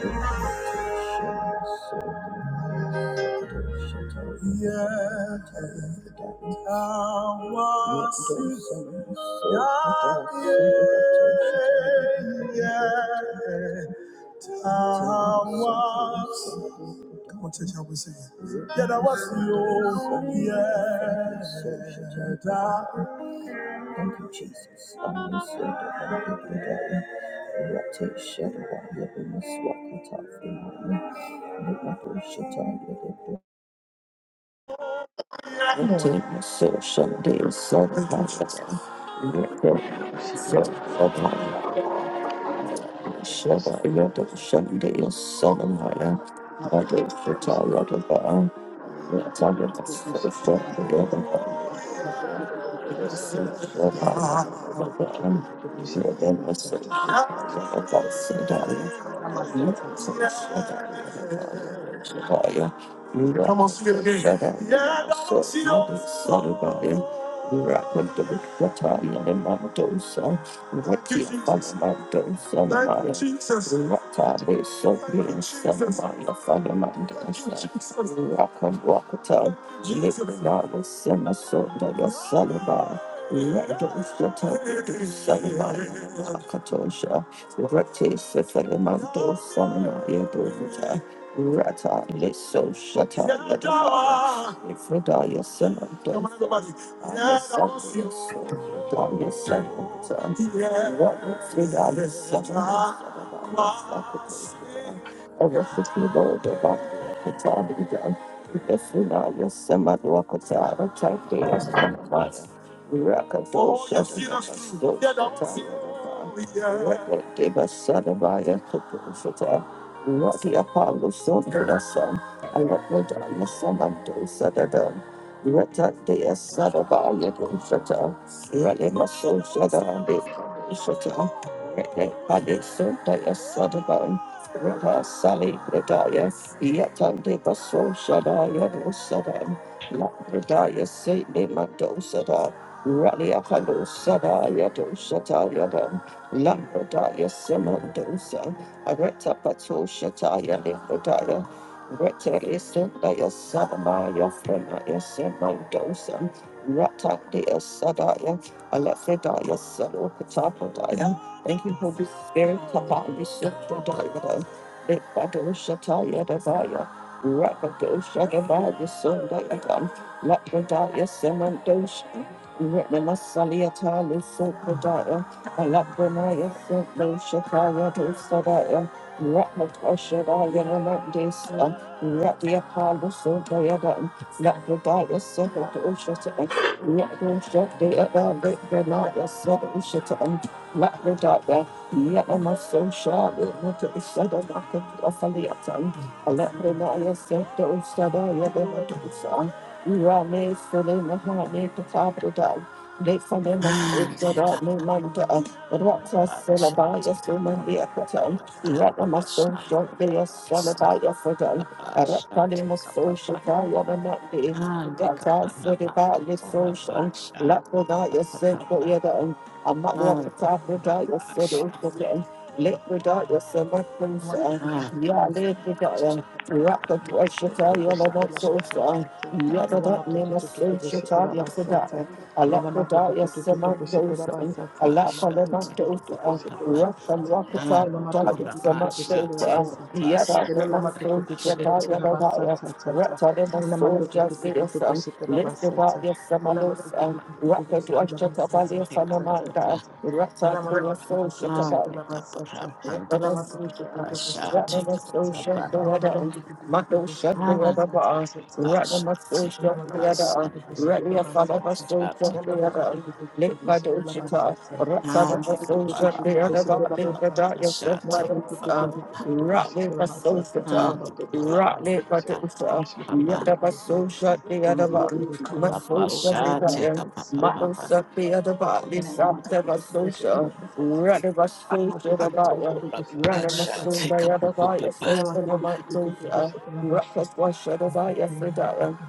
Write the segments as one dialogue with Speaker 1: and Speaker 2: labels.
Speaker 1: Come on, church, help me sing it. Yet I was you. Yeah, that Thank you, Jesus. Amen. So the Bible today, Rate Shadowaya Bimaswakata Frimaya, Nimato Shataya Debra. Rate
Speaker 2: Morning.
Speaker 1: Maso Shande Sadhavasa, Rate
Speaker 2: Amasata tata.
Speaker 1: Sadhavaya
Speaker 2: Matututu
Speaker 1: Shadaya Shande Sadhavaya, Mado Shataya Debra, Rate Maso Shande Sadhavaya. Come on, sing it again. Yeah, come on, sing it. Thank you, Jesus. Thank you, Jesus. Thank you, Jesus. Deliver me not the sin of soul that your salaba. Let the shut up to salaba. Katosha. Rati Sefelimanto Samana Yadovita. Rata Liso Shata Yadava. Ifredaya Samanta. Alessandro Sodaya Samanta. Rata Fredaya Samanta. Arrested people, the body of the Sacrifice? Arrested me, Lord, about the time. Yesunaya Samadwakatara Chakdeya Samaya Rakatosha Deva Sadavaya Kapushata Rabba Sali Bradaya, Yatande Baso Shadaya Rosadam, Labradaya Saint Nemadosada, Ralia Kalo Sadaya Doshatayadam, Lambradaya Semandosa, Areta Pato Shataya Libradaya, Reta Isendaya Sadamaya Frenaya Semandosa, Ratakdea Sadaya, Alefredaya Salo Patapadaya. Thank you, Holy Spirit, Kappa, Yusuf, Dodaya. Let the darkness let the night you said,
Speaker 3: Ah, Take
Speaker 1: but you're done for the top of your saddle, let the dot your summer prince, ya let
Speaker 2: kushikira
Speaker 1: the dot, rock the
Speaker 2: I'm not too too too
Speaker 1: shata,
Speaker 2: too
Speaker 1: your
Speaker 2: busy to
Speaker 1: love
Speaker 2: leave.
Speaker 1: so strong, ya the
Speaker 2: I'm not
Speaker 1: dot
Speaker 2: too
Speaker 1: name
Speaker 2: too
Speaker 1: a
Speaker 2: too too
Speaker 1: so Amalwakatabrudaya Sedokutan,
Speaker 2: busy
Speaker 1: Litradaya Samakunsa, Yalibradaya, Rakadwashataya Lavatosa,
Speaker 2: to
Speaker 1: Yadadat
Speaker 2: leave.
Speaker 1: Nimasoshataya Sadaya,
Speaker 2: I'm not too too
Speaker 1: Alakradaya
Speaker 2: too too busy to leave. I'm
Speaker 1: Samakunsa,
Speaker 2: not too too too too
Speaker 1: Alafalabatosa,
Speaker 2: busy to leave. I'm not too too
Speaker 1: Rakalwakatabradaya
Speaker 2: too too busy to leave. I'm
Speaker 1: Samakunsa, Yadadat
Speaker 2: not too too too too busy to
Speaker 1: Nimasoshataya
Speaker 2: leave.
Speaker 1: Lavaya,
Speaker 2: I'm not too too too too
Speaker 1: Ratadimasoja
Speaker 2: busy to leave. I'm not too too too too busy to leave. I'm not
Speaker 1: Lisivaya
Speaker 2: too too
Speaker 1: Samalosa, Raka Dwasha Tabalia
Speaker 3: up
Speaker 1: Samamanda, Rata Kunaso
Speaker 3: Ah,
Speaker 1: Shatabal
Speaker 3: take up a crap and
Speaker 1: Rattle,
Speaker 3: the
Speaker 1: but it's
Speaker 2: too
Speaker 1: a
Speaker 2: too
Speaker 3: brush,
Speaker 2: busy
Speaker 3: ah,
Speaker 2: to
Speaker 1: yet
Speaker 3: take
Speaker 1: of a
Speaker 2: leave.
Speaker 3: up a
Speaker 1: social,
Speaker 3: bad
Speaker 1: the
Speaker 2: Wash me,
Speaker 1: other one, my social, the
Speaker 3: ah, a
Speaker 1: other,
Speaker 3: brush,
Speaker 1: my
Speaker 3: take
Speaker 1: social,
Speaker 3: a brush and brush, ah, take up a ah, take up a rap and the brush, ah, take up a ah, take a rap, ah, take up
Speaker 2: cleanse me,
Speaker 3: a
Speaker 2: make me as white as snow.
Speaker 1: the
Speaker 3: mm,
Speaker 2: Create in me a
Speaker 3: for
Speaker 2: clean
Speaker 3: the
Speaker 2: heart, O
Speaker 3: brush,
Speaker 2: God,
Speaker 3: ah,
Speaker 2: renew a
Speaker 3: take up
Speaker 2: right
Speaker 3: a pa
Speaker 2: spirit,
Speaker 3: pa
Speaker 2: O
Speaker 3: pa
Speaker 1: other,
Speaker 2: God.
Speaker 1: my social.
Speaker 3: take up a
Speaker 2: I I the the
Speaker 3: and
Speaker 2: healing
Speaker 3: the
Speaker 1: Radabashadabaya,
Speaker 3: brush, ah, take up a pa pa
Speaker 1: Ranamasundayadabaya,
Speaker 3: pa.
Speaker 1: Satanabandosha, Rakaswashadabaya,
Speaker 2: at
Speaker 1: Fridaya,
Speaker 2: the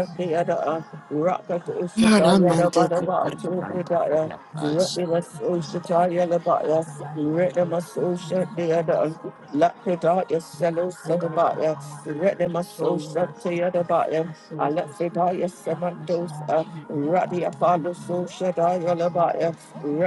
Speaker 2: after my soul, God. God, God. I thirst for
Speaker 3: Ramante, take up
Speaker 2: God,
Speaker 1: Rakadoshatayadabadaba,
Speaker 2: for the
Speaker 3: a and
Speaker 2: living God.
Speaker 1: Tobridaya,
Speaker 3: the
Speaker 2: When can I go and stand before God? As
Speaker 1: Rakamasoshatayalabaya,
Speaker 2: the life of a day depends on water, so my
Speaker 1: Ranamasoshatayada,
Speaker 2: soul desperately
Speaker 1: Lapidaya,
Speaker 2: O God, thou
Speaker 1: Selosadabaya,
Speaker 2: Oh my God, Lord, would I seek thee.
Speaker 1: Ranamasoshatayadabaya,
Speaker 2: My soul thirsts for thee.
Speaker 1: Alexidaya,
Speaker 2: My flesh longs
Speaker 1: Samandosa,
Speaker 2: for thee in a dry and
Speaker 1: Radiapalo,
Speaker 2: thirsty land. My soul
Speaker 1: Soshadayalabaya,
Speaker 2: thirsts for thee.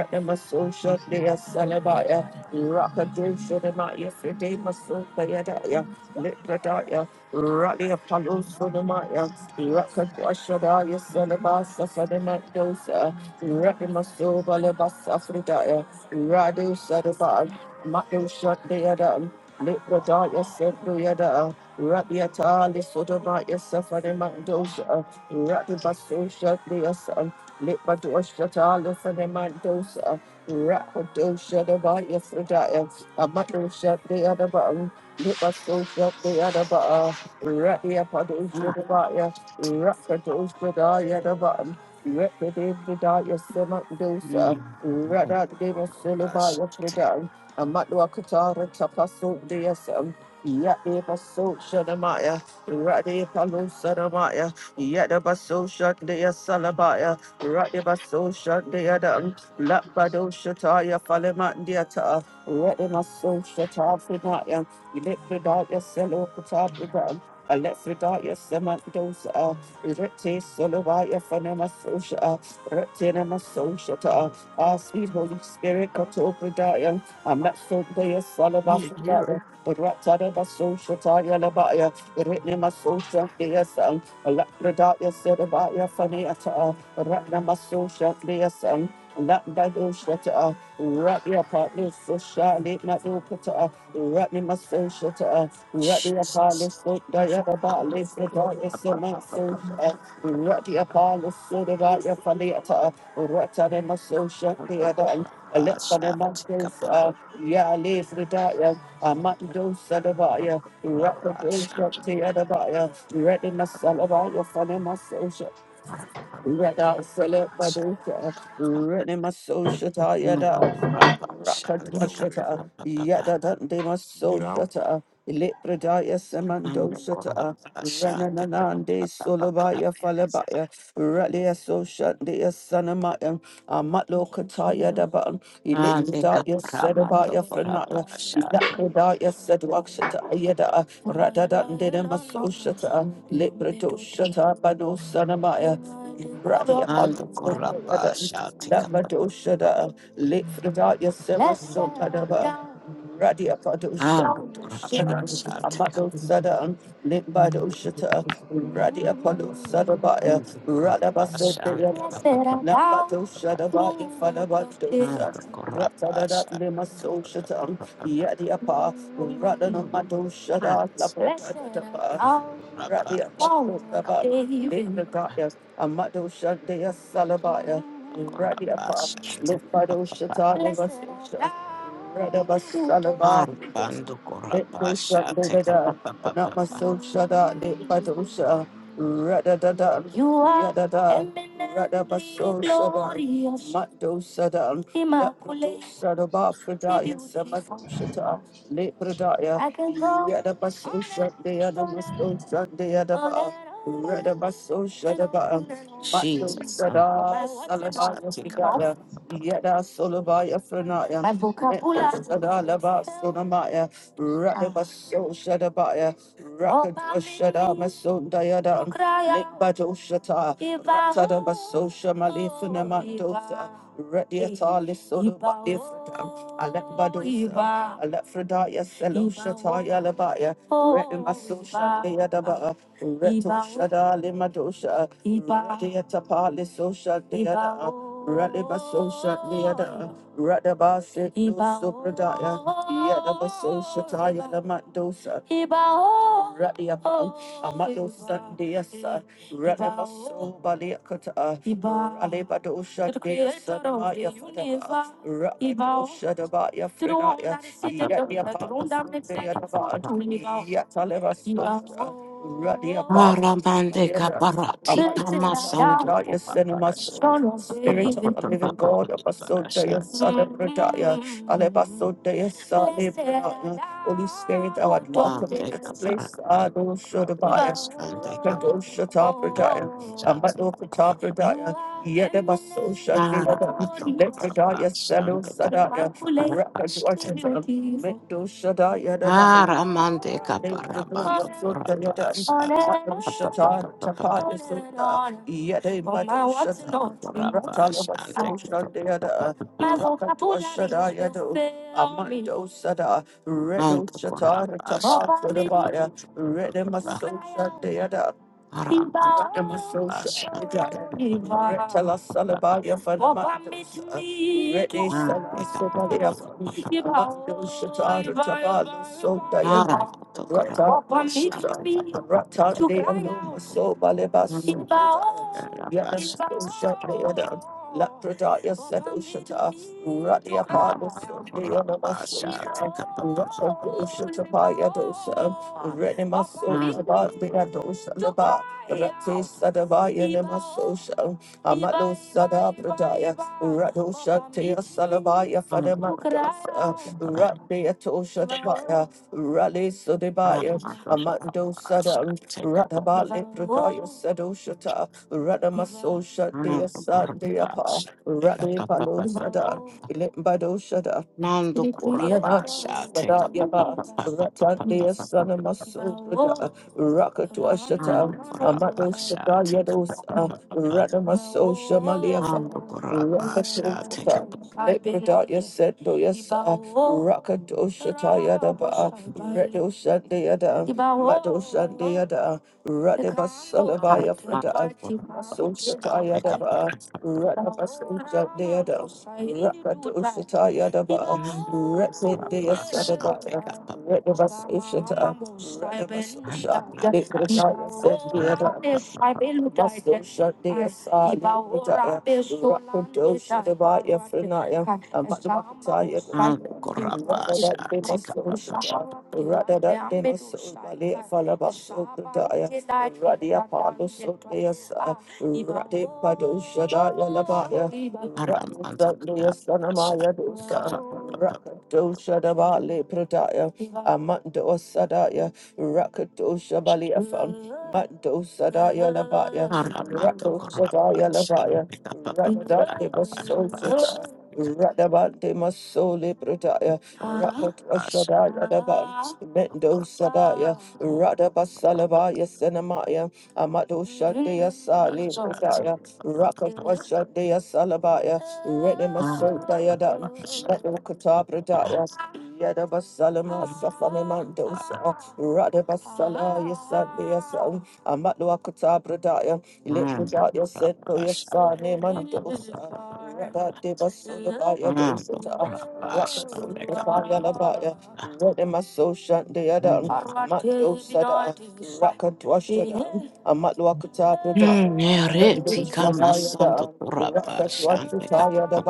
Speaker 2: My flesh
Speaker 1: Dea
Speaker 2: longs for thee in a
Speaker 1: Salabaya,
Speaker 2: dry and thirsty land where no
Speaker 1: Rakadosha
Speaker 2: water
Speaker 1: Namaya
Speaker 2: is to
Speaker 1: Fride
Speaker 2: maintain a ba- to
Speaker 1: Masopayadaya,
Speaker 2: maintain a vital
Speaker 1: Litradaya,
Speaker 2: spiritual life,
Speaker 1: Rally
Speaker 2: to
Speaker 1: Apollo
Speaker 2: maintain a
Speaker 1: Sonamaya,
Speaker 2: vital spiritual life,
Speaker 1: Rakadosha
Speaker 2: to
Speaker 1: Daya
Speaker 2: maintain a
Speaker 1: Salabasa
Speaker 2: vital spiritual life, to
Speaker 1: Fadamadosa,
Speaker 2: maintain a vital
Speaker 1: Ratnamaso
Speaker 2: spiritual life.
Speaker 1: Balabasa
Speaker 2: To
Speaker 1: Fridaya,
Speaker 2: follow thy word,
Speaker 1: Radu
Speaker 2: for I
Speaker 1: Sadaban,
Speaker 2: have in the
Speaker 1: Matosha
Speaker 2: sanctuary,
Speaker 1: Deadam,
Speaker 2: O follow
Speaker 1: Litradaya
Speaker 2: hard after thee.
Speaker 1: Sendoyada, Rabiata Lisodamaya Safadamandosa, Ratnabasosha Dea Lipadosha, Lithanimandosa, Rapodosha, the Baya Fridaya, Amadosha, the other button, Lipasosha, the other button, Radia
Speaker 3: brush.
Speaker 1: Padosha, the Baya, Rapodosha, the other button. Repetitive without your stomach dosa,
Speaker 3: Mm.
Speaker 1: Rada
Speaker 3: Oh,
Speaker 1: Deva Suluba,
Speaker 3: Gosh.
Speaker 1: what we done, a Matwa Katara Tapaso DSM, the So Shadamaya, Radia Palo Sadamaya, Yadaba So Shadia Salabaya, Radibaso Shandiadam, Lapado Shataya Falemandiata, Radimaso Shata Fridaya, Elipridaya Selo Kutabridam, Electridaya Semandosa, Rete Solovaya Fanemasosha, Retinamaso Shata, our sweet Holy Spirit Katopridaya, Amasodaya
Speaker 3: Yeah, you're
Speaker 1: Salavafridaya, Ratadabaso Shataya Labaya, Retnimaso Shandiasam, Electridaya Sedabaya Faneata. Ratnamaso shut the assam, Lapbado shut up, Rat the apartment so shut it, not do put up, Ratnamaso shut up, Rat the
Speaker 3: Jesus.
Speaker 1: apartment so Diana
Speaker 3: I'll be
Speaker 1: Bartless, the
Speaker 3: for a-
Speaker 1: darkness
Speaker 3: a-
Speaker 1: so
Speaker 3: a- a-
Speaker 1: not
Speaker 3: a- a-
Speaker 1: so shut Rat the apartment so the right your faliata, Ratanamaso shut
Speaker 3: a-
Speaker 1: the
Speaker 3: a-
Speaker 1: other.
Speaker 3: a- a
Speaker 1: Electronic
Speaker 3: shot. A- a-
Speaker 1: uh, yeah, live the
Speaker 3: a-
Speaker 1: dark, I might do
Speaker 3: a-
Speaker 1: Sadabaya,
Speaker 3: a-
Speaker 1: Rapper
Speaker 3: a shot.
Speaker 1: Bullshot, the
Speaker 3: A-
Speaker 1: other buyer, ready my
Speaker 3: a-
Speaker 1: Salabaya, funny my Red out, sell
Speaker 3: a-
Speaker 1: it,
Speaker 3: a
Speaker 1: but
Speaker 3: shot.
Speaker 1: do
Speaker 3: Ka- pa- pa-
Speaker 1: Red
Speaker 3: pa-
Speaker 1: in my social, tie
Speaker 3: Mm.
Speaker 1: it
Speaker 3: A- a shot. A- a- a- a-
Speaker 1: Rakadwashata,
Speaker 3: a-
Speaker 1: Yadadandema Sodata, Ilipradaya Samando
Speaker 3: Mm.
Speaker 1: Shata,
Speaker 3: A shot. A-
Speaker 1: Rananande
Speaker 3: a- a-
Speaker 1: Solabaya
Speaker 3: a- a- a-
Speaker 1: Falabaya, Ralia Soshandia Sanamaya, Amatlo Kataya Daban,
Speaker 3: Ah, de
Speaker 1: Ilipradaya
Speaker 3: caparama,
Speaker 1: Sedabaya Franaya,
Speaker 3: doctora
Speaker 1: Yakadaya Sedwakshata, Yada, Radadandema Soshata, Lipradoshata, Bano Sanamaya, Radia
Speaker 3: Ando koraba
Speaker 1: Padu.
Speaker 3: shati kapa.
Speaker 1: Nabadoshada, late Fredat
Speaker 2: Thank
Speaker 1: Yasema Sotanaba, Radia Padosha,
Speaker 3: Ando koraba
Speaker 1: Shada,
Speaker 3: shati
Speaker 1: Amado
Speaker 3: kapa.
Speaker 1: Sada, late Badoshata, Radia Palo Sadabaya,
Speaker 3: Ando koraba
Speaker 1: Radabasa,
Speaker 3: shati kapa.
Speaker 1: Nabato Shadaba,
Speaker 3: Ando
Speaker 1: Falabadosa,
Speaker 3: koraba
Speaker 1: Ratada Lima
Speaker 3: shati
Speaker 1: Soshata,
Speaker 3: kapa.
Speaker 1: Yadiapa,
Speaker 3: Ando
Speaker 1: Radanamato Shada,
Speaker 3: pants. Ando
Speaker 1: Lapadapa,
Speaker 3: koraba
Speaker 1: Radia
Speaker 3: shati
Speaker 1: Palo
Speaker 3: kapa.
Speaker 1: Daba, late Fredat Amado Shandia Salabaya.
Speaker 3: Ando koraba
Speaker 1: Radiapa,
Speaker 3: shati
Speaker 1: Lipado
Speaker 3: kapa.
Speaker 1: Shatana Basosha, Radabasalaba,
Speaker 3: Ando koraba
Speaker 1: Lipo
Speaker 3: shati
Speaker 1: Sakdada, and not my
Speaker 3: kapa.
Speaker 1: social that Lipadosha, Radadada, you are Yadada, Radabasosha, Mato Sadam, Immaculate, Sadaba
Speaker 2: you.
Speaker 1: Fredaya, Samato Lepradaya, Yadabaso Sunday, Adamaso Sunday, Adaba, Redabaso Shadaba, Mato
Speaker 3: Jesus, ando
Speaker 1: Sada, Salabaya
Speaker 3: shati kapa.
Speaker 1: Fidaya, Yada Solabaya Franaya, Meto Laba Sonamaya, Redabaso Shadabaya, Rakadwa Shadama Sundayada, Lepato Shata, Ratadabaso Shamali Funamato, Radiata Lisodaba Alekbadosa, Alefredaya, Seloshataya, Labaya, Retimasosha, Deadaba, Retoshada, Limadosha, Deatapa, Lisosha, Deada, Radibasosha, Deada, Radabasi, Sopradaya, Yadabasosha, Taya, Lamadosa, Radiapa, Amadosa, Radabaso Baliakata, Alebado Shadea Sadabaya Fadaba, Rabado Shadabaya Fredaya, Yadia Papas, Yatalevaso, Radia
Speaker 3: Aramande
Speaker 1: Papa,
Speaker 3: kaparati kamasandu
Speaker 1: About your cinemas,
Speaker 3: kaparashan.
Speaker 1: Spirit of the Living God, Abaso Dea
Speaker 3: Kaparashan.
Speaker 1: Sadabradaya, Alebaso Dea Sadabradaya, Holy Spirit, thou art welcome in
Speaker 3: Mande
Speaker 1: this place,
Speaker 3: kaparaman
Speaker 1: Ado Shadabaya.
Speaker 3: kaparashan. De
Speaker 1: Kadosha Tapradaya,
Speaker 3: kaparashan. de
Speaker 1: Amadoka
Speaker 3: kapar.
Speaker 1: Tapradaya, Yedebaso Shadevadam,
Speaker 3: Aramato
Speaker 1: Lepradaya
Speaker 3: kaparashan.
Speaker 1: Salo
Speaker 3: De
Speaker 1: Sadaya,
Speaker 3: kaparashan.
Speaker 1: Rakadwashadam, Mendo Shadaya Dabam,
Speaker 3: Aramande kaparamando
Speaker 1: Lepradaya Sundayadam,
Speaker 3: kaparashan.
Speaker 1: Shatar Tapaya Sunda, Yedebado Shatam, Ratalabaso Shadayada,
Speaker 3: Kaparashan.
Speaker 1: Rakadwashadayadu, Amando Sada, Redo
Speaker 3: And the
Speaker 1: Shatar
Speaker 3: Kurabasha
Speaker 1: Tapaya
Speaker 3: i up
Speaker 1: Sundabaya,
Speaker 3: the
Speaker 1: Redemaso Shadayada,
Speaker 3: Haram and the Kurabasha pick up and pick up Haram to Kurabasha pick up Kurabasha pick
Speaker 1: Lapradaya said Ushata, Radia
Speaker 3: up Haram
Speaker 1: Padus,
Speaker 3: and the
Speaker 1: Diana
Speaker 3: Kurabasha
Speaker 1: Masusha,
Speaker 3: pick up and
Speaker 1: Rapha Ushata Payadosa,
Speaker 3: Haram
Speaker 1: Renemaso
Speaker 3: and
Speaker 1: Shabbat
Speaker 3: the Kurabasha
Speaker 1: Beado Shalaba Rati Sadabaya Nemaso Sham Amado Sada Pradaya Rado Shatia Salabaya
Speaker 3: take
Speaker 1: Fadamadosa Radeato Shatabaya Rale Sodebaya Amando Sadam
Speaker 3: up
Speaker 1: Ratabale Pradaya Sado Shata Radamaso Shatia
Speaker 3: Nando
Speaker 1: Sadeapa
Speaker 3: Kurabasha, take a
Speaker 1: Rade
Speaker 3: papa.
Speaker 1: Palo
Speaker 3: papa.
Speaker 1: Sada Ilimbado Shada
Speaker 3: Nando Kurabasha, take
Speaker 1: Sada
Speaker 3: a
Speaker 1: Yaba,
Speaker 3: papa. papa papa
Speaker 1: Ratandia
Speaker 3: papa.
Speaker 1: Sanama Sodada, Rakatua
Speaker 3: Nando
Speaker 1: Shata, Amado
Speaker 3: Kurabasha,
Speaker 1: Sada
Speaker 3: take a
Speaker 1: Yados,
Speaker 3: papa. papa.
Speaker 1: Radamaso Shamaliafa.
Speaker 3: Nando Kurabasha, take a
Speaker 1: Rakatoshata,
Speaker 3: papa.
Speaker 1: Lepradaya Sendo Yasa, Rakatoshata Yadaba, Redo Shandayada, Mado Shandayada, Radeba Salabaya
Speaker 3: Nando
Speaker 1: Frada, Maso
Speaker 3: Kurabasha, take a
Speaker 1: Shata
Speaker 3: papa. papa.
Speaker 1: Rakabasuja deada, Rakatu Shataya daba,
Speaker 3: Nando
Speaker 1: Rapid dea
Speaker 3: Kurabasha, take
Speaker 1: sadaba,
Speaker 3: a papa.
Speaker 1: Rid of us, Isha, to us. Rid of us,
Speaker 3: Nando
Speaker 1: Isha. They could have
Speaker 3: Kurabasha,
Speaker 1: taught
Speaker 3: take
Speaker 1: us
Speaker 3: a
Speaker 1: that
Speaker 3: papa. Nando
Speaker 1: we
Speaker 3: Kurabasha, take a papa.
Speaker 1: had
Speaker 3: papa.
Speaker 1: a Must do shut Dear, Sar, Yukataya, Rakadosha, the aside, you could have rocked those shit Matapataya.
Speaker 3: Nando
Speaker 1: Rather
Speaker 3: Kurabasha,
Speaker 1: that they
Speaker 3: take
Speaker 1: must do Rather that they must so badly fall so Radia Palo so Radi Pado shut out your labaya.
Speaker 3: a papa. papa.
Speaker 1: Rakado Shadabali Pradaya, Amando Sadaya, Rakado Shabali Afam, Mando Sadaya Labaya,
Speaker 3: Aramanto
Speaker 1: Rado Sadaya
Speaker 3: Corrapasa,
Speaker 1: Labaya,
Speaker 3: Picapapapasa,
Speaker 1: Radade Basosa,
Speaker 3: Picapito
Speaker 1: Radabande Masole Pradaya, Rakado
Speaker 3: Corrapasa,
Speaker 1: Shadaya Labaya,
Speaker 3: Corrapasa,
Speaker 1: Mendo
Speaker 3: Picapapapasa,
Speaker 1: Sadaya, Radabasalabaya Senamaya, Amado Shandaya Sali
Speaker 3: Corrapasa,
Speaker 1: Pradaya,
Speaker 3: pito papa
Speaker 1: Rakado
Speaker 3: papa
Speaker 1: Shandaya Salabaya,
Speaker 3: mando
Speaker 1: Renemasoda
Speaker 3: Corrapasa, papa
Speaker 1: Mekokatabrudayas, Yedabasalama Safanimandosa, Radabasala Yasandiasa, Amatwakatabradaya,
Speaker 3: mando
Speaker 1: Ilipradaya Sendoya
Speaker 3: Corrapasa,
Speaker 1: Sani
Speaker 3: pica papa papa
Speaker 1: Mandosa,
Speaker 3: papa
Speaker 1: Radadibasudabaya
Speaker 3: mando
Speaker 1: Dosata,
Speaker 3: Corrapasa,
Speaker 1: Rakataya Labaya, Redimaso Shandiadan, Matosada, Rakatwashada, Amatwakatabradaya.
Speaker 3: Nereti Kama
Speaker 1: Rakatwashadaya
Speaker 3: Santo Corrapasa, pica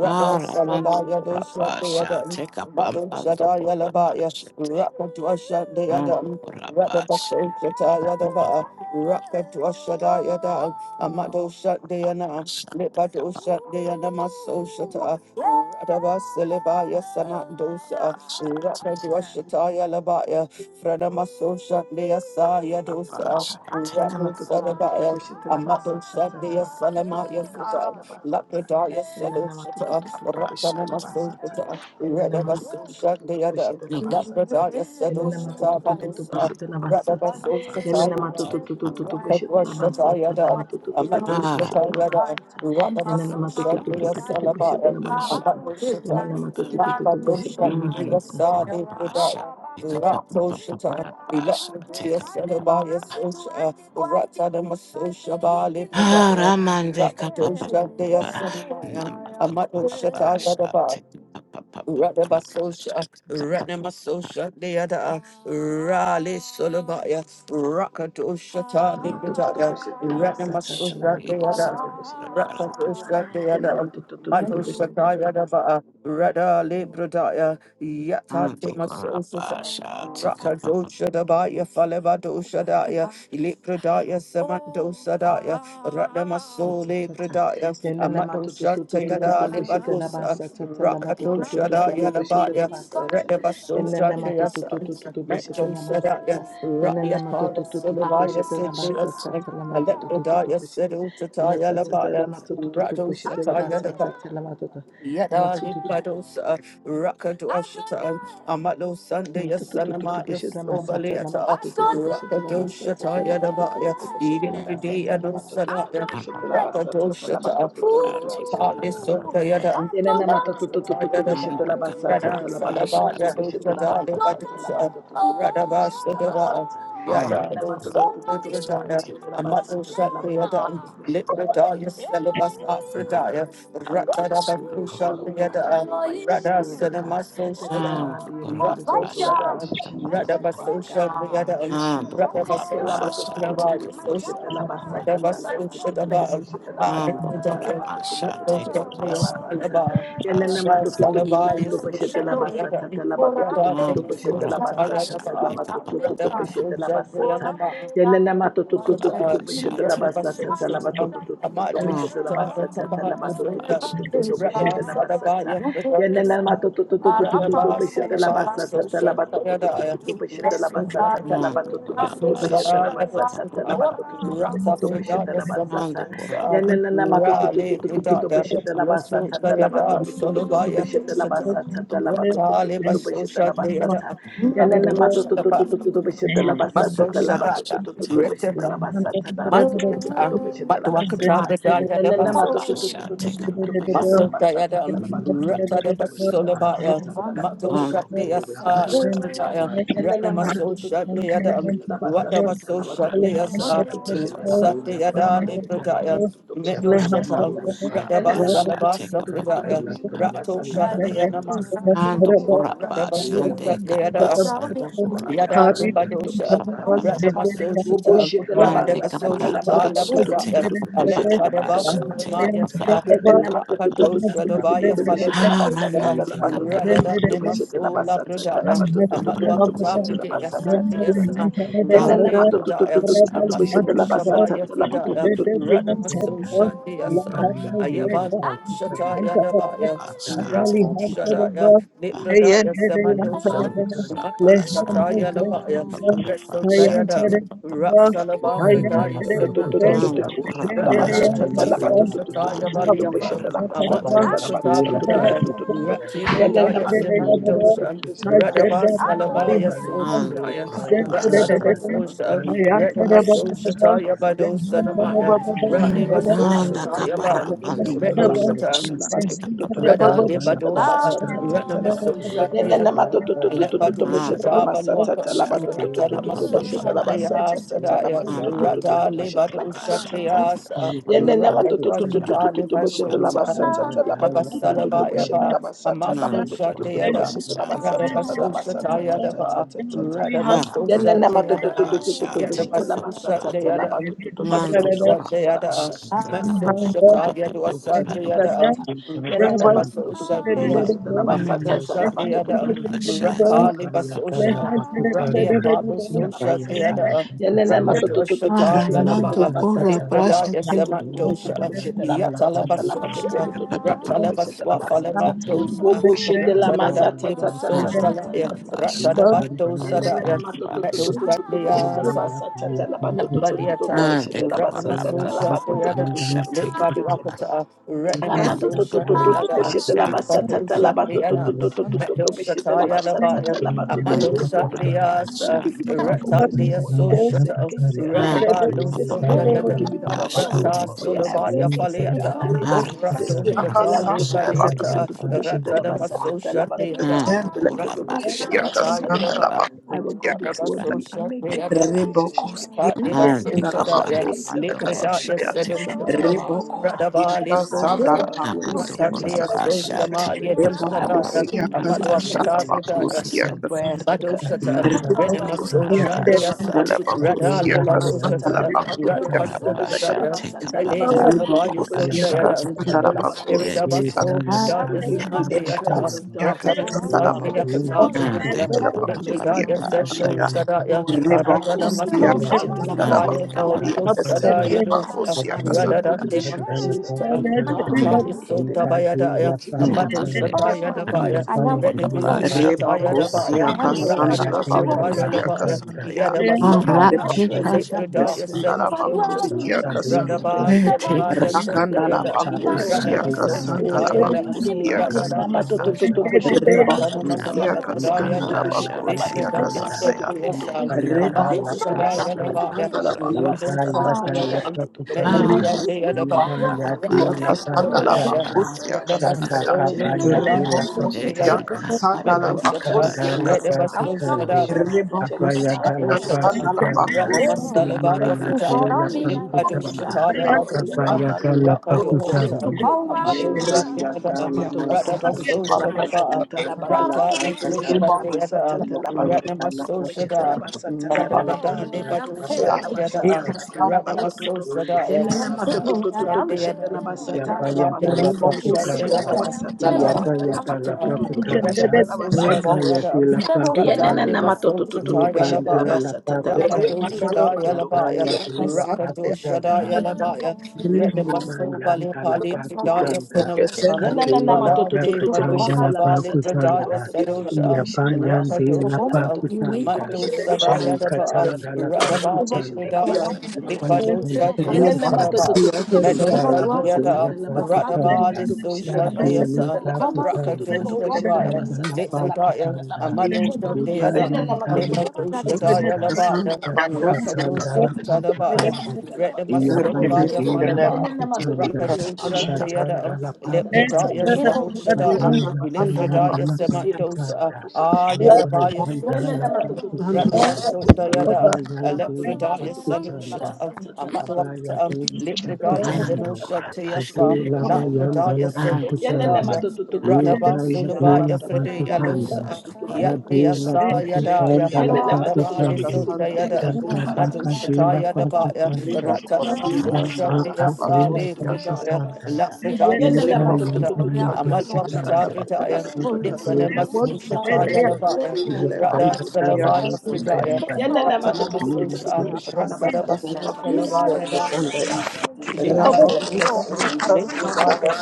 Speaker 3: Ah, la pandu korabasha, take up and pandu korabasha, pandu korabasha, take up and pandu
Speaker 1: da, Amado Shandayana,
Speaker 3: korabasha, take up
Speaker 1: Libado
Speaker 3: and pandu
Speaker 1: shut the anamaso shata, Radaba Silibaya Sanandosa,
Speaker 3: korabasha, take
Speaker 1: Rakadua Shataya Labaya, Fredamaso shut the Asaya
Speaker 3: up and
Speaker 1: dosa,
Speaker 3: pandu
Speaker 2: Tata.
Speaker 3: korabasha, take up
Speaker 1: Rapu
Speaker 2: Yanama tu tu tu tu tu
Speaker 1: Sadabaya,
Speaker 2: pushita la basa
Speaker 1: Amado
Speaker 2: tata.
Speaker 1: shut the
Speaker 2: Yanama tu tu tu tu
Speaker 1: Salamaya
Speaker 2: tu pushita
Speaker 1: Fata,
Speaker 2: la basa tata.
Speaker 1: Lapradaya Sado
Speaker 2: Yanama tu tu
Speaker 1: shata,
Speaker 2: tu
Speaker 3: and
Speaker 2: tu tu pushita la
Speaker 3: pandu korabasha, take up and
Speaker 1: Ratanamaso
Speaker 2: basa tata.
Speaker 1: shata,
Speaker 2: Yanama tu
Speaker 1: Redabaso
Speaker 2: tu tu
Speaker 1: shut
Speaker 2: tu tu tu
Speaker 1: the other,
Speaker 2: pushita la
Speaker 3: pandu
Speaker 2: basa tata.
Speaker 1: Lapradaya Sado
Speaker 2: Yanama
Speaker 1: shata, Balusa, Radabaso
Speaker 2: tu
Speaker 1: shata,
Speaker 2: tu tu tu tu
Speaker 1: Rakadua
Speaker 2: pushita la basa tata. Yanama
Speaker 1: Shataya,
Speaker 2: tu tu tu tu tu
Speaker 1: Amado
Speaker 2: tu pushita la
Speaker 1: shata,
Speaker 2: basa tata.
Speaker 1: Rapa
Speaker 2: Yanama tu
Speaker 1: dosha
Speaker 2: tu tu tu
Speaker 1: dea
Speaker 2: tu tu
Speaker 3: korabasha,
Speaker 2: pushita la basa tata. Yanama tu tu tu tu tu tu pushita la basa tata. Yanama tu tu tu tu tu pushita la basa tata.
Speaker 3: take up and Ah, Ramande kapa pa pa pa pa.
Speaker 1: sabaya,
Speaker 3: Namato
Speaker 1: amado
Speaker 3: kapa pa sha
Speaker 1: shata
Speaker 3: te pa pa pa pa pa na pa sha
Speaker 1: Radabasosha,
Speaker 3: te kapa.
Speaker 1: Ranamasosha, Deada, Raleigh Solabaya,
Speaker 2: Yenena
Speaker 1: Rakadoshata, Nikitaya, Ranamasosha, Deada,
Speaker 3: Jesus. Kala pa.
Speaker 1: Rakatosha, Deada, Matoshataya, Daba, Rada Librodaya, Yata,
Speaker 3: Namato kala pa
Speaker 1: Demasosha,
Speaker 3: sha te kapa pa pa
Speaker 1: Rakadosha Dabaya Falevado Shadaya Ilipradaya Samando Sadaya Radamasole Pradaya Amado Shatayada Libadosa Rakado Shadaya Labaya Redabaso Shadaya Metro Shadaya Radia Tara Solovaya
Speaker 3: sha
Speaker 1: Sidneyas
Speaker 3: te
Speaker 1: Alepradaya Sedu Tataya Labaya Rado Shataya Yada Lipadosa, Rakadu Ashata, Amado Sunday, a
Speaker 2: Namatutututu
Speaker 1: Sanama,
Speaker 2: Bishita masata
Speaker 1: Yosobaliata, Rakado Shata Yadabaya, eating the day Adosadaya,
Speaker 3: pa pa
Speaker 1: Rakado Shata,
Speaker 3: te kapa
Speaker 1: Tali
Speaker 3: pa pa
Speaker 1: Sunda
Speaker 3: pa.
Speaker 1: Yada, Shata Yadaba.
Speaker 3: Nanda kapa ra
Speaker 1: Yada
Speaker 3: pa
Speaker 1: Salaba
Speaker 3: sha te pa
Speaker 1: Yadu
Speaker 3: pa
Speaker 1: Shada
Speaker 3: pa pa.
Speaker 1: Lipadusa, Radaba Sudava, Yada
Speaker 3: Namato kala
Speaker 1: Dosa,
Speaker 3: pa sha te
Speaker 1: Libretaya, Amado Shata Yada, Libretaya, Salabas
Speaker 2: Thank you.
Speaker 1: Afridaya,
Speaker 2: A
Speaker 1: Ratada
Speaker 2: clean
Speaker 1: Kusha
Speaker 2: heart, O God, and a
Speaker 1: Yada
Speaker 2: right
Speaker 1: Rada
Speaker 2: spirit, O
Speaker 1: Cinema
Speaker 2: God. Let this
Speaker 1: Social
Speaker 2: mind be in me, but is also in Christ Jesus. So,
Speaker 1: Radaba
Speaker 2: Father God, in
Speaker 1: Social
Speaker 2: the
Speaker 1: Yada
Speaker 2: name of
Speaker 3: Ando
Speaker 2: Jesus.
Speaker 1: Radaba Social
Speaker 3: corabasha,
Speaker 1: Tanaba
Speaker 3: take a
Speaker 1: Social
Speaker 3: pasa.
Speaker 1: Radaba Social
Speaker 3: Ando corabasha, take a pasa.
Speaker 1: Rather,
Speaker 3: Corabasha, Ando corabasha, take a papa papa.
Speaker 2: Yenena matututututu bishete
Speaker 3: Corabasha,
Speaker 2: la
Speaker 3: take
Speaker 2: basa tata la matututututu
Speaker 3: a
Speaker 2: bishete la basa tata la matututututu
Speaker 4: Thank
Speaker 2: bishete la basa tata. Yenena matututututu bishete la basa tata la matututututu bishete la basa tata la
Speaker 3: Ando
Speaker 2: matututututu
Speaker 1: Masosha
Speaker 2: bishete
Speaker 3: corabasha,
Speaker 2: la basa
Speaker 3: take a
Speaker 2: tata la
Speaker 3: papa.
Speaker 1: Yadosita, Rasa
Speaker 2: matututututu bishete
Speaker 1: Fridaya
Speaker 2: la basa
Speaker 3: Ando
Speaker 2: tata.
Speaker 1: Samakosa,
Speaker 2: Yenena
Speaker 3: corabasha, take
Speaker 1: Rali
Speaker 3: a papa
Speaker 2: matututututu
Speaker 1: Fridaya,
Speaker 2: bishete la
Speaker 3: papa.
Speaker 2: basa
Speaker 1: Rasu
Speaker 2: tata la
Speaker 1: Dayada,
Speaker 2: matututututu
Speaker 1: Solubaya
Speaker 2: bishete la
Speaker 1: Dosita,
Speaker 2: basa tata la
Speaker 1: Ratali
Speaker 2: matututututu bishete
Speaker 1: Basosha
Speaker 2: la basa
Speaker 1: Deada,
Speaker 2: tata. Yalala
Speaker 1: Rakadosha,
Speaker 2: matutututututu bishita la
Speaker 3: Ando
Speaker 2: basata la
Speaker 1: Masosha
Speaker 3: corabasha,
Speaker 1: Dada,
Speaker 2: batututututu
Speaker 3: take a papa papa. papa. Ando corabasha, take a
Speaker 2: bishita la
Speaker 1: Retima,
Speaker 3: papa papa.
Speaker 2: basata la
Speaker 1: Mayata,
Speaker 2: batututututu bishita la
Speaker 1: Matuakata
Speaker 3: Ah,
Speaker 2: basata.
Speaker 3: thank you,
Speaker 5: Thank
Speaker 2: Yalala
Speaker 3: Lord,
Speaker 1: Bredaya,
Speaker 3: I shall take up
Speaker 2: matutututututu
Speaker 3: up, up, up,
Speaker 2: bishita la
Speaker 1: Maso
Speaker 3: up.
Speaker 2: basata
Speaker 1: Dayadan,
Speaker 2: la
Speaker 1: Rapta de
Speaker 2: batututututu bishita la
Speaker 1: Basolabaya,
Speaker 2: basata la
Speaker 1: Mato
Speaker 3: Ah, Lord,
Speaker 1: Shakdea
Speaker 2: batututututu bishita
Speaker 3: I
Speaker 1: Sa,
Speaker 2: la
Speaker 3: shall
Speaker 2: basata.
Speaker 3: take up
Speaker 1: Lutaya,
Speaker 3: up,
Speaker 1: Ratna
Speaker 2: Yalala
Speaker 1: Maso
Speaker 2: matututututu
Speaker 1: Shakdeadan,
Speaker 2: bishita la basata
Speaker 1: Whatever so
Speaker 2: la
Speaker 3: Lord,
Speaker 1: shut the
Speaker 3: I
Speaker 1: us up,
Speaker 3: shall
Speaker 2: batututututu
Speaker 3: take up
Speaker 2: bishita la
Speaker 3: up, up, up.
Speaker 1: sat the
Speaker 2: basata la
Speaker 1: Adali
Speaker 3: Ah,
Speaker 1: Prodaya,
Speaker 2: batututututu
Speaker 1: Metal
Speaker 2: bishita la
Speaker 3: Lord,
Speaker 2: basata.
Speaker 1: Shatam,
Speaker 2: Then the
Speaker 1: Rataba
Speaker 3: I
Speaker 2: Lamato
Speaker 3: shall
Speaker 4: you.
Speaker 1: Salabas
Speaker 3: take
Speaker 1: of
Speaker 3: up up, up,
Speaker 2: to
Speaker 3: up, up,
Speaker 4: Thank
Speaker 3: up, up.
Speaker 1: Rato shut the Anamas,
Speaker 3: Ah, Lord, I
Speaker 1: Rataba
Speaker 3: shall
Speaker 1: so shut
Speaker 3: take up
Speaker 1: the
Speaker 3: up,
Speaker 1: other
Speaker 3: ah, Lord, I
Speaker 1: Yada
Speaker 3: shall take up
Speaker 1: Badosha,
Speaker 3: up, up, up, up.
Speaker 1: Rataba
Speaker 5: you.
Speaker 1: Social Town,
Speaker 5: Yapaya
Speaker 3: Mande
Speaker 1: Rataba Social
Speaker 3: kaparapa shall take
Speaker 5: Lapakuchanda,
Speaker 1: Town,
Speaker 3: up up, up, up, up,
Speaker 1: Alexa de
Speaker 3: up,
Speaker 5: Yapayada
Speaker 1: Bas,
Speaker 3: shall take up up,
Speaker 1: Mayas,
Speaker 3: up, up,
Speaker 5: Lapakuchanda,
Speaker 3: take up up, up.
Speaker 1: Rakado Shadabaya
Speaker 5: Lapakuchanda,
Speaker 3: Ah,
Speaker 1: Falematosa,
Speaker 3: Mande
Speaker 5: Yapaya
Speaker 3: kaparapa
Speaker 1: Radada
Speaker 2: Bishop
Speaker 1: Nemaso
Speaker 5: Lapakuchanda,
Speaker 2: Labasata,
Speaker 3: shall
Speaker 1: Labradaya,
Speaker 3: take up up,
Speaker 5: Ipanga
Speaker 3: up, up, up,
Speaker 1: Amadwakata
Speaker 3: up.
Speaker 1: Pridea
Speaker 5: Lapakuchanda, Lapakuchanda,
Speaker 1: Sandiasa,
Speaker 3: Ah,
Speaker 5: Lapakuchanda, Yapaya
Speaker 1: Rale
Speaker 3: Lord, I
Speaker 1: Pradaya,
Speaker 3: shall
Speaker 5: Lapakuchanda,
Speaker 3: take up
Speaker 1: Amaso Shabaya Pradaya,
Speaker 2: Labato
Speaker 1: Radamaso
Speaker 5: Ipanga
Speaker 1: Shandiasa, Ayaban
Speaker 3: up, up,
Speaker 5: Lapakuchanda,
Speaker 1: Shataya
Speaker 4: you.
Speaker 1: Nabaya,
Speaker 4: Mahali
Speaker 3: Take
Speaker 1: Rato Shadaya,
Speaker 4: hapa
Speaker 1: Nipradaya
Speaker 5: Yapaya
Speaker 4: yendele
Speaker 5: Lapakuchanda,
Speaker 1: Samadosha,
Speaker 5: Yapaya
Speaker 4: yansaraba
Speaker 1: Mato
Speaker 4: lehmuz
Speaker 1: Shataya Nabaya,
Speaker 4: yansaraba
Speaker 1: Reso
Speaker 5: Lapakuchanda,
Speaker 1: Dayadan,
Speaker 4: hayansaraba
Speaker 1: Ratsalaba
Speaker 5: Ikanda la
Speaker 1: Fridaya
Speaker 4: hayansaraba
Speaker 5: prakutanda,
Speaker 1: Samandosa.
Speaker 4: yendele
Speaker 5: yabala
Speaker 1: Rattle my
Speaker 5: de
Speaker 4: yansaraba
Speaker 5: la
Speaker 1: social tie about
Speaker 5: prakutanda,
Speaker 4: mahababa yansaraba
Speaker 5: abala de la
Speaker 4: mahababa
Speaker 5: prakutanda,
Speaker 4: yendele
Speaker 5: de la
Speaker 4: yansaraba
Speaker 5: prakutanda,
Speaker 4: mazerda mahali
Speaker 5: yabala
Speaker 4: hapa
Speaker 5: de la
Speaker 4: mazerda
Speaker 5: prakutanda, manda la
Speaker 4: hayansaraba baba
Speaker 5: prakutanda,
Speaker 4: lehmuz yansaraba
Speaker 5: bala de la prakutanda. In the
Speaker 1: metal
Speaker 4: baba
Speaker 5: name of
Speaker 1: shutter.
Speaker 5: Jesus,
Speaker 1: Rada
Speaker 5: abala
Speaker 4: hayansaraba
Speaker 5: la
Speaker 1: Libadosa,
Speaker 5: prakutanda,
Speaker 1: Rana
Speaker 2: Yelena
Speaker 4: Thank
Speaker 2: Yenenema
Speaker 1: Masosa
Speaker 5: yabala de
Speaker 1: Deada,
Speaker 5: la
Speaker 1: Lebadosa
Speaker 5: prakutanda,
Speaker 1: Tabaluaka, Ratana Masosa
Speaker 3: a
Speaker 1: Deas,
Speaker 5: de la
Speaker 1: Sadaya,
Speaker 3: Armando
Speaker 1: Rada
Speaker 5: prakutanda.
Speaker 3: corra
Speaker 1: Libadosha, they are
Speaker 5: Hali kadhalika hatari
Speaker 1: Rakadoshata, Libadosa
Speaker 3: pasa
Speaker 1: Deas, Rakadosa Talibadosa,
Speaker 5: kadhalika ya tahala
Speaker 1: Debasalabaya, Amasosa Deada, Rada Basosa Tayadaba, Rada Basosa
Speaker 2: Yanana
Speaker 1: Deada,
Speaker 2: matotototototo
Speaker 1: Yada
Speaker 2: beshete la basa
Speaker 1: Basosa
Speaker 2: tata la
Speaker 1: Deada,
Speaker 2: batotototototo
Speaker 1: Masosa
Speaker 2: beshete la
Speaker 1: Deada,
Speaker 2: basa tata la
Speaker 1: Masosa
Speaker 2: batotototototo
Speaker 1: Tayadwasa
Speaker 2: beshete la basa
Speaker 1: Deada,
Speaker 2: tata. Yanana
Speaker 1: Radabaso
Speaker 2: matotototototo
Speaker 1: Shadia,
Speaker 2: beshete la basa
Speaker 1: Amado
Speaker 2: tata la
Speaker 1: Shadia,
Speaker 5: hatari
Speaker 2: batotototototo beshete la basa
Speaker 1: Ratalibaso
Speaker 5: Ibhaya
Speaker 2: tata
Speaker 1: Shadia,
Speaker 2: la
Speaker 5: lapha
Speaker 1: Ratli
Speaker 5: kuthanda,
Speaker 2: batotototototo
Speaker 1: Apollo
Speaker 2: beshete la
Speaker 1: Social
Speaker 5: iyabhaya
Speaker 2: basa tata.
Speaker 1: Theatre,
Speaker 5: lapha
Speaker 2: Yanana
Speaker 5: kuthanda,
Speaker 1: Rakador Shata,
Speaker 2: matotototototo
Speaker 5: ade
Speaker 2: beshete la
Speaker 1: Yalaba,
Speaker 5: lapha
Speaker 2: basa tata la
Speaker 5: kuthanda,
Speaker 1: Nikrada Yasamandosha,
Speaker 2: batotototototo
Speaker 5: ibhaya
Speaker 4: you.
Speaker 2: beshete la basa
Speaker 5: lapha
Speaker 2: tata la
Speaker 5: kuthanda,
Speaker 1: Yatalabasosha,
Speaker 4: Thank
Speaker 2: batotototototo beshete la
Speaker 1: Ratalabaswa
Speaker 5: lapha
Speaker 2: basa tata.
Speaker 5: kuthanda,
Speaker 1: Falamandosa,
Speaker 2: Robo shete la
Speaker 5: kada
Speaker 1: Ratada
Speaker 2: masa
Speaker 1: Deva
Speaker 2: tata
Speaker 5: lapha
Speaker 2: tata tata
Speaker 5: kuthanda,
Speaker 2: tata
Speaker 1: Social,
Speaker 2: tata tata.
Speaker 5: ithanda
Speaker 2: Ne ne ne
Speaker 5: lapha
Speaker 2: ne
Speaker 1: Ratadabandosa,
Speaker 2: ma tu tu tu
Speaker 5: kuthanda,
Speaker 2: tu
Speaker 1: Meadows
Speaker 2: tu tu tu tu
Speaker 3: que
Speaker 2: baixa te la
Speaker 5: ibhaya
Speaker 1: Sandia,
Speaker 5: lapha
Speaker 2: basa cha cha la ba tu tu tu tu tu
Speaker 1: Nambadiata,
Speaker 3: Take
Speaker 1: Ratna
Speaker 5: kuthanda,
Speaker 1: Masosha,
Speaker 5: lapha
Speaker 1: the other,
Speaker 5: kuthanda
Speaker 2: tu
Speaker 1: Lit
Speaker 5: lapha
Speaker 2: tu tu
Speaker 1: by the
Speaker 2: tu ne.
Speaker 5: kuthanda.
Speaker 1: Rakata, Ratna
Speaker 5: Thank
Speaker 2: Lamando to to
Speaker 1: Masosha,
Speaker 2: to
Speaker 1: the
Speaker 2: to to
Speaker 1: other,
Speaker 2: beshete la
Speaker 1: Lit by the
Speaker 2: basata ta la
Speaker 1: Ushat,
Speaker 2: ba to to
Speaker 1: other,
Speaker 2: to to to to to
Speaker 1: Metal
Speaker 2: beshete la
Speaker 1: Shataya, the
Speaker 2: basata
Speaker 1: Baya,
Speaker 2: ta la ba to to to
Speaker 1: Amato
Speaker 2: to to to
Speaker 1: Shatbias,
Speaker 2: I will give you the mouth of
Speaker 1: Rata, the
Speaker 2: wisdom for all your adversary and
Speaker 1: Associata,
Speaker 2: gainsayer are not able to
Speaker 1: Radiba
Speaker 2: resist.
Speaker 1: Luso, the
Speaker 2: I will
Speaker 1: other,
Speaker 2: give you the mouth of
Speaker 6: Rebocosia,
Speaker 2: wisdom
Speaker 1: Rasa
Speaker 2: for all your adversary
Speaker 1: Solobaya
Speaker 2: and gainsayer are
Speaker 1: Faliata.
Speaker 2: not able to resist.
Speaker 1: Rato
Speaker 2: Ye la
Speaker 1: Shata
Speaker 2: ba to to to to to to
Speaker 1: Limbadiata,
Speaker 2: to beshete la
Speaker 1: Ratana Maso
Speaker 2: basata ta la
Speaker 1: Shat
Speaker 2: ba to
Speaker 1: the
Speaker 2: to
Speaker 1: other,
Speaker 2: to to to to to to
Speaker 1: Rasmus
Speaker 2: beshete la basata la ba
Speaker 1: Shataya
Speaker 2: I will go before
Speaker 1: Rababaso
Speaker 2: thee and make the
Speaker 1: Shadayada,
Speaker 2: crooked places straight. I
Speaker 1: Radiba
Speaker 2: will break in pieces the
Speaker 1: Shadaya,
Speaker 2: gates of brass
Speaker 1: Libredaya
Speaker 2: and cut in
Speaker 3: a
Speaker 1: sedum
Speaker 2: some of the
Speaker 1: Shata,
Speaker 2: bars of iron.
Speaker 1: Radabali
Speaker 2: I will
Speaker 1: social,
Speaker 2: go before thee and make the
Speaker 1: Ratabia
Speaker 6: Cassandra,
Speaker 2: crooked
Speaker 1: social,
Speaker 2: places
Speaker 3: Namadokorabashate.
Speaker 1: Maya
Speaker 2: straight. I will
Speaker 1: Dusada,
Speaker 2: break in pieces the
Speaker 3: Kapapapapapapashate.
Speaker 2: gates
Speaker 1: Amadwakata,
Speaker 3: Kapasate.
Speaker 2: of brass and
Speaker 1: Bado
Speaker 2: cut and
Speaker 1: Badoshata,
Speaker 2: sumber the bonds of
Speaker 1: Renemaso
Speaker 2: iron.
Speaker 5: you.
Speaker 2: Lama
Speaker 1: Shandeas,
Speaker 2: tu tu
Speaker 3: Namadokorabashate.
Speaker 2: tu tu
Speaker 5: Thank
Speaker 2: tu
Speaker 1: Rada
Speaker 2: bishete
Speaker 3: Kapapapa.
Speaker 2: lama satata
Speaker 1: Levadoshata,
Speaker 2: lama tu tu tu tu tu
Speaker 1: Radamaso
Speaker 2: bishete lama
Speaker 1: Pradaya,
Speaker 3: Namadokorabashate.
Speaker 2: satata
Speaker 1: Rene
Speaker 2: lama tu tu tu
Speaker 3: Kapapate.
Speaker 2: tu
Speaker 1: Salabaya
Speaker 2: tu bishete lama
Speaker 3: Bashate.
Speaker 1: Sundayadan,
Speaker 2: satata
Speaker 1: Holy
Speaker 2: lama tu tu
Speaker 1: Spirit
Speaker 2: tu tu
Speaker 3: Ete
Speaker 6: Bacosia,
Speaker 2: bishete.
Speaker 1: Abaso
Speaker 3: kasa.
Speaker 2: I will
Speaker 1: Pradaya
Speaker 2: give thee the
Speaker 3: Kaparapa.
Speaker 2: treasures
Speaker 1: Samandiata,
Speaker 2: of
Speaker 6: Lebakosia
Speaker 2: darkness and
Speaker 1: Ratana
Speaker 2: the
Speaker 6: kasanda la
Speaker 2: darkness
Speaker 1: Sandia
Speaker 2: of secret
Speaker 6: bakosia
Speaker 1: Kata
Speaker 3: Ande
Speaker 1: Pradaya,
Speaker 2: places
Speaker 6: kasanda la
Speaker 2: and make
Speaker 6: bakosia
Speaker 1: Nitradaya
Speaker 2: known those.
Speaker 6: kasanda
Speaker 1: Sendo
Speaker 6: ya
Speaker 3: kapapaparabashate.
Speaker 1: Sadaya,
Speaker 2: Lord,
Speaker 3: Kapapapa.
Speaker 2: ama tu-
Speaker 1: Aradana
Speaker 2: tu- tu- tu-
Speaker 6: Rebakosia
Speaker 2: tu- bushete
Speaker 1: Maso,
Speaker 6: kasanda
Speaker 2: laba
Speaker 6: la
Speaker 4: you.
Speaker 2: sa-
Speaker 3: Ande
Speaker 1: Fire
Speaker 2: ta-
Speaker 1: of the
Speaker 2: ta-
Speaker 1: Holy
Speaker 2: laba
Speaker 6: bakosia
Speaker 2: tu-
Speaker 4: Thank
Speaker 2: tu-
Speaker 1: Ghost
Speaker 2: tu- tu-
Speaker 6: kasanda
Speaker 1: Sadaya
Speaker 2: bushete
Speaker 6: la
Speaker 4: you.
Speaker 2: laba.
Speaker 1: Dosa,
Speaker 6: bakosia
Speaker 2: I will
Speaker 3: kapapaparabashate.
Speaker 2: give
Speaker 6: kasanda
Speaker 2: thee
Speaker 6: ya
Speaker 1: Radada
Speaker 2: the treasures
Speaker 1: Demaso Shata,
Speaker 2: of darkness
Speaker 3: Mm.
Speaker 2: and
Speaker 1: Ratali
Speaker 2: the hidden
Speaker 1: Sotabayadaya,
Speaker 2: riches. And I am
Speaker 1: Amado
Speaker 2: going
Speaker 3: Namande
Speaker 2: to
Speaker 1: Shataya
Speaker 2: see
Speaker 1: Oh,
Speaker 2: your
Speaker 3: kaparapa.
Speaker 1: Dabaya, I
Speaker 2: places that
Speaker 1: am
Speaker 2: they
Speaker 1: Redimaso
Speaker 2: may
Speaker 1: stable.
Speaker 3: Korabashate.
Speaker 2: know that I
Speaker 1: Dabaya,
Speaker 6: Rebakosia
Speaker 2: am
Speaker 1: I
Speaker 2: the
Speaker 1: am
Speaker 2: Lord
Speaker 6: kasanda la
Speaker 2: which called thee
Speaker 3: Kapaparabashate.
Speaker 2: by
Speaker 6: bakosia
Speaker 1: Dabaya,
Speaker 2: name.
Speaker 1: friends.
Speaker 6: kasanda
Speaker 1: Stable
Speaker 6: ya
Speaker 2: I will give thee
Speaker 1: Yadabasofana,
Speaker 2: the
Speaker 3: Take
Speaker 1: oxygen.
Speaker 3: a
Speaker 2: treasures
Speaker 6: Rebakosia
Speaker 2: of
Speaker 1: Lepredaya
Speaker 2: darkness
Speaker 6: kasanda
Speaker 1: Stable
Speaker 5: you.
Speaker 2: and the
Speaker 6: la
Speaker 1: Sevaso
Speaker 2: hidden
Speaker 1: Shata, dwelling.
Speaker 2: riches
Speaker 6: bakosia
Speaker 2: of
Speaker 6: kasanda
Speaker 5: Kadena
Speaker 2: secret
Speaker 1: Radaba
Speaker 2: places
Speaker 5: pasi
Speaker 2: that
Speaker 1: Stable
Speaker 2: they
Speaker 1: Selebaya
Speaker 5: panda,
Speaker 2: may
Speaker 1: living.
Speaker 2: know
Speaker 3: Ando
Speaker 6: Rakanda
Speaker 2: that
Speaker 6: la
Speaker 2: I
Speaker 1: Sotayada,
Speaker 2: am the
Speaker 5: Matanda
Speaker 1: Divine
Speaker 2: Lord
Speaker 6: bakosia
Speaker 1: Radabaso
Speaker 5: kabila
Speaker 1: favor.
Speaker 6: kasanda
Speaker 2: call
Speaker 6: la
Speaker 1: Shataya,
Speaker 2: thee
Speaker 5: makutanda
Speaker 2: by
Speaker 1: Inseminate
Speaker 2: name.
Speaker 1: divine Radamaso
Speaker 5: Likanda
Speaker 2: Ramatototo
Speaker 1: Shata,
Speaker 2: boshete
Speaker 6: Reba
Speaker 2: labasa
Speaker 5: lapakutanda
Speaker 2: tata
Speaker 6: hostia
Speaker 1: Oh,
Speaker 2: labatototo
Speaker 6: kasanda la
Speaker 5: Likanda
Speaker 2: boshete labasa
Speaker 6: bakosia
Speaker 2: tata
Speaker 1: Lepredaya oh.
Speaker 5: lapakutanda
Speaker 6: kasanda ya.
Speaker 2: labatototo
Speaker 1: Sevaso,
Speaker 2: boshete
Speaker 5: Libayada
Speaker 6: Reba
Speaker 1: Amado
Speaker 2: labasa
Speaker 1: He's so
Speaker 2: tata
Speaker 6: hostia
Speaker 5: lapakutanda
Speaker 2: labatototo
Speaker 1: Dabaya,
Speaker 6: kasanda la
Speaker 2: boshete
Speaker 1: magnificent.
Speaker 2: labasa
Speaker 1: Radamaso
Speaker 6: bakosia
Speaker 2: tata
Speaker 1: Ah,
Speaker 5: Libayada
Speaker 6: kasanda ya.
Speaker 1: Shataya,
Speaker 2: labatototo
Speaker 1: Metal if
Speaker 2: boshete
Speaker 5: lapakutanda
Speaker 2: la
Speaker 6: Reba
Speaker 1: Shataya
Speaker 2: basa.
Speaker 1: you
Speaker 2: tata.
Speaker 1: Dabaya,
Speaker 2: My
Speaker 5: Libayadi
Speaker 6: hostia
Speaker 2: people are destroyed
Speaker 6: kasanda
Speaker 2: for
Speaker 6: la
Speaker 2: lack of
Speaker 5: lapakutanda
Speaker 2: knowledge
Speaker 6: bakosia
Speaker 2: because you
Speaker 6: kasanda
Speaker 5: Shata
Speaker 2: have
Speaker 6: ya.
Speaker 1: Redabaso,
Speaker 2: rejected knowledge.
Speaker 5: kabayadi
Speaker 6: Reba
Speaker 2: I
Speaker 1: Vedanta
Speaker 2: will reject
Speaker 1: Sophia,
Speaker 6: hostia
Speaker 2: you.
Speaker 5: lapakutanda
Speaker 2: My
Speaker 1: Metal
Speaker 2: people are
Speaker 1: Shutter,
Speaker 2: destroyed
Speaker 5: Maikanda
Speaker 2: for lack of
Speaker 6: kasanda
Speaker 1: Redabaso
Speaker 2: knowledge
Speaker 5: lapakutanda
Speaker 2: because you
Speaker 1: Shadaya,
Speaker 2: have rejected
Speaker 6: Rebahosia
Speaker 5: Abayada
Speaker 2: knowledge.
Speaker 1: Metal
Speaker 2: I will
Speaker 1: Shutter,
Speaker 6: kasanda
Speaker 2: reject
Speaker 6: la bakosia kasanda. Reba hostia kasanda la
Speaker 2: you
Speaker 5: lapakutanda
Speaker 6: bakosia
Speaker 2: from being my
Speaker 1: Redabasalava,
Speaker 2: priest
Speaker 5: Limayadi
Speaker 2: and
Speaker 1: Yafita,
Speaker 2: because you have
Speaker 1: Mikado
Speaker 5: lapakutanda
Speaker 2: forgotten the
Speaker 1: Shutter,
Speaker 2: Lord of your
Speaker 1: Badosha,
Speaker 6: kasanda
Speaker 2: God.
Speaker 6: ya. Rebahosia kasanda la bakosia kasanda. Reba
Speaker 5: Kabayagala
Speaker 2: I will
Speaker 1: Rakado
Speaker 2: also
Speaker 1: Shutter,
Speaker 5: Pakutandi,
Speaker 2: forget your
Speaker 1: Amado
Speaker 2: children.
Speaker 1: Japia,
Speaker 5: Ibayagala
Speaker 6: hostia
Speaker 2: Namatototo
Speaker 1: Redabaso
Speaker 5: Maputanda,
Speaker 1: Shadaba,
Speaker 5: Ikatala
Speaker 1: Rata Little
Speaker 5: Pakatandi,
Speaker 1: Shadaya,
Speaker 5: Ibayagala
Speaker 1: Redamaso
Speaker 4: Thank
Speaker 1: Shada,
Speaker 5: Pakutandi,
Speaker 6: kasanda la
Speaker 1: Redada,
Speaker 5: Ibayagala Pakutanda,
Speaker 1: Libado
Speaker 5: Ibayada la
Speaker 1: Shadaya,
Speaker 6: bakosia
Speaker 5: pakutanda,
Speaker 6: kasanda ya.
Speaker 1: Ranamaso
Speaker 5: Katuya
Speaker 1: Sadaya. I
Speaker 5: Kula
Speaker 1: am favored, I
Speaker 2: namatototo
Speaker 1: am
Speaker 5: Pakutanda,
Speaker 1: favored.
Speaker 5: Iyabayagala
Speaker 1: Ratalibaso
Speaker 6: Rebokusia
Speaker 5: Pakutanda,
Speaker 1: Shadayada. I am
Speaker 6: kasatalabakus,
Speaker 5: Iyabayagala
Speaker 1: favored,
Speaker 5: Pakutanda,
Speaker 1: Ranamaso Shadayada.
Speaker 5: Abayadila
Speaker 6: rebokusia,
Speaker 5: Pakutanda,
Speaker 1: Ratalibaso Shataya Labaya.
Speaker 5: Ibandala
Speaker 1: Rakado
Speaker 5: Pakutandi,
Speaker 1: Shadaya Labaya.
Speaker 6: rekandalabakusia
Speaker 5: Yabayadila
Speaker 1: Rakado
Speaker 6: kasatalea,
Speaker 5: Pakutanda,
Speaker 1: Shadaya Labaya.
Speaker 6: rebokusia
Speaker 5: Ima
Speaker 1: Renamaso Bali
Speaker 5: yanda la
Speaker 1: Pali Pridaya
Speaker 5: pakutanda,
Speaker 1: Senoja.
Speaker 6: kesendalea,
Speaker 5: Ade
Speaker 2: Yananama
Speaker 5: la
Speaker 2: to
Speaker 1: Radam
Speaker 2: to to
Speaker 1: De
Speaker 2: to to
Speaker 1: Mado
Speaker 5: prakatanda
Speaker 2: bushet
Speaker 5: la
Speaker 2: la
Speaker 1: Safali
Speaker 2: basa tata lava
Speaker 1: Pridaya
Speaker 5: pakutanda,
Speaker 2: to to to to to
Speaker 1: Sedoja.
Speaker 6: yakasan,
Speaker 2: bushet la basa
Speaker 5: Yapayande
Speaker 1: Rakado
Speaker 5: la
Speaker 2: tata lava to to to
Speaker 1: Shadaya.
Speaker 2: to to
Speaker 5: pakutanda,
Speaker 1: Mado
Speaker 2: bushet la basa
Speaker 1: Sadaya
Speaker 6: rebokusia
Speaker 2: tata
Speaker 1: Labaya.
Speaker 2: lava to
Speaker 5: Shankatanda
Speaker 2: to
Speaker 5: la
Speaker 2: to to to
Speaker 1: Radaba
Speaker 2: to bushet
Speaker 5: pakutande,
Speaker 2: la
Speaker 1: Lipudaya,
Speaker 2: basa tata
Speaker 6: kesandalea,
Speaker 1: Likado
Speaker 2: tata
Speaker 5: Yapayanda la
Speaker 1: Shatia
Speaker 2: Yananama to
Speaker 5: pakutanda,
Speaker 2: to
Speaker 1: Salaban,
Speaker 2: to
Speaker 6: rebokusia
Speaker 2: to to to
Speaker 1: Meadow
Speaker 2: bushet la
Speaker 6: kesendalabakusia
Speaker 2: basa
Speaker 5: Ipayande
Speaker 1: Shatiada,
Speaker 5: la
Speaker 2: tata lava to to to to
Speaker 1: Radaba
Speaker 2: to
Speaker 5: pakutanda,
Speaker 2: to
Speaker 1: Lisso
Speaker 2: bushet la
Speaker 6: kasandalia,
Speaker 5: Yade
Speaker 2: basa
Speaker 5: la
Speaker 1: Shatiasa,
Speaker 2: tata lava to to to to to
Speaker 1: Rakado
Speaker 5: pakutanda,
Speaker 2: to bushet la
Speaker 1: Shadabaya,
Speaker 5: Tanda
Speaker 2: basa
Speaker 5: la
Speaker 2: tata lava tata
Speaker 1: Lipudaya,
Speaker 2: lava
Speaker 5: pakutanda,
Speaker 2: to to
Speaker 1: Amado
Speaker 2: to to
Speaker 5: ipa
Speaker 1: Shatiada,
Speaker 2: Yananama to
Speaker 5: yanda
Speaker 2: to
Speaker 5: la
Speaker 6: rebokusia
Speaker 2: to to
Speaker 1: Lipado
Speaker 2: to to bushet
Speaker 1: Shadaya
Speaker 5: pakutanda,
Speaker 2: la basa
Speaker 1: Labaya,
Speaker 5: Ya
Speaker 2: tata lava to to to
Speaker 6: kesandalabakusia
Speaker 1: Rakado
Speaker 2: to
Speaker 5: ikatanda
Speaker 2: to to
Speaker 5: la
Speaker 6: kasandalia,
Speaker 2: bushet la
Speaker 1: Shatalabaya,
Speaker 2: basa
Speaker 5: pakutanda,
Speaker 2: tata lava to to to to
Speaker 5: yapanya
Speaker 2: to
Speaker 1: Redamasodabaya
Speaker 5: de la
Speaker 1: Falabaya.
Speaker 2: Yenene matoto
Speaker 6: rebekendalabakusia
Speaker 2: toto
Speaker 6: kasandalia,
Speaker 5: mankutanda,
Speaker 1: Rakadon
Speaker 2: toto bushete la
Speaker 1: Shatayada,
Speaker 5: shatanda la
Speaker 2: basata la
Speaker 1: Lipradaya,
Speaker 2: matoto
Speaker 5: pakutanda,
Speaker 2: toto
Speaker 1: Sebo
Speaker 2: toto
Speaker 6: rebokusia
Speaker 1: Shadaya,
Speaker 5: adela
Speaker 1: Lipradaya,
Speaker 5: payanda la
Speaker 6: kesandalabakusia
Speaker 1: Semadosa,
Speaker 5: pakutanda,
Speaker 1: Ah, Yadabaya,
Speaker 5: ribanda la
Speaker 1: Soshata,
Speaker 5: pakutanda,
Speaker 6: kasandalia,
Speaker 1: Ratnamaso,
Speaker 5: rimayande la
Speaker 1: Electrodaya
Speaker 5: pakutanda,
Speaker 1: Senushata,
Speaker 5: abaya de
Speaker 1: Amadwakata,
Speaker 5: la
Speaker 1: Lipradaya
Speaker 4: you.
Speaker 5: pakutanda,
Speaker 3: corra
Speaker 1: Senushatia
Speaker 3: baixa,
Speaker 1: Sa,
Speaker 5: Yatela
Speaker 4: Thank
Speaker 1: Lapradaya
Speaker 5: mayandala
Speaker 3: ando
Speaker 5: pakutanda.
Speaker 1: Senushadaya,
Speaker 6: Rebecca,
Speaker 1: Radaba
Speaker 5: Eba
Speaker 3: corra,
Speaker 5: yatela
Speaker 1: Sulabaya Fridaya
Speaker 5: pakutanda.
Speaker 1: Lusa,
Speaker 2: bushete
Speaker 1: Yatia
Speaker 2: la
Speaker 5: Yatela
Speaker 2: basata
Speaker 1: Sayadaya,
Speaker 5: pakutanda la
Speaker 2: Yanana
Speaker 1: Radaba
Speaker 5: pakutanda.
Speaker 1: Lisutayada,
Speaker 5: Tatabaka dela
Speaker 1: Madushataya Dabaya. Rather,
Speaker 5: pakutanda. Eba maka dela pakutanda. Eba yandala pa Uka dela pakutanda. Eba pa pakutanda. Thank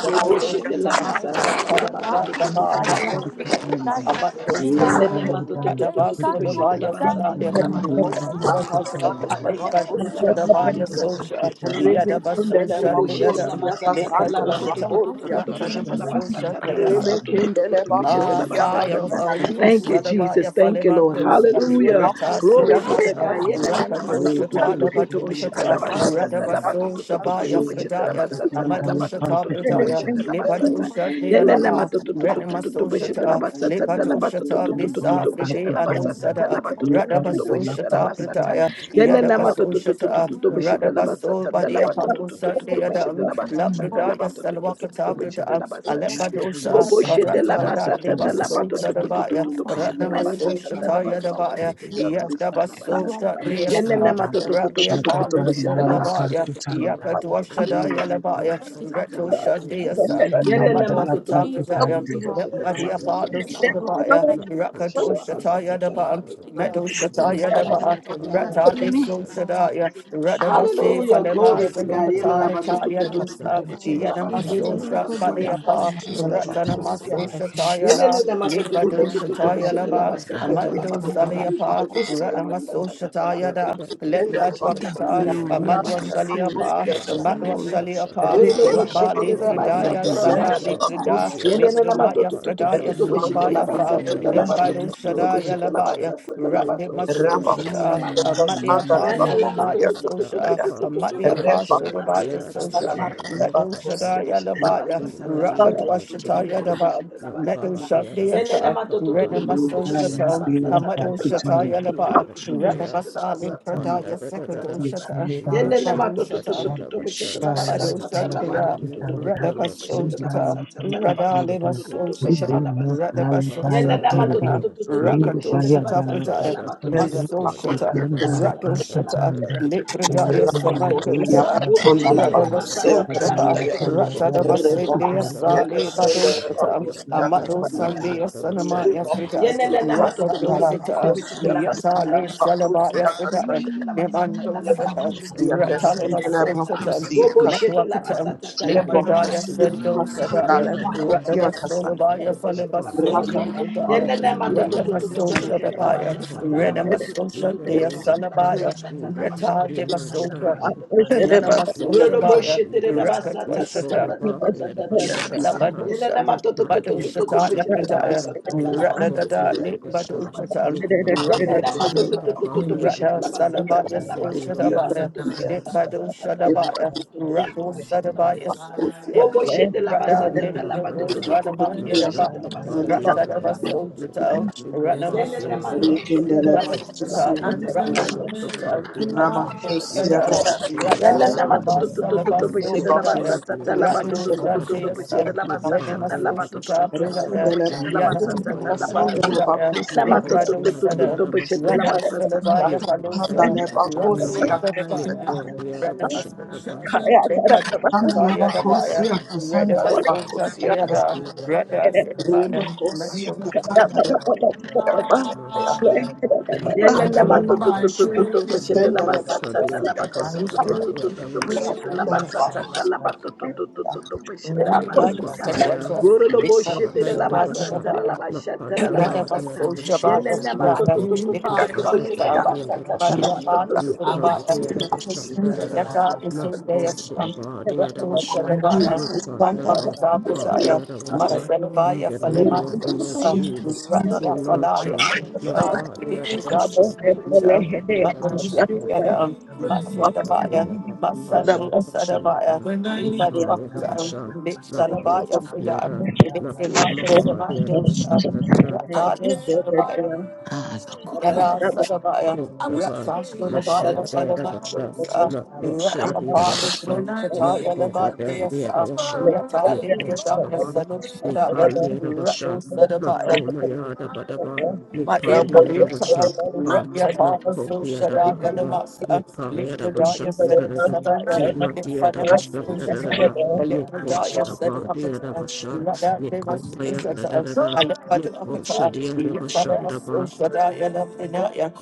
Speaker 2: Robo shete la masata la bato to to to to to to to bo shete la basata. Thank you,
Speaker 6: Rebecca,
Speaker 1: Lit by the Usha, the Baya Sosha,
Speaker 5: you.
Speaker 1: Yadaba Sosha, the other, Lit by the Usha, Ratsadama Sosha, the Asa, Ah, fire of the Holy Ghost, Sadabaya
Speaker 2: Jesus. Thank you, Lord.
Speaker 5: Thank
Speaker 1: Falevandos,
Speaker 5: you.
Speaker 2: Hallelujah.
Speaker 1: Reta So
Speaker 2: Glory be
Speaker 1: Shata,
Speaker 2: to
Speaker 1: Rakado Shata, Labato Shata, Radabaso Shabaya Fredaya, Amado Shata Bredaya, Lebato
Speaker 2: God. Yenena
Speaker 1: Shadianama,
Speaker 7: Thank
Speaker 1: Renemaso Shata, Lebato Shata, Blissa Fride Anu Sada, Radabaso Shata Bredaya, Yadabaso Shata, Radabaso Badia Palo
Speaker 3: Mm.
Speaker 1: Labrador, yes, Salwakata, Brada, Alebadosha,
Speaker 3: Jesus,
Speaker 1: Ratada, Deva
Speaker 3: I think
Speaker 1: Sosa,
Speaker 3: some
Speaker 1: the
Speaker 3: glory
Speaker 1: Baya,
Speaker 3: and honor
Speaker 1: Ratnama Sosha,
Speaker 5: Thank
Speaker 6: Rebekindele
Speaker 1: Taya, the
Speaker 5: you.
Speaker 3: to
Speaker 1: Baya,
Speaker 3: you,
Speaker 6: bakutia
Speaker 3: Lord God,
Speaker 1: Yadaba
Speaker 3: and to
Speaker 1: Sosha,
Speaker 6: kasere
Speaker 1: Deas,
Speaker 5: Pakitanda,
Speaker 6: bakutia
Speaker 1: Ratni
Speaker 6: kasanda
Speaker 1: Apollo,
Speaker 5: Shakatanda
Speaker 3: the
Speaker 1: Soda
Speaker 5: la
Speaker 3: gods.
Speaker 1: Baya,
Speaker 5: Pakitanda,
Speaker 1: Yakadwasha,
Speaker 6: kasere
Speaker 1: Daya,
Speaker 5: Yenda
Speaker 1: the
Speaker 5: la
Speaker 1: Baya, Reto
Speaker 5: Pakitanda,
Speaker 1: Shandeas,
Speaker 6: bakutia
Speaker 2: Yenene
Speaker 5: Ipayanda
Speaker 4: you.
Speaker 5: la
Speaker 7: you.
Speaker 1: Amatwakata,
Speaker 4: Thank
Speaker 1: Brada,
Speaker 7: Thank
Speaker 5: Pakitanda,
Speaker 2: matututututututu boshete la
Speaker 1: Yabadi
Speaker 2: basata
Speaker 1: Apollo,
Speaker 2: ta la
Speaker 6: rebekindele
Speaker 1: Soda Baya,
Speaker 6: bakutia
Speaker 2: makutututututu boshete la
Speaker 1: Rakadosha,
Speaker 2: basata
Speaker 1: Taya, the
Speaker 2: ta la
Speaker 1: Baya,
Speaker 6: kasanda nara
Speaker 1: Meto
Speaker 2: matututututu boshete
Speaker 1: Shataya,
Speaker 2: la
Speaker 1: the
Speaker 6: bakutia
Speaker 1: Baya,
Speaker 2: basata la
Speaker 8: Konyera
Speaker 6: andale
Speaker 1: Ratali
Speaker 6: bakutia
Speaker 8: kurimi
Speaker 2: batutututututu
Speaker 1: Sosha,
Speaker 6: kasanda
Speaker 1: Radabasi
Speaker 2: Hallelujah.
Speaker 8: kurimi
Speaker 1: Faleba
Speaker 2: Glory to God.
Speaker 6: kasanda
Speaker 2: Yenene
Speaker 1: Selukatara Taya
Speaker 6: bakutia kasanda
Speaker 1: Rusa
Speaker 6: ya
Speaker 8: kwede kujida
Speaker 1: Yanamaso
Speaker 8: loko
Speaker 1: Shat
Speaker 6: rebekusia
Speaker 8: domina
Speaker 1: Baleapa
Speaker 8: kono
Speaker 6: kasanda la
Speaker 8: kusijita
Speaker 6: bakutia
Speaker 1: Ratanamaso
Speaker 6: kasanda
Speaker 1: Shataya
Speaker 6: ya
Speaker 1: La
Speaker 7: you.
Speaker 3: Jesus, we take
Speaker 6: rebekindele
Speaker 1: Lipado
Speaker 8: kulojira
Speaker 3: up our
Speaker 1: Shataya Laba
Speaker 8: kurimi
Speaker 3: hand
Speaker 6: bakutia
Speaker 3: on
Speaker 8: era
Speaker 1: Amando
Speaker 3: our
Speaker 6: kasanda la
Speaker 3: God,
Speaker 6: bakutia
Speaker 8: kwenkomi
Speaker 1: Saliapa
Speaker 3: and
Speaker 6: kasanda
Speaker 1: Radamaso
Speaker 7: Party at a shop,
Speaker 1: Shataya Da Lembadwakata
Speaker 8: dakbana oro
Speaker 1: Amadwa
Speaker 3: watch.
Speaker 8: kafuro
Speaker 1: Shaliapa
Speaker 6: bakutia
Speaker 5: Thank
Speaker 6: kasanda
Speaker 1: Amadwa
Speaker 8: kusuoro
Speaker 1: Shaliapa
Speaker 6: Rebecca, Rebecca, Rebecca,
Speaker 1: Rabali Fridaya
Speaker 8: ngedeji
Speaker 1: Salah Likrida Libranaya Fridaya
Speaker 8: kafuro kubo
Speaker 1: Sulabaya Fa
Speaker 8: kokone
Speaker 7: a
Speaker 1: Limbado
Speaker 7: party
Speaker 8: kwenkomi
Speaker 1: Shadaya
Speaker 7: at a
Speaker 1: Labaya
Speaker 7: shop,
Speaker 1: Ratni Masoshata, a
Speaker 8: namna
Speaker 1: Mali
Speaker 8: konyera kono
Speaker 2: Yana
Speaker 1: Apostle
Speaker 2: lama to
Speaker 1: Maya
Speaker 2: to to to to to
Speaker 1: Sosha,
Speaker 2: to to
Speaker 1: a
Speaker 2: to to
Speaker 1: Mali
Speaker 2: to to
Speaker 1: Apostle
Speaker 2: bishita lama
Speaker 1: Maya
Speaker 2: sa sa
Speaker 8: kusta
Speaker 2: sa
Speaker 1: Sosha,
Speaker 2: lama to to
Speaker 8: kwenkomi
Speaker 2: to to to to to to
Speaker 1: Medoshada
Speaker 2: bishita lama
Speaker 1: Yadabaya,
Speaker 2: sa sa sa lama to to to to to
Speaker 1: Rakadwashata
Speaker 2: to to
Speaker 8: kwenkomi
Speaker 1: Yadaba,
Speaker 2: bishita lama sa sa. Yana
Speaker 1: Medoshandiata,
Speaker 2: lama to to to
Speaker 1: Rena
Speaker 2: to to to
Speaker 8: Oh,
Speaker 2: to bishita
Speaker 8: Jesus.
Speaker 1: Masoshata,
Speaker 2: lama sa
Speaker 7: you
Speaker 2: sa sa
Speaker 7: put
Speaker 2: sa
Speaker 5: Thank
Speaker 1: Amadoshata
Speaker 7: the
Speaker 2: lama to
Speaker 7: idea
Speaker 2: to to to to
Speaker 1: Yadaba,
Speaker 7: of a
Speaker 1: Rata
Speaker 2: to to
Speaker 7: shire.
Speaker 2: to
Speaker 1: Basali
Speaker 2: bishita lama
Speaker 5: you.
Speaker 2: sa sa sa sa
Speaker 7: Mapanda
Speaker 1: Pradaya
Speaker 7: da
Speaker 2: sa
Speaker 7: da da
Speaker 2: sa sa
Speaker 7: da.
Speaker 2: sa.
Speaker 5: Thank
Speaker 2: Yana
Speaker 7: Dimashi
Speaker 2: lama to to
Speaker 1: Sekadoshata,
Speaker 2: to to
Speaker 7: Hadiya
Speaker 2: to to bishita
Speaker 7: Bashanda
Speaker 2: lama
Speaker 7: da
Speaker 2: sa
Speaker 3: Jesus,
Speaker 7: da da.
Speaker 1: Bado
Speaker 3: we
Speaker 7: da.
Speaker 2: sa sa
Speaker 3: take
Speaker 2: lama
Speaker 7: In
Speaker 2: to
Speaker 7: the
Speaker 1: Shakya,
Speaker 2: to to to
Speaker 7: name
Speaker 2: to
Speaker 7: of
Speaker 2: to
Speaker 7: the
Speaker 2: to to
Speaker 7: Lord
Speaker 2: bishita
Speaker 7: Jesus,
Speaker 2: lama
Speaker 1: Radabasosata,
Speaker 2: sa sa sa lama to to to
Speaker 1: Radaleva
Speaker 2: to to
Speaker 7: you
Speaker 2: to
Speaker 7: took
Speaker 1: Sosata,
Speaker 2: bishita
Speaker 7: my
Speaker 2: lama sa sa.
Speaker 7: Mupaya
Speaker 2: Yalla
Speaker 7: da
Speaker 2: lama to
Speaker 7: da
Speaker 2: to
Speaker 1: Radabasosatiana,
Speaker 2: to to
Speaker 7: da da.
Speaker 3: up
Speaker 2: to to
Speaker 3: our
Speaker 2: to
Speaker 3: hand.
Speaker 2: bishete lama
Speaker 1: Rakadoshata
Speaker 2: sa
Speaker 7: Masanda da
Speaker 2: sa sa
Speaker 7: da
Speaker 1: Pradaya,
Speaker 7: da.
Speaker 2: lama to to
Speaker 3: Take
Speaker 2: to to
Speaker 1: Maso
Speaker 2: to to to
Speaker 7: Mipodiya
Speaker 1: Shata,
Speaker 7: da
Speaker 2: bishete lama
Speaker 7: Baya da
Speaker 2: sa
Speaker 1: Rado
Speaker 2: sa sa
Speaker 7: Bashanda
Speaker 2: lama
Speaker 1: Shata,
Speaker 7: da
Speaker 2: to
Speaker 7: da
Speaker 2: to
Speaker 7: da.
Speaker 2: to to to to
Speaker 1: Lepradaya
Speaker 2: bishete lama
Speaker 7: Mipidiya
Speaker 2: sa
Speaker 7: da
Speaker 2: sa.
Speaker 1: Samandosa,
Speaker 7: Bashanda da
Speaker 2: Robo shete lama sa
Speaker 7: Kapadiya da
Speaker 2: sa sa
Speaker 7: Bashanda.
Speaker 2: lama
Speaker 1: Radabasotaba,
Speaker 2: to to to to to to to bishete
Speaker 7: Napostamaya
Speaker 2: lama
Speaker 7: da
Speaker 1: Ratadabasetea
Speaker 7: da
Speaker 2: sa
Speaker 7: da
Speaker 2: sa
Speaker 7: da
Speaker 1: Sale Bado
Speaker 7: Kapadiya da
Speaker 1: Shata,
Speaker 7: Bashanda.
Speaker 1: Amado
Speaker 2: sa
Speaker 1: Sandea
Speaker 2: lama
Speaker 7: Napodiya da
Speaker 2: to to to to to to bishete lama sa sa sa lama to to to to to.
Speaker 1: Sanamaya
Speaker 7: Bashanda
Speaker 1: Frida,
Speaker 2: Yalla
Speaker 7: da
Speaker 6: Rebecca,
Speaker 7: Kapadiya
Speaker 2: lama to to to to to to to
Speaker 1: Rakadosita,
Speaker 2: bishete
Speaker 6: Rebecca, Rebecca,
Speaker 2: lama sa sa
Speaker 1: Yatale
Speaker 2: sa lama to to to
Speaker 1: Salabaya
Speaker 2: to to
Speaker 6: Rebecca,
Speaker 2: to
Speaker 1: Frida,
Speaker 6: Rebecca,
Speaker 2: bishete lama sa
Speaker 5: you.
Speaker 2: sa sa
Speaker 1: Nemando
Speaker 2: lama to to to to
Speaker 1: Sada,
Speaker 5: Thank
Speaker 7: da
Speaker 2: to
Speaker 6: Lebacosia,
Speaker 2: to
Speaker 7: Bashanda.
Speaker 2: bishete
Speaker 1: Rataleva
Speaker 6: Cassandra,
Speaker 2: lama sa sa.
Speaker 1: Sosata,
Speaker 6: Lebacosia,
Speaker 2: Robo
Speaker 6: Cassandra,
Speaker 2: shete lama
Speaker 1: Metwakatan,
Speaker 2: sa sa sa lama
Speaker 7: Mashaka
Speaker 2: to to to
Speaker 1: Litvidaya
Speaker 2: to to to to
Speaker 1: Sendo
Speaker 7: Padira,
Speaker 2: to bishete
Speaker 1: Sadaya,
Speaker 2: lama sa
Speaker 7: Nikke
Speaker 2: sa sa
Speaker 6: Lebacosia,
Speaker 2: lama to to
Speaker 6: Cassandra,
Speaker 2: to to
Speaker 1: Radamasogabaya
Speaker 2: to
Speaker 7: Yadavashanava
Speaker 2: bishete
Speaker 6: Lebacosia, Cassandra,
Speaker 2: lama
Speaker 1: Falabaso
Speaker 2: sa
Speaker 6: Raka,
Speaker 2: sa.
Speaker 7: Padira,
Speaker 6: Lebacosia,
Speaker 2: Yenene
Speaker 1: Litvidaya,
Speaker 7: Nikki
Speaker 1: Radamaso
Speaker 6: Cassandra,
Speaker 7: Padiyadavashanava
Speaker 1: Shadabaya,
Speaker 7: Padira,
Speaker 1: Renamaso
Speaker 7: in the Padilla, you the
Speaker 1: Shadea
Speaker 7: name of the
Speaker 1: Salabaya,
Speaker 7: Lord Jesus,
Speaker 1: Reta
Speaker 7: be my
Speaker 1: Devasosha,
Speaker 7: servant, me
Speaker 1: Nanamaso Shabaya,
Speaker 7: Padiyadavashanava,
Speaker 6: Lebacosia,
Speaker 7: me
Speaker 1: Rakatwashata,
Speaker 6: Cassandra,
Speaker 7: Kona Padiyadavashanava,
Speaker 1: Labadosa,
Speaker 7: me
Speaker 1: Badoshata, Libretaya,
Speaker 7: Padiyadavashanava, na
Speaker 1: Radadada,
Speaker 5: you.
Speaker 7: Padiyadavashanava,
Speaker 6: Lebacosia,
Speaker 1: Libadoshata,
Speaker 7: me Padiyadavashanava
Speaker 1: Rakatata,
Speaker 5: Ipayandalapatikanda,
Speaker 1: Rada
Speaker 7: Padiyadavashanava,
Speaker 1: Sadabaya,
Speaker 7: in the name of the
Speaker 1: Soshatabaya,
Speaker 7: Lord
Speaker 5: apayatilapatikanda,
Speaker 1: Libado Shadabaya, Rado
Speaker 5: ipayandalapatikanda,
Speaker 1: Sadabaya,
Speaker 6: Cassandra,
Speaker 1: Sadabaya,
Speaker 2: Robo shete la basa
Speaker 1: Rada
Speaker 2: tata la bato
Speaker 1: Libado
Speaker 2: to to
Speaker 7: Mahaya,
Speaker 5: apayatilapatikanda,
Speaker 2: to to to to
Speaker 1: Sadabaya,
Speaker 6: Rebakosiya
Speaker 2: bo
Speaker 1: Daba,
Speaker 2: shete
Speaker 7: Mashraka
Speaker 2: la basa
Speaker 6: kasanda
Speaker 5: ikandalapatikanda,
Speaker 2: tata tata
Speaker 1: Ratadava
Speaker 2: la
Speaker 7: Padiyanava,
Speaker 2: bato
Speaker 5: ipayandalapatikanda,
Speaker 2: to to to
Speaker 1: Soshatal,
Speaker 2: to to.
Speaker 7: Mikboshika
Speaker 1: Ranama
Speaker 2: Yene na ma to
Speaker 7: Padiyanava,
Speaker 2: to to to to to
Speaker 5: ipayandalapatikanda,
Speaker 2: bo la
Speaker 7: Mikboshiha
Speaker 1: Basita,
Speaker 2: basa tata la
Speaker 7: Diyanava,
Speaker 2: bato to
Speaker 7: Shaka
Speaker 2: to
Speaker 1: Rakatoshita,
Speaker 2: to to to to to
Speaker 7: Padiyanava,
Speaker 2: bo
Speaker 5: ilapatikandalapatikanda,
Speaker 2: la basa
Speaker 1: Rakatoshita,
Speaker 2: tata.
Speaker 7: Mikila
Speaker 1: Yada
Speaker 2: Yene la ma
Speaker 7: Padiyanava,
Speaker 2: to
Speaker 1: Salaba,
Speaker 2: to
Speaker 7: Shaka
Speaker 2: to
Speaker 5: ipayandalapatikanda,
Speaker 2: to to
Speaker 1: Salaba,
Speaker 2: to bo shete la
Speaker 1: Sobradaya,
Speaker 2: basa
Speaker 7: Makboshima
Speaker 2: tata la
Speaker 7: Diyanava,
Speaker 2: to to to to to bo
Speaker 7: Shandadada,
Speaker 1: Radosashiasan,
Speaker 2: la basa tata
Speaker 7: Mikpadiyanava,
Speaker 2: to
Speaker 1: Redemasosita
Speaker 2: to to
Speaker 7: Shaka
Speaker 2: to to to
Speaker 5: lapandalapatikanda,
Speaker 1: Pradaya,
Speaker 7: Pad,
Speaker 2: bo shete la basa tata la
Speaker 1: Yanamasosita
Speaker 2: bato to
Speaker 7: Nakobayandadada,
Speaker 2: to.
Speaker 1: Pradaya,
Speaker 2: Na ma to to to
Speaker 7: Mikboshiha
Speaker 2: to to
Speaker 1: Limbadosada,
Speaker 2: to bo
Speaker 7: Diyanava,
Speaker 5: ipayandalapatikanda.
Speaker 2: la
Speaker 1: Rada
Speaker 7: Shandava,
Speaker 2: basa tata.
Speaker 1: Salavaya Balosa,
Speaker 7: Mikpadiyanava, Shandava,
Speaker 1: Rasosadabaya,
Speaker 7: Mikbodiyanava, Shandava,
Speaker 1: Redemasosha, Limbadosataya Dabaya, Redemasosha Deada, Rada
Speaker 4: you.
Speaker 1: Salavaya,
Speaker 6: lebakosia
Speaker 1: Mendosada.
Speaker 4: Thank
Speaker 6: kasanda ya.
Speaker 7: Namaste. Your
Speaker 1: I
Speaker 7: father,
Speaker 1: give
Speaker 7: the
Speaker 1: you
Speaker 6: Andalaba,
Speaker 7: other
Speaker 1: my prayer,
Speaker 7: Your
Speaker 6: Sendalaba,
Speaker 7: coach, the other back,
Speaker 1: I will
Speaker 7: the
Speaker 6: Yakasandaya,
Speaker 1: still
Speaker 7: Bashan.
Speaker 1: pray.
Speaker 6: Rakandalaba, Yakasandaya,
Speaker 7: Mahaya, Nasavaya Rabasha, Napanda Bhadia Rabasha,
Speaker 6: Yakasandalaba,
Speaker 7: Nipochiki Panda Bhadia Rabasha,
Speaker 2: Yenenema
Speaker 1: Thank
Speaker 7: Nipadia
Speaker 1: you.
Speaker 7: Rabasha
Speaker 6: Yakasandalaba,
Speaker 5: Ikanda
Speaker 7: Dada,
Speaker 1: Yata
Speaker 5: la
Speaker 1: Yasundayas,
Speaker 5: pakutanda,
Speaker 7: Naposia Bhadia
Speaker 1: Rato
Speaker 5: la
Speaker 7: Rabasha,
Speaker 1: Shababaya,
Speaker 5: payanda la
Speaker 7: Nipanda
Speaker 6: Yakasandaya,
Speaker 5: pakutanda,
Speaker 7: Bhaka
Speaker 1: Matwakata Prataya,
Speaker 7: Bhadia Rabasha, in
Speaker 1: Matsalabaya
Speaker 7: the name
Speaker 5: ikanda
Speaker 1: Faleman,
Speaker 7: of
Speaker 5: la
Speaker 7: the Lord
Speaker 6: Yakasandalaba,
Speaker 7: Jesus,
Speaker 5: pakutanda,
Speaker 1: Ratia
Speaker 6: Yakasandalaba,
Speaker 1: Falaya,
Speaker 5: ikanda
Speaker 7: Himasha,
Speaker 5: la
Speaker 7: Napadia
Speaker 5: pakutanda,
Speaker 7: Rabasha,
Speaker 1: Vidatas Nabuja,
Speaker 7: Nikodia
Speaker 5: ikatanda
Speaker 7: Rabasha
Speaker 5: la
Speaker 7: Dada,
Speaker 1: Matwakata,
Speaker 5: pakutanda,
Speaker 7: Nakosia
Speaker 1: Matswadabaya,
Speaker 7: Rabasha
Speaker 5: yade la
Speaker 7: Bhadia
Speaker 1: Matsandia
Speaker 7: Rabasha
Speaker 5: pakutanda,
Speaker 1: Sadabaya,
Speaker 7: Dada, Nipaya
Speaker 5: imayanda la
Speaker 1: Matwakata,
Speaker 7: Rabasha, Mako
Speaker 1: Mitsalabaya
Speaker 5: pakutanda,
Speaker 1: Frida,
Speaker 7: Chikiada,
Speaker 5: ika la
Speaker 7: Mako
Speaker 1: Mitrinaya
Speaker 7: Mapa,
Speaker 5: pakutanda,
Speaker 7: the other was
Speaker 1: Samandosha,
Speaker 7: under the
Speaker 5: iyapayade
Speaker 1: Rata
Speaker 5: la
Speaker 1: Yasundabaya,
Speaker 5: pakutanda,
Speaker 3: our hand, God, and
Speaker 1: Yada
Speaker 5: dada
Speaker 3: watch.
Speaker 1: Sadabaya,
Speaker 5: payanda la
Speaker 7: Kutaba,
Speaker 1: Rata
Speaker 3: I
Speaker 5: pakutanda,
Speaker 3: shall
Speaker 1: Shodabaya,
Speaker 3: take
Speaker 7: Makara
Speaker 3: up
Speaker 7: Rabasha,
Speaker 5: payade
Speaker 1: Falamandosa,
Speaker 5: la
Speaker 3: our
Speaker 1: Rati
Speaker 3: hands,
Speaker 7: Makosha the
Speaker 5: pakutanda,
Speaker 1: Apollo,
Speaker 7: Rabasha,
Speaker 5: Thank
Speaker 1: Sunkataya,
Speaker 7: Makobadan the
Speaker 1: Labandiasa,
Speaker 7: Rabasha,
Speaker 1: Yata Linkadaya,
Speaker 7: Mikoshaba,
Speaker 1: Sadu Shadaya,
Speaker 7: Nipan
Speaker 4: you.
Speaker 7: the
Speaker 1: Rato
Speaker 7: Rabasha,
Speaker 1: Sadabaya,
Speaker 7: Makomayada Badaba,
Speaker 1: Maria
Speaker 7: Nipan the
Speaker 1: Kalika,
Speaker 7: Rabasha Kapa,
Speaker 1: Rapia Papa
Speaker 7: Mako the
Speaker 1: Sushada
Speaker 7: Rabahaba,
Speaker 1: Yadamasa,
Speaker 7: Nipaya Rabasha
Speaker 1: Lipradaya Sedan
Speaker 7: Nadarada,
Speaker 1: Sadaya,
Speaker 7: Kima the
Speaker 1: Nipfanema
Speaker 7: Rabasha
Speaker 1: Sushata,
Speaker 7: Nadarada,
Speaker 1: Lipradaya Sedan
Speaker 7: Nikoshaba the
Speaker 1: Akata,
Speaker 7: Rabasha,
Speaker 1: Rada Deva
Speaker 7: Nikopaya
Speaker 1: Sushata,
Speaker 7: Nadarada,
Speaker 1: Alipadu Akata,
Speaker 7: Nikosha the
Speaker 1: Yipada
Speaker 7: Rabasha
Speaker 1: Sushada Yadapinaya,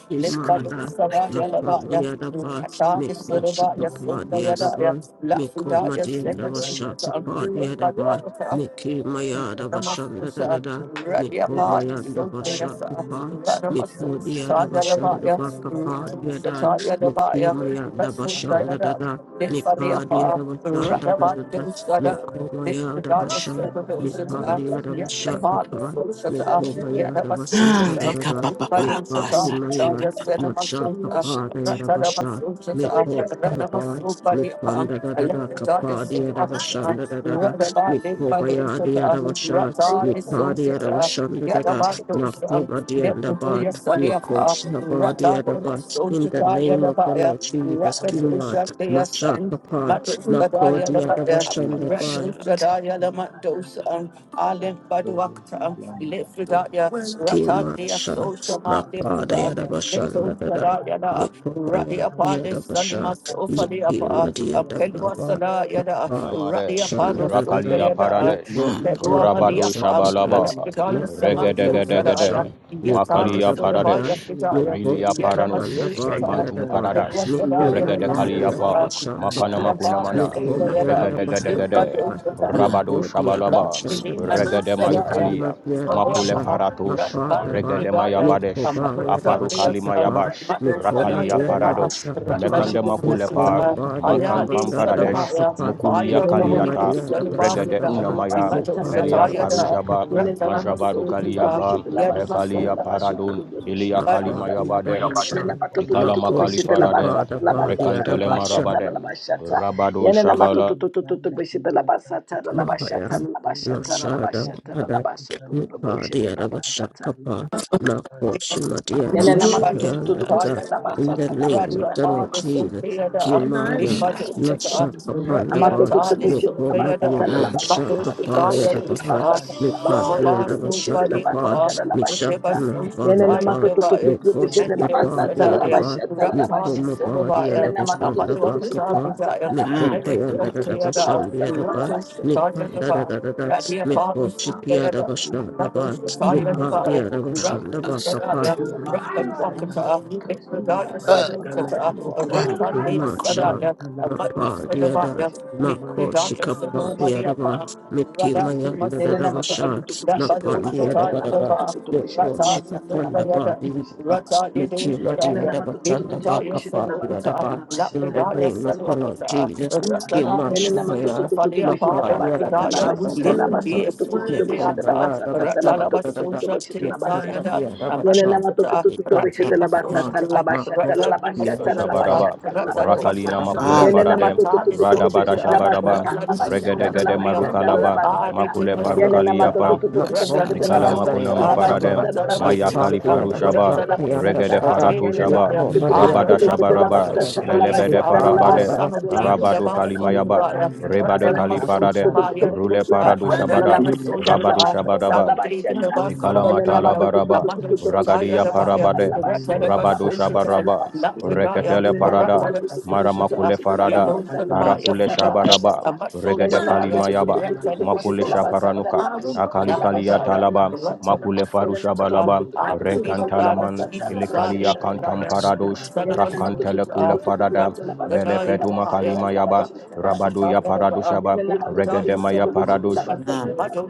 Speaker 3: come
Speaker 1: Lipadu
Speaker 7: Imada
Speaker 3: out like the
Speaker 1: Sadaya Labaya,
Speaker 7: Mapandia the bar,
Speaker 1: Rasa
Speaker 7: Miko
Speaker 1: Sudabaya
Speaker 7: Shikapadia the
Speaker 3: roots.
Speaker 1: Sundayadaya,
Speaker 7: bar,
Speaker 5: you.
Speaker 7: Miko
Speaker 1: Lafridaya
Speaker 7: Madienda
Speaker 1: Sedan
Speaker 3: Jesus.
Speaker 5: Iyapaya
Speaker 7: Vashakapadia the other bar,
Speaker 5: iyapakutanda
Speaker 1: Akata,
Speaker 7: Miki Mayada Vashanda da da
Speaker 1: Namasusha,
Speaker 7: da, Miko
Speaker 1: Radiapa,
Speaker 7: Mayanda
Speaker 1: Soteasa,
Speaker 7: Vashakapa,
Speaker 1: Ranamasu
Speaker 7: Miko Diada
Speaker 1: Shataya
Speaker 7: Vashanda
Speaker 1: Labaya,
Speaker 7: Bakapadia
Speaker 1: Ratu
Speaker 7: da,
Speaker 1: Shataya
Speaker 7: Miki
Speaker 1: Labaya,
Speaker 7: Mayanda
Speaker 1: Rasu
Speaker 7: Vashanda da
Speaker 1: Dayada,
Speaker 7: da, Mipadia
Speaker 1: Nifadiapa,
Speaker 7: the Vashanda da da da,
Speaker 1: Radabadu Sada,
Speaker 7: Miko Mayada
Speaker 1: Nifadaya
Speaker 7: Vasha,
Speaker 1: Sepadoshata,
Speaker 7: Mipandia the
Speaker 1: Yet Apollo
Speaker 7: Vashakapa, Miko
Speaker 1: Sushata,
Speaker 7: Mayada was
Speaker 3: Ah,
Speaker 7: shanda da
Speaker 3: the
Speaker 1: Yadabasushata,
Speaker 7: da da.
Speaker 3: up our hand, God, and
Speaker 1: Nifadushata,
Speaker 3: Take
Speaker 7: Mipakimaya,
Speaker 3: up
Speaker 1: Radaya
Speaker 3: our
Speaker 7: Machaka
Speaker 1: Senamasuna,
Speaker 7: Padia Rabasha,
Speaker 1: Ratadabasushata,
Speaker 7: Mipo Saraba,
Speaker 1: Ranamasu Padiapa,
Speaker 7: Mipanda
Speaker 5: Thank
Speaker 7: Dada
Speaker 1: Alepidaya
Speaker 7: Kapadia
Speaker 1: Sepadoshata,
Speaker 7: Rabashanda Dada,
Speaker 1: Radabadi
Speaker 7: Mipo Bayadia
Speaker 1: Badusata,
Speaker 7: Rabasha,
Speaker 4: Thank
Speaker 1: Rata is
Speaker 4: you.
Speaker 7: Mipadia
Speaker 1: Sosata,
Speaker 7: Rabashanda Dada, Mako
Speaker 1: Yadabadosa,
Speaker 7: Badianda
Speaker 1: Deputuya
Speaker 7: Bat, Miko
Speaker 1: Saliafa, Rata
Speaker 7: Sabadia Rabat, in the
Speaker 1: Sosata
Speaker 7: name of the
Speaker 1: Yadabaya,
Speaker 7: Lord Jesus,
Speaker 1: Rakasosha
Speaker 7: Kimat,
Speaker 1: Deasan,
Speaker 7: Machaka Pat,
Speaker 5: you.
Speaker 7: Mako
Speaker 1: Matusadaya
Speaker 7: Dia
Speaker 1: Labaya,
Speaker 9: Thank
Speaker 7: Rabashanda
Speaker 1: Ratosadaya
Speaker 5: Ni kadhaa ya
Speaker 1: Lamadosa,
Speaker 5: plastiki
Speaker 1: Alim
Speaker 5: za
Speaker 1: Baduakta,
Speaker 5: ya pande ya pili ya
Speaker 1: Lefridaya,
Speaker 5: plastiki za
Speaker 1: Rata
Speaker 7: Kima
Speaker 5: ya
Speaker 7: shot
Speaker 1: Deasosama
Speaker 5: ya
Speaker 7: Napada
Speaker 5: plastiki
Speaker 1: Lefridan.
Speaker 5: za ni
Speaker 7: Yadabashanda
Speaker 1: Little
Speaker 7: Dada
Speaker 1: Sada
Speaker 5: kadhaa
Speaker 1: Yada,
Speaker 5: ya
Speaker 7: Niko
Speaker 5: plastiki
Speaker 7: Bayan
Speaker 1: Radia
Speaker 5: za
Speaker 1: Palis,
Speaker 5: ya
Speaker 7: Yadabasha
Speaker 1: Sanima
Speaker 5: plastiki za
Speaker 1: Sofa, the upper,
Speaker 7: Niki
Speaker 5: ya
Speaker 1: a
Speaker 7: Madia
Speaker 5: ya
Speaker 1: Pelua
Speaker 5: pili ya
Speaker 7: Dababa
Speaker 1: Sada,
Speaker 5: plastiki za
Speaker 1: Yada,
Speaker 7: Napaya
Speaker 1: Rani
Speaker 10: Lamade,
Speaker 1: Apano
Speaker 7: Shanda
Speaker 5: plastiki
Speaker 7: Dada
Speaker 10: Rakalia
Speaker 5: za la
Speaker 1: Sundayada,
Speaker 7: Niko
Speaker 10: Paradesh,
Speaker 5: plastiki za
Speaker 1: Bedua
Speaker 7: Madia
Speaker 10: Rabado
Speaker 1: Malia
Speaker 7: Dabasha
Speaker 1: Farm,
Speaker 5: ni ba
Speaker 10: Shabalaba,
Speaker 5: ya la
Speaker 1: Alepidana
Speaker 7: Nako
Speaker 5: plastiki
Speaker 1: Samanto Sadaya,
Speaker 10: Regedegedegede,
Speaker 7: Yadabasha
Speaker 1: Yatali
Speaker 10: Makalia
Speaker 7: Nipada
Speaker 1: Sulabaya
Speaker 7: Bahadai
Speaker 10: Paradesh,
Speaker 1: Fidaya,
Speaker 7: Niko
Speaker 10: Rilia
Speaker 5: Yakakutanda,
Speaker 10: Paranush,
Speaker 7: Sikapanda Badi
Speaker 1: Yadamasosha,
Speaker 10: Phantom
Speaker 1: a
Speaker 7: Yadaba
Speaker 5: Shaikatanda,
Speaker 1: Pedua
Speaker 10: Paradash,
Speaker 7: Niki
Speaker 1: Sadaya,
Speaker 7: Mabadi
Speaker 5: Yapayatana
Speaker 10: Regedekaliapa,
Speaker 1: Limasosa,
Speaker 7: Yadabasha
Speaker 10: Makana
Speaker 5: Pakutanda,
Speaker 1: Rani
Speaker 7: Kapa
Speaker 1: Apano
Speaker 10: Makunamana,
Speaker 7: Niko
Speaker 5: Kadela
Speaker 1: Sundayada,
Speaker 7: Mayanda Basha
Speaker 5: Pakutande,
Speaker 10: Regedegedegede,
Speaker 7: Kapa
Speaker 1: Badu
Speaker 10: Rabado
Speaker 5: Yadala
Speaker 7: Niko
Speaker 1: Fire
Speaker 10: Shabalaba,
Speaker 1: of the
Speaker 5: Pakatande,
Speaker 7: Yadabashanda Dada
Speaker 10: Regede
Speaker 7: Niki
Speaker 5: Yadala
Speaker 10: Mayukalia,
Speaker 7: Madia
Speaker 5: Pakutande,
Speaker 10: Makule
Speaker 7: Dabasha
Speaker 5: Yadala
Speaker 10: Faratosh,
Speaker 7: Mapa Daba,
Speaker 10: Regede
Speaker 7: Miko
Speaker 10: Mayabadesh,
Speaker 7: Baya Daba
Speaker 10: Afarukali
Speaker 7: Shikapa,
Speaker 10: Mayabash,
Speaker 7: Miko
Speaker 10: Rakalia
Speaker 7: Madianda
Speaker 10: Paradosh,
Speaker 2: to
Speaker 7: Bashakapa,
Speaker 2: wish
Speaker 10: Mekande
Speaker 2: it in a
Speaker 10: Makule
Speaker 7: Miko
Speaker 2: basata,
Speaker 10: Pa,
Speaker 2: to to
Speaker 7: Mabadia
Speaker 2: to
Speaker 7: Daba
Speaker 2: to
Speaker 10: Mankampam
Speaker 2: wish it
Speaker 7: Sanda
Speaker 2: in a
Speaker 10: Paradesh,
Speaker 2: basata.
Speaker 7: Bakapa,
Speaker 10: Mukulia
Speaker 7: Miki
Speaker 1: Holy
Speaker 2: Yenenama to
Speaker 10: Kaliata,
Speaker 2: to
Speaker 1: Ghost,
Speaker 7: Madia
Speaker 2: to
Speaker 1: Son
Speaker 2: to
Speaker 5: Pakutande,
Speaker 1: of
Speaker 7: Daba
Speaker 2: to to
Speaker 10: Regede
Speaker 7: Sanda
Speaker 2: wish
Speaker 1: Africa,
Speaker 2: it in
Speaker 7: Ba,
Speaker 2: a
Speaker 10: Unamaya,
Speaker 2: basata,
Speaker 1: Imato
Speaker 2: la
Speaker 7: Mipaya
Speaker 10: Melia
Speaker 7: Daba
Speaker 2: basata.
Speaker 1: Shatayada,
Speaker 10: Farujaba,
Speaker 7: Shakapa,
Speaker 1: Ratana
Speaker 2: Yenenama to to to
Speaker 10: Majavaru
Speaker 2: to to to
Speaker 1: Masotata,
Speaker 2: wish
Speaker 10: Kaliapa,
Speaker 2: it in a basata,
Speaker 1: Yadamaso,
Speaker 10: Mekalia
Speaker 2: la basso to
Speaker 10: Paradon,
Speaker 2: to to wish it
Speaker 10: Ilia
Speaker 2: in a basata.
Speaker 7: Mabadia
Speaker 10: Kalimayabadem,
Speaker 7: Daba
Speaker 5: Yadala
Speaker 2: Yenenama
Speaker 7: Shak,
Speaker 2: to to
Speaker 10: Ikala
Speaker 2: to to to
Speaker 5: Pakutande,
Speaker 7: Mako
Speaker 10: Makali
Speaker 2: wish it in a
Speaker 10: Faradem,
Speaker 7: Chikapa
Speaker 2: basata, la
Speaker 5: Yadala
Speaker 2: basata, la
Speaker 10: Rekantele
Speaker 7: Daba
Speaker 2: bashata, la
Speaker 10: Marabadem,
Speaker 2: bashata.
Speaker 5: Pakutande,
Speaker 10: Rabado
Speaker 2: Yenenama to
Speaker 5: Thank
Speaker 2: to
Speaker 10: Shabala.
Speaker 2: to to to to wish it in a basata, la
Speaker 7: Mahaya
Speaker 2: bashata, la bashata, la
Speaker 7: Masada
Speaker 2: bashata, la
Speaker 7: Adat
Speaker 2: basso to to to
Speaker 7: Nipa
Speaker 2: wish it in a
Speaker 7: Diadabasha
Speaker 2: basata.
Speaker 7: Kapa Mako
Speaker 1: Ready
Speaker 7: Shima
Speaker 2: Yala lama to to to
Speaker 7: Diadabashaya
Speaker 2: to do push
Speaker 7: Dada
Speaker 2: la basa
Speaker 7: In the
Speaker 2: ta la
Speaker 7: name
Speaker 2: basa
Speaker 7: of
Speaker 2: ta
Speaker 7: the
Speaker 2: kame
Speaker 1: upon
Speaker 7: Lord
Speaker 2: masa
Speaker 7: Jesus
Speaker 2: obista. La kame
Speaker 7: Himaya
Speaker 2: masa to to
Speaker 7: Masha
Speaker 2: to.
Speaker 7: Kapanda
Speaker 2: Lama to
Speaker 7: Bar
Speaker 2: to to push
Speaker 7: Nipo
Speaker 2: la basa ta la la basa to
Speaker 7: Madiadabasha
Speaker 2: to to to to
Speaker 7: Kapa
Speaker 2: la
Speaker 7: Yadabaha
Speaker 2: basa ta la la
Speaker 7: Nipa
Speaker 2: basa to to to push
Speaker 7: Diadabasha
Speaker 2: la basa
Speaker 7: Kapa
Speaker 2: ta la la basa
Speaker 7: Misha
Speaker 2: ta. Yala
Speaker 7: Mahabanda
Speaker 2: lama to
Speaker 7: Bar
Speaker 2: to to to to push
Speaker 7: Niko
Speaker 2: la basa
Speaker 7: Kapa
Speaker 2: ta la la basa
Speaker 7: Diadaba
Speaker 2: ta la la
Speaker 7: Nipo
Speaker 2: basa ta.
Speaker 7: Mabadi
Speaker 2: Yala lama to
Speaker 7: Adabasha
Speaker 2: to to to push la
Speaker 7: Nabakapa
Speaker 5: you.
Speaker 2: basa ta la
Speaker 7: Nipo
Speaker 2: basa to
Speaker 5: Thank
Speaker 2: to to
Speaker 7: Payanda
Speaker 2: to to push la
Speaker 7: Dabashan
Speaker 2: basa ta la la
Speaker 7: Diadaba
Speaker 2: basa ta.
Speaker 7: Nipandadadada,
Speaker 2: If I
Speaker 7: Mipo
Speaker 2: knowledge, because you have
Speaker 7: Shikiadabashandaba,
Speaker 2: rejected
Speaker 1: the
Speaker 2: knowledge, I
Speaker 1: fire,
Speaker 2: will reject
Speaker 7: Nipadiadabashandaba,
Speaker 2: you from
Speaker 1: Sadaya,
Speaker 2: being my
Speaker 1: Rakan
Speaker 2: priest,
Speaker 1: Wakata,
Speaker 2: because you
Speaker 1: Mikradaya
Speaker 2: have
Speaker 1: Seven
Speaker 2: forgotten the
Speaker 1: Tata,
Speaker 2: law of my
Speaker 1: Ratan Mea
Speaker 2: God.
Speaker 7: Macha,
Speaker 1: Sadaya, a Mother
Speaker 7: Mapa, the other,
Speaker 1: Sadabaya,
Speaker 7: Mako,
Speaker 1: Likridaya
Speaker 7: Shikapa,
Speaker 1: Seno
Speaker 7: the other one,
Speaker 1: Madiapa,
Speaker 7: Miki,
Speaker 1: Rada Nima
Speaker 7: Mayanda,
Speaker 2: Yana yana
Speaker 7: the other
Speaker 2: nama to to
Speaker 1: Sosata,
Speaker 2: to
Speaker 7: shark,
Speaker 2: to to
Speaker 1: that
Speaker 2: bishete
Speaker 1: Mother
Speaker 2: la
Speaker 7: Napan, the
Speaker 2: basa tala la
Speaker 1: Sataya
Speaker 7: other one,
Speaker 1: Daba,
Speaker 2: basha tala
Speaker 7: Miko,
Speaker 2: la
Speaker 1: Rata
Speaker 2: basha
Speaker 7: Shikapan, the
Speaker 1: Sadaya,
Speaker 7: body,
Speaker 1: Rata Lido
Speaker 7: Miki, Madia,
Speaker 1: Sadaya,
Speaker 7: the Batan, the
Speaker 1: Likridaya
Speaker 7: Bakapa, the other
Speaker 1: Sedokata,
Speaker 7: bar, in the
Speaker 1: Lapradaya
Speaker 7: name of the Lord
Speaker 1: Salwakita,
Speaker 7: Jesus,
Speaker 1: Ratanamita Susha
Speaker 7: Kimashaya,
Speaker 1: Falia
Speaker 7: Mapa,
Speaker 1: Palo
Speaker 7: the other Batan,
Speaker 1: Pradaya,
Speaker 7: the Bakapa,
Speaker 1: Lipati
Speaker 5: you.
Speaker 1: Suli
Speaker 7: Miko,
Speaker 1: Beata,
Speaker 7: Maya,
Speaker 5: Thank
Speaker 7: the Batan,
Speaker 1: Ratalaba
Speaker 7: the other,
Speaker 1: Susha
Speaker 7: Miki,
Speaker 1: Tiasaya,
Speaker 7: Madia, the Batan,
Speaker 1: Amadusata,
Speaker 7: Mipa, the
Speaker 1: Ratipa Susha,
Speaker 7: Bakapa, Mako,
Speaker 1: Ratanima
Speaker 7: the
Speaker 2: tala
Speaker 1: Susha,
Speaker 2: la
Speaker 7: other
Speaker 2: basha
Speaker 10: Shabaraba,
Speaker 2: tala la
Speaker 7: Mikhail,
Speaker 1: Ratanaba
Speaker 2: basha
Speaker 10: Rakalina Makule
Speaker 1: Susha,
Speaker 7: the
Speaker 3: Take
Speaker 2: Yanana
Speaker 7: best
Speaker 10: Farade,
Speaker 2: matoto
Speaker 1: Yatani
Speaker 2: toto
Speaker 3: Ando
Speaker 7: of
Speaker 2: toto
Speaker 10: Radabada
Speaker 2: bishete la
Speaker 1: Susha,
Speaker 10: Shabaraba,
Speaker 2: basata la
Speaker 1: Ratanima
Speaker 2: bashata
Speaker 1: Susha
Speaker 2: la
Speaker 10: Regedegede
Speaker 3: kora
Speaker 1: Falia,
Speaker 2: bashata la
Speaker 10: Marukalaba,
Speaker 2: basata.
Speaker 10: Makule
Speaker 1: Aritima
Speaker 2: Yanana matoto
Speaker 10: Farukaliapa,
Speaker 1: Susha,
Speaker 2: toto toto
Speaker 3: basha
Speaker 2: bishete
Speaker 1: Ratanima
Speaker 2: la
Speaker 3: take a
Speaker 10: Ikala
Speaker 3: pa pa
Speaker 2: basata
Speaker 10: Makuna
Speaker 1: Susha,
Speaker 2: la
Speaker 7: the
Speaker 3: pa
Speaker 10: Mafarade,
Speaker 7: better.
Speaker 2: bashata la
Speaker 1: Ratanaba
Speaker 2: basoto
Speaker 10: Mayakali
Speaker 1: Susha,
Speaker 2: toto toto
Speaker 10: Farushaba,
Speaker 5: you.
Speaker 2: bishete la
Speaker 1: Ratanaba
Speaker 10: Regede
Speaker 2: basata.
Speaker 5: Thank
Speaker 1: Susha,
Speaker 10: Faratu
Speaker 2: Yanana
Speaker 7: Nick
Speaker 10: Shaba,
Speaker 1: Lipradaya.
Speaker 7: Paul,
Speaker 2: matoto toto
Speaker 1: Ah,
Speaker 2: toto
Speaker 10: Rabada
Speaker 1: son
Speaker 2: bishete la
Speaker 10: Shabaraba,
Speaker 2: basata la
Speaker 10: Melebede
Speaker 2: bashata la
Speaker 10: Farabade,
Speaker 7: the
Speaker 2: basata
Speaker 1: of
Speaker 2: la
Speaker 7: other
Speaker 1: David,
Speaker 10: Rabadu
Speaker 2: bashata
Speaker 1: about
Speaker 2: la basata.
Speaker 10: Kalimayaba,
Speaker 1: Sundaya,
Speaker 10: Rebadu
Speaker 2: Yanana
Speaker 10: Kali
Speaker 2: matoto
Speaker 10: Parade,
Speaker 2: toto toto
Speaker 10: Rule
Speaker 2: bishete la
Speaker 10: Paradu
Speaker 2: basata la
Speaker 10: Shabada,
Speaker 2: bashata la
Speaker 10: Rabadu
Speaker 2: basata
Speaker 1: son
Speaker 10: Shabadaba,
Speaker 2: la
Speaker 1: of David,
Speaker 2: bashata.
Speaker 1: about
Speaker 2: Yanana
Speaker 10: Ikalamatala
Speaker 2: matoto
Speaker 10: baraba,
Speaker 2: toto
Speaker 1: Amanda
Speaker 2: toto bishete la
Speaker 1: Shataya,
Speaker 10: ragadia
Speaker 1: the Baya,
Speaker 2: basata
Speaker 10: parabade,
Speaker 2: la
Speaker 1: the
Speaker 2: bashata
Speaker 1: Ratanaba
Speaker 2: la
Speaker 10: rabado
Speaker 1: Social,
Speaker 2: bashata
Speaker 1: and
Speaker 2: la
Speaker 10: shabaraba,
Speaker 2: bashata Yanana
Speaker 1: Lapidaya,
Speaker 10: reketele
Speaker 1: for
Speaker 10: parada,
Speaker 1: Ratanaba Social,
Speaker 10: maramakule farada,
Speaker 1: Yellow Sadabaya,
Speaker 10: arakule
Speaker 1: Fridaya,
Speaker 10: shabaraba,
Speaker 1: Amaso
Speaker 10: regede
Speaker 1: Dabaya,
Speaker 10: kalimayaba,
Speaker 1: Ratanaba
Speaker 10: makule
Speaker 1: Social,
Speaker 10: shaparanuka, akali kalia
Speaker 1: Lapidaya,
Speaker 10: talaba,
Speaker 1: the
Speaker 10: makule
Speaker 1: Ratanaba
Speaker 10: farusha
Speaker 1: Social,
Speaker 10: balaba,
Speaker 1: I will be the blood
Speaker 10: renkantalaman,
Speaker 1: of
Speaker 5: you.
Speaker 1: Jesus,
Speaker 10: ilikalia
Speaker 5: Shaika
Speaker 1: Rata
Speaker 10: kantamparadosh,
Speaker 5: Chandala
Speaker 10: rakantele
Speaker 5: Chandra,
Speaker 10: kula farada, melefetu makalimayaba, rabado ya paradushaba, regede maya paradush,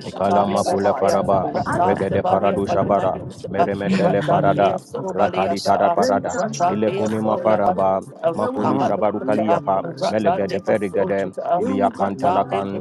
Speaker 10: Ikalama kule faraba, regede paradu shabara, meremetele farada, rakalitada parada, ilekunima faraba, makuli shabaru kaliyapa, melegede ferigede, iliyakantalakan,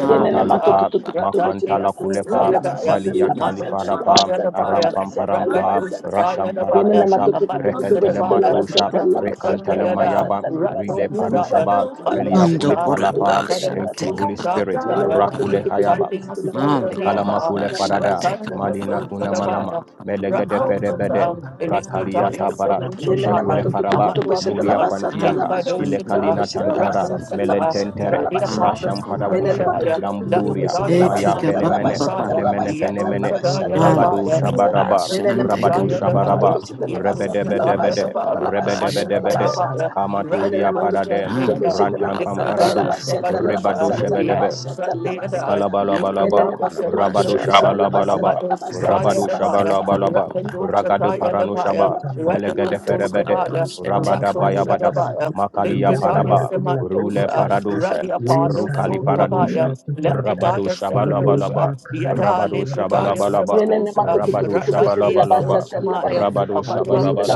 Speaker 2: Yenene mato to to to to to bashata
Speaker 10: makantalakulepa,
Speaker 2: labasata labashata
Speaker 10: maliyatalifarapa,
Speaker 2: labashata labasata labashata
Speaker 10: arampamparampa,
Speaker 2: labasata. Yenene
Speaker 10: rashamparatusha,
Speaker 2: mato to to
Speaker 1: Amato
Speaker 2: to to to bashata
Speaker 1: Sadabaya,
Speaker 10: rekentelematusha,
Speaker 5: Thank you.
Speaker 2: labasata
Speaker 1: Rato
Speaker 2: labashata
Speaker 1: Shandiada,
Speaker 10: rekantelemayaba,
Speaker 2: labasata
Speaker 5: Hallelujah,
Speaker 1: Rato
Speaker 5: Father
Speaker 2: labasata
Speaker 5: Santa.
Speaker 10: rilefarushaba,
Speaker 1: Pudaya,
Speaker 2: labashata
Speaker 5: We
Speaker 1: Mato
Speaker 5: love
Speaker 2: labaso to
Speaker 5: you,
Speaker 1: Shita,
Speaker 2: to to to
Speaker 5: the
Speaker 10: meliyakulifalapa.
Speaker 1: Rata
Speaker 2: bashata
Speaker 5: prayer
Speaker 10: Thank you,
Speaker 1: Namaso
Speaker 10: Holy
Speaker 2: labasata.
Speaker 5: family.
Speaker 10: Spirit.
Speaker 3: pa
Speaker 5: We
Speaker 2: Yenene
Speaker 3: pa
Speaker 1: Shadaya,
Speaker 3: pa.
Speaker 2: mato to
Speaker 10: Rakule
Speaker 2: to to
Speaker 5: the
Speaker 2: to
Speaker 5: Lord
Speaker 10: hayaba.
Speaker 1: Yata
Speaker 2: bashata
Speaker 5: Father
Speaker 1: Namaso
Speaker 5: Santa.
Speaker 3: Ando
Speaker 2: labasata
Speaker 3: kora
Speaker 10: Ikalama
Speaker 1: Dadiapa,
Speaker 10: kule
Speaker 2: labashata
Speaker 3: basha
Speaker 10: farada,
Speaker 1: Rata
Speaker 3: take a
Speaker 5: the
Speaker 3: pa
Speaker 2: labashata
Speaker 5: Lord
Speaker 10: malina
Speaker 3: pa
Speaker 1: Namaso
Speaker 5: Father
Speaker 3: pa
Speaker 2: labasata.
Speaker 10: kuna
Speaker 3: pa
Speaker 5: Santa.
Speaker 3: pa
Speaker 10: malama,
Speaker 1: Shadabaya,
Speaker 3: pa.
Speaker 10: melegede
Speaker 5: thank
Speaker 1: Rato
Speaker 5: the Lord
Speaker 10: ferebede,
Speaker 1: Shita,
Speaker 5: Father Santa.
Speaker 3: Take
Speaker 1: Electrodaya
Speaker 10: rakaliata barat,
Speaker 5: The
Speaker 1: Sado
Speaker 10: ishe
Speaker 5: prayer
Speaker 2: Yelene
Speaker 5: of the
Speaker 10: kule
Speaker 1: Shataya,
Speaker 2: mato
Speaker 5: Lord
Speaker 2: tu tu tu
Speaker 10: farabat,
Speaker 5: Father
Speaker 2: tu
Speaker 1: Amato
Speaker 5: Santa.
Speaker 2: bashata la
Speaker 10: muria
Speaker 1: Akatan,
Speaker 2: basata la
Speaker 10: fantiaka,
Speaker 1: Litfado
Speaker 5: you,
Speaker 2: bashoto
Speaker 10: ile
Speaker 2: tu tu
Speaker 5: the
Speaker 2: tu
Speaker 1: Shita,
Speaker 5: Lord
Speaker 10: kalina
Speaker 5: Father
Speaker 2: bashata la
Speaker 10: tantara,
Speaker 1: Rato
Speaker 2: basata la
Speaker 5: Santa.
Speaker 1: Shita,
Speaker 2: bashata
Speaker 10: melententere,
Speaker 2: la
Speaker 5: the
Speaker 1: Radia
Speaker 5: Lord
Speaker 1: Papa
Speaker 2: bashata.
Speaker 10: rasham
Speaker 5: Father
Speaker 1: Sudaya,
Speaker 2: Yelene
Speaker 10: parabushe,
Speaker 5: Santa.
Speaker 2: mato tu tu tu tu tu
Speaker 10: lamburia,
Speaker 5: the
Speaker 2: bashata la
Speaker 10: maya
Speaker 5: Lord
Speaker 1: Lafadaya
Speaker 2: basata la
Speaker 5: Father
Speaker 10: fenemene,
Speaker 2: bashata
Speaker 5: Santa.
Speaker 1: Sataya,
Speaker 2: la
Speaker 10: lemene
Speaker 5: And
Speaker 1: Yeto
Speaker 2: basata
Speaker 5: we
Speaker 2: la
Speaker 10: fenemene,
Speaker 5: love
Speaker 1: Sataya
Speaker 2: bashata
Speaker 1: the
Speaker 2: la
Speaker 5: you, the
Speaker 10: rabado
Speaker 1: Baya,
Speaker 5: Lord
Speaker 2: bashata.
Speaker 5: Father
Speaker 10: shabaraba,
Speaker 5: Santa.
Speaker 2: Yelene
Speaker 1: Rakabu
Speaker 2: mato tu
Speaker 10: rabado
Speaker 2: tu
Speaker 1: Sataya
Speaker 2: tu
Speaker 1: the
Speaker 2: tu tu tu
Speaker 1: Baya,
Speaker 10: shabaraba,
Speaker 5: the
Speaker 2: bashata la
Speaker 5: Lord
Speaker 1: Yeto
Speaker 10: Rebede Rebede
Speaker 2: basata la la
Speaker 10: bede
Speaker 1: Sataya the
Speaker 10: bede,
Speaker 2: bashata
Speaker 1: Baya,
Speaker 2: la la
Speaker 5: Thank
Speaker 10: rebede
Speaker 2: bashata
Speaker 1: Mato
Speaker 2: la
Speaker 10: bede
Speaker 2: la
Speaker 10: bede,
Speaker 1: Sarabaya,
Speaker 2: bashata. Yelene
Speaker 10: kamatulia
Speaker 1: Rakabu
Speaker 2: mato tu tu tu
Speaker 10: paradem,
Speaker 2: tu
Speaker 1: Sataya
Speaker 2: bashata
Speaker 1: the
Speaker 2: la
Speaker 10: rantam
Speaker 1: Lift the
Speaker 2: basata la la
Speaker 10: pamparadush,
Speaker 1: darkness of
Speaker 2: bashata la la
Speaker 1: Adusha,
Speaker 10: ribadushe
Speaker 2: basata la
Speaker 10: bedebe,
Speaker 1: Yeto
Speaker 2: bashata la
Speaker 1: Sataya the
Speaker 2: basata.
Speaker 1: Lift the
Speaker 10: Ikalabalaba,
Speaker 2: Yelene
Speaker 1: darkness
Speaker 2: mato
Speaker 1: of
Speaker 2: tu tu tu
Speaker 10: Rabado
Speaker 2: tu bashata
Speaker 1: Matosa,
Speaker 2: la basata
Speaker 10: Shabalabalaba,
Speaker 1: Amato
Speaker 2: la basata
Speaker 1: Sataya
Speaker 10: Rabado
Speaker 2: la
Speaker 1: the Baya,
Speaker 2: basata.
Speaker 10: Shabalabalaba,
Speaker 2: Yanena
Speaker 1: Rakabu
Speaker 2: matoto
Speaker 10: Ragado
Speaker 2: tutu
Speaker 1: Sataya
Speaker 2: tutu
Speaker 1: the
Speaker 2: bese de
Speaker 1: Baya,
Speaker 10: Paranushaba, Melegade
Speaker 1: Ratamaso
Speaker 10: Ferebede,
Speaker 1: Sabaya,
Speaker 2: la
Speaker 10: Rabada
Speaker 1: Rato
Speaker 2: basata
Speaker 10: Bayabadaba,
Speaker 1: Shadabaya, Lift
Speaker 10: Makalia
Speaker 1: the darkness
Speaker 10: Paraba,
Speaker 1: of
Speaker 10: Rule
Speaker 1: Matosa,
Speaker 10: Paradusha,
Speaker 1: Radia
Speaker 2: la
Speaker 1: Pado
Speaker 2: basata.
Speaker 10: Rukali
Speaker 1: Sotabaya,
Speaker 10: Paradusha, Rabado
Speaker 1: Lepradaya Sekadosha,
Speaker 10: Shabalabalaba,
Speaker 1: Yada
Speaker 10: Rabado
Speaker 1: Lepradaya
Speaker 2: Yenene
Speaker 10: Shabalabalaba,
Speaker 1: Semadosha,
Speaker 10: Rabado
Speaker 1: Ratadea
Speaker 10: Shabalabalaba,
Speaker 1: Soshamaya,
Speaker 10: Rabado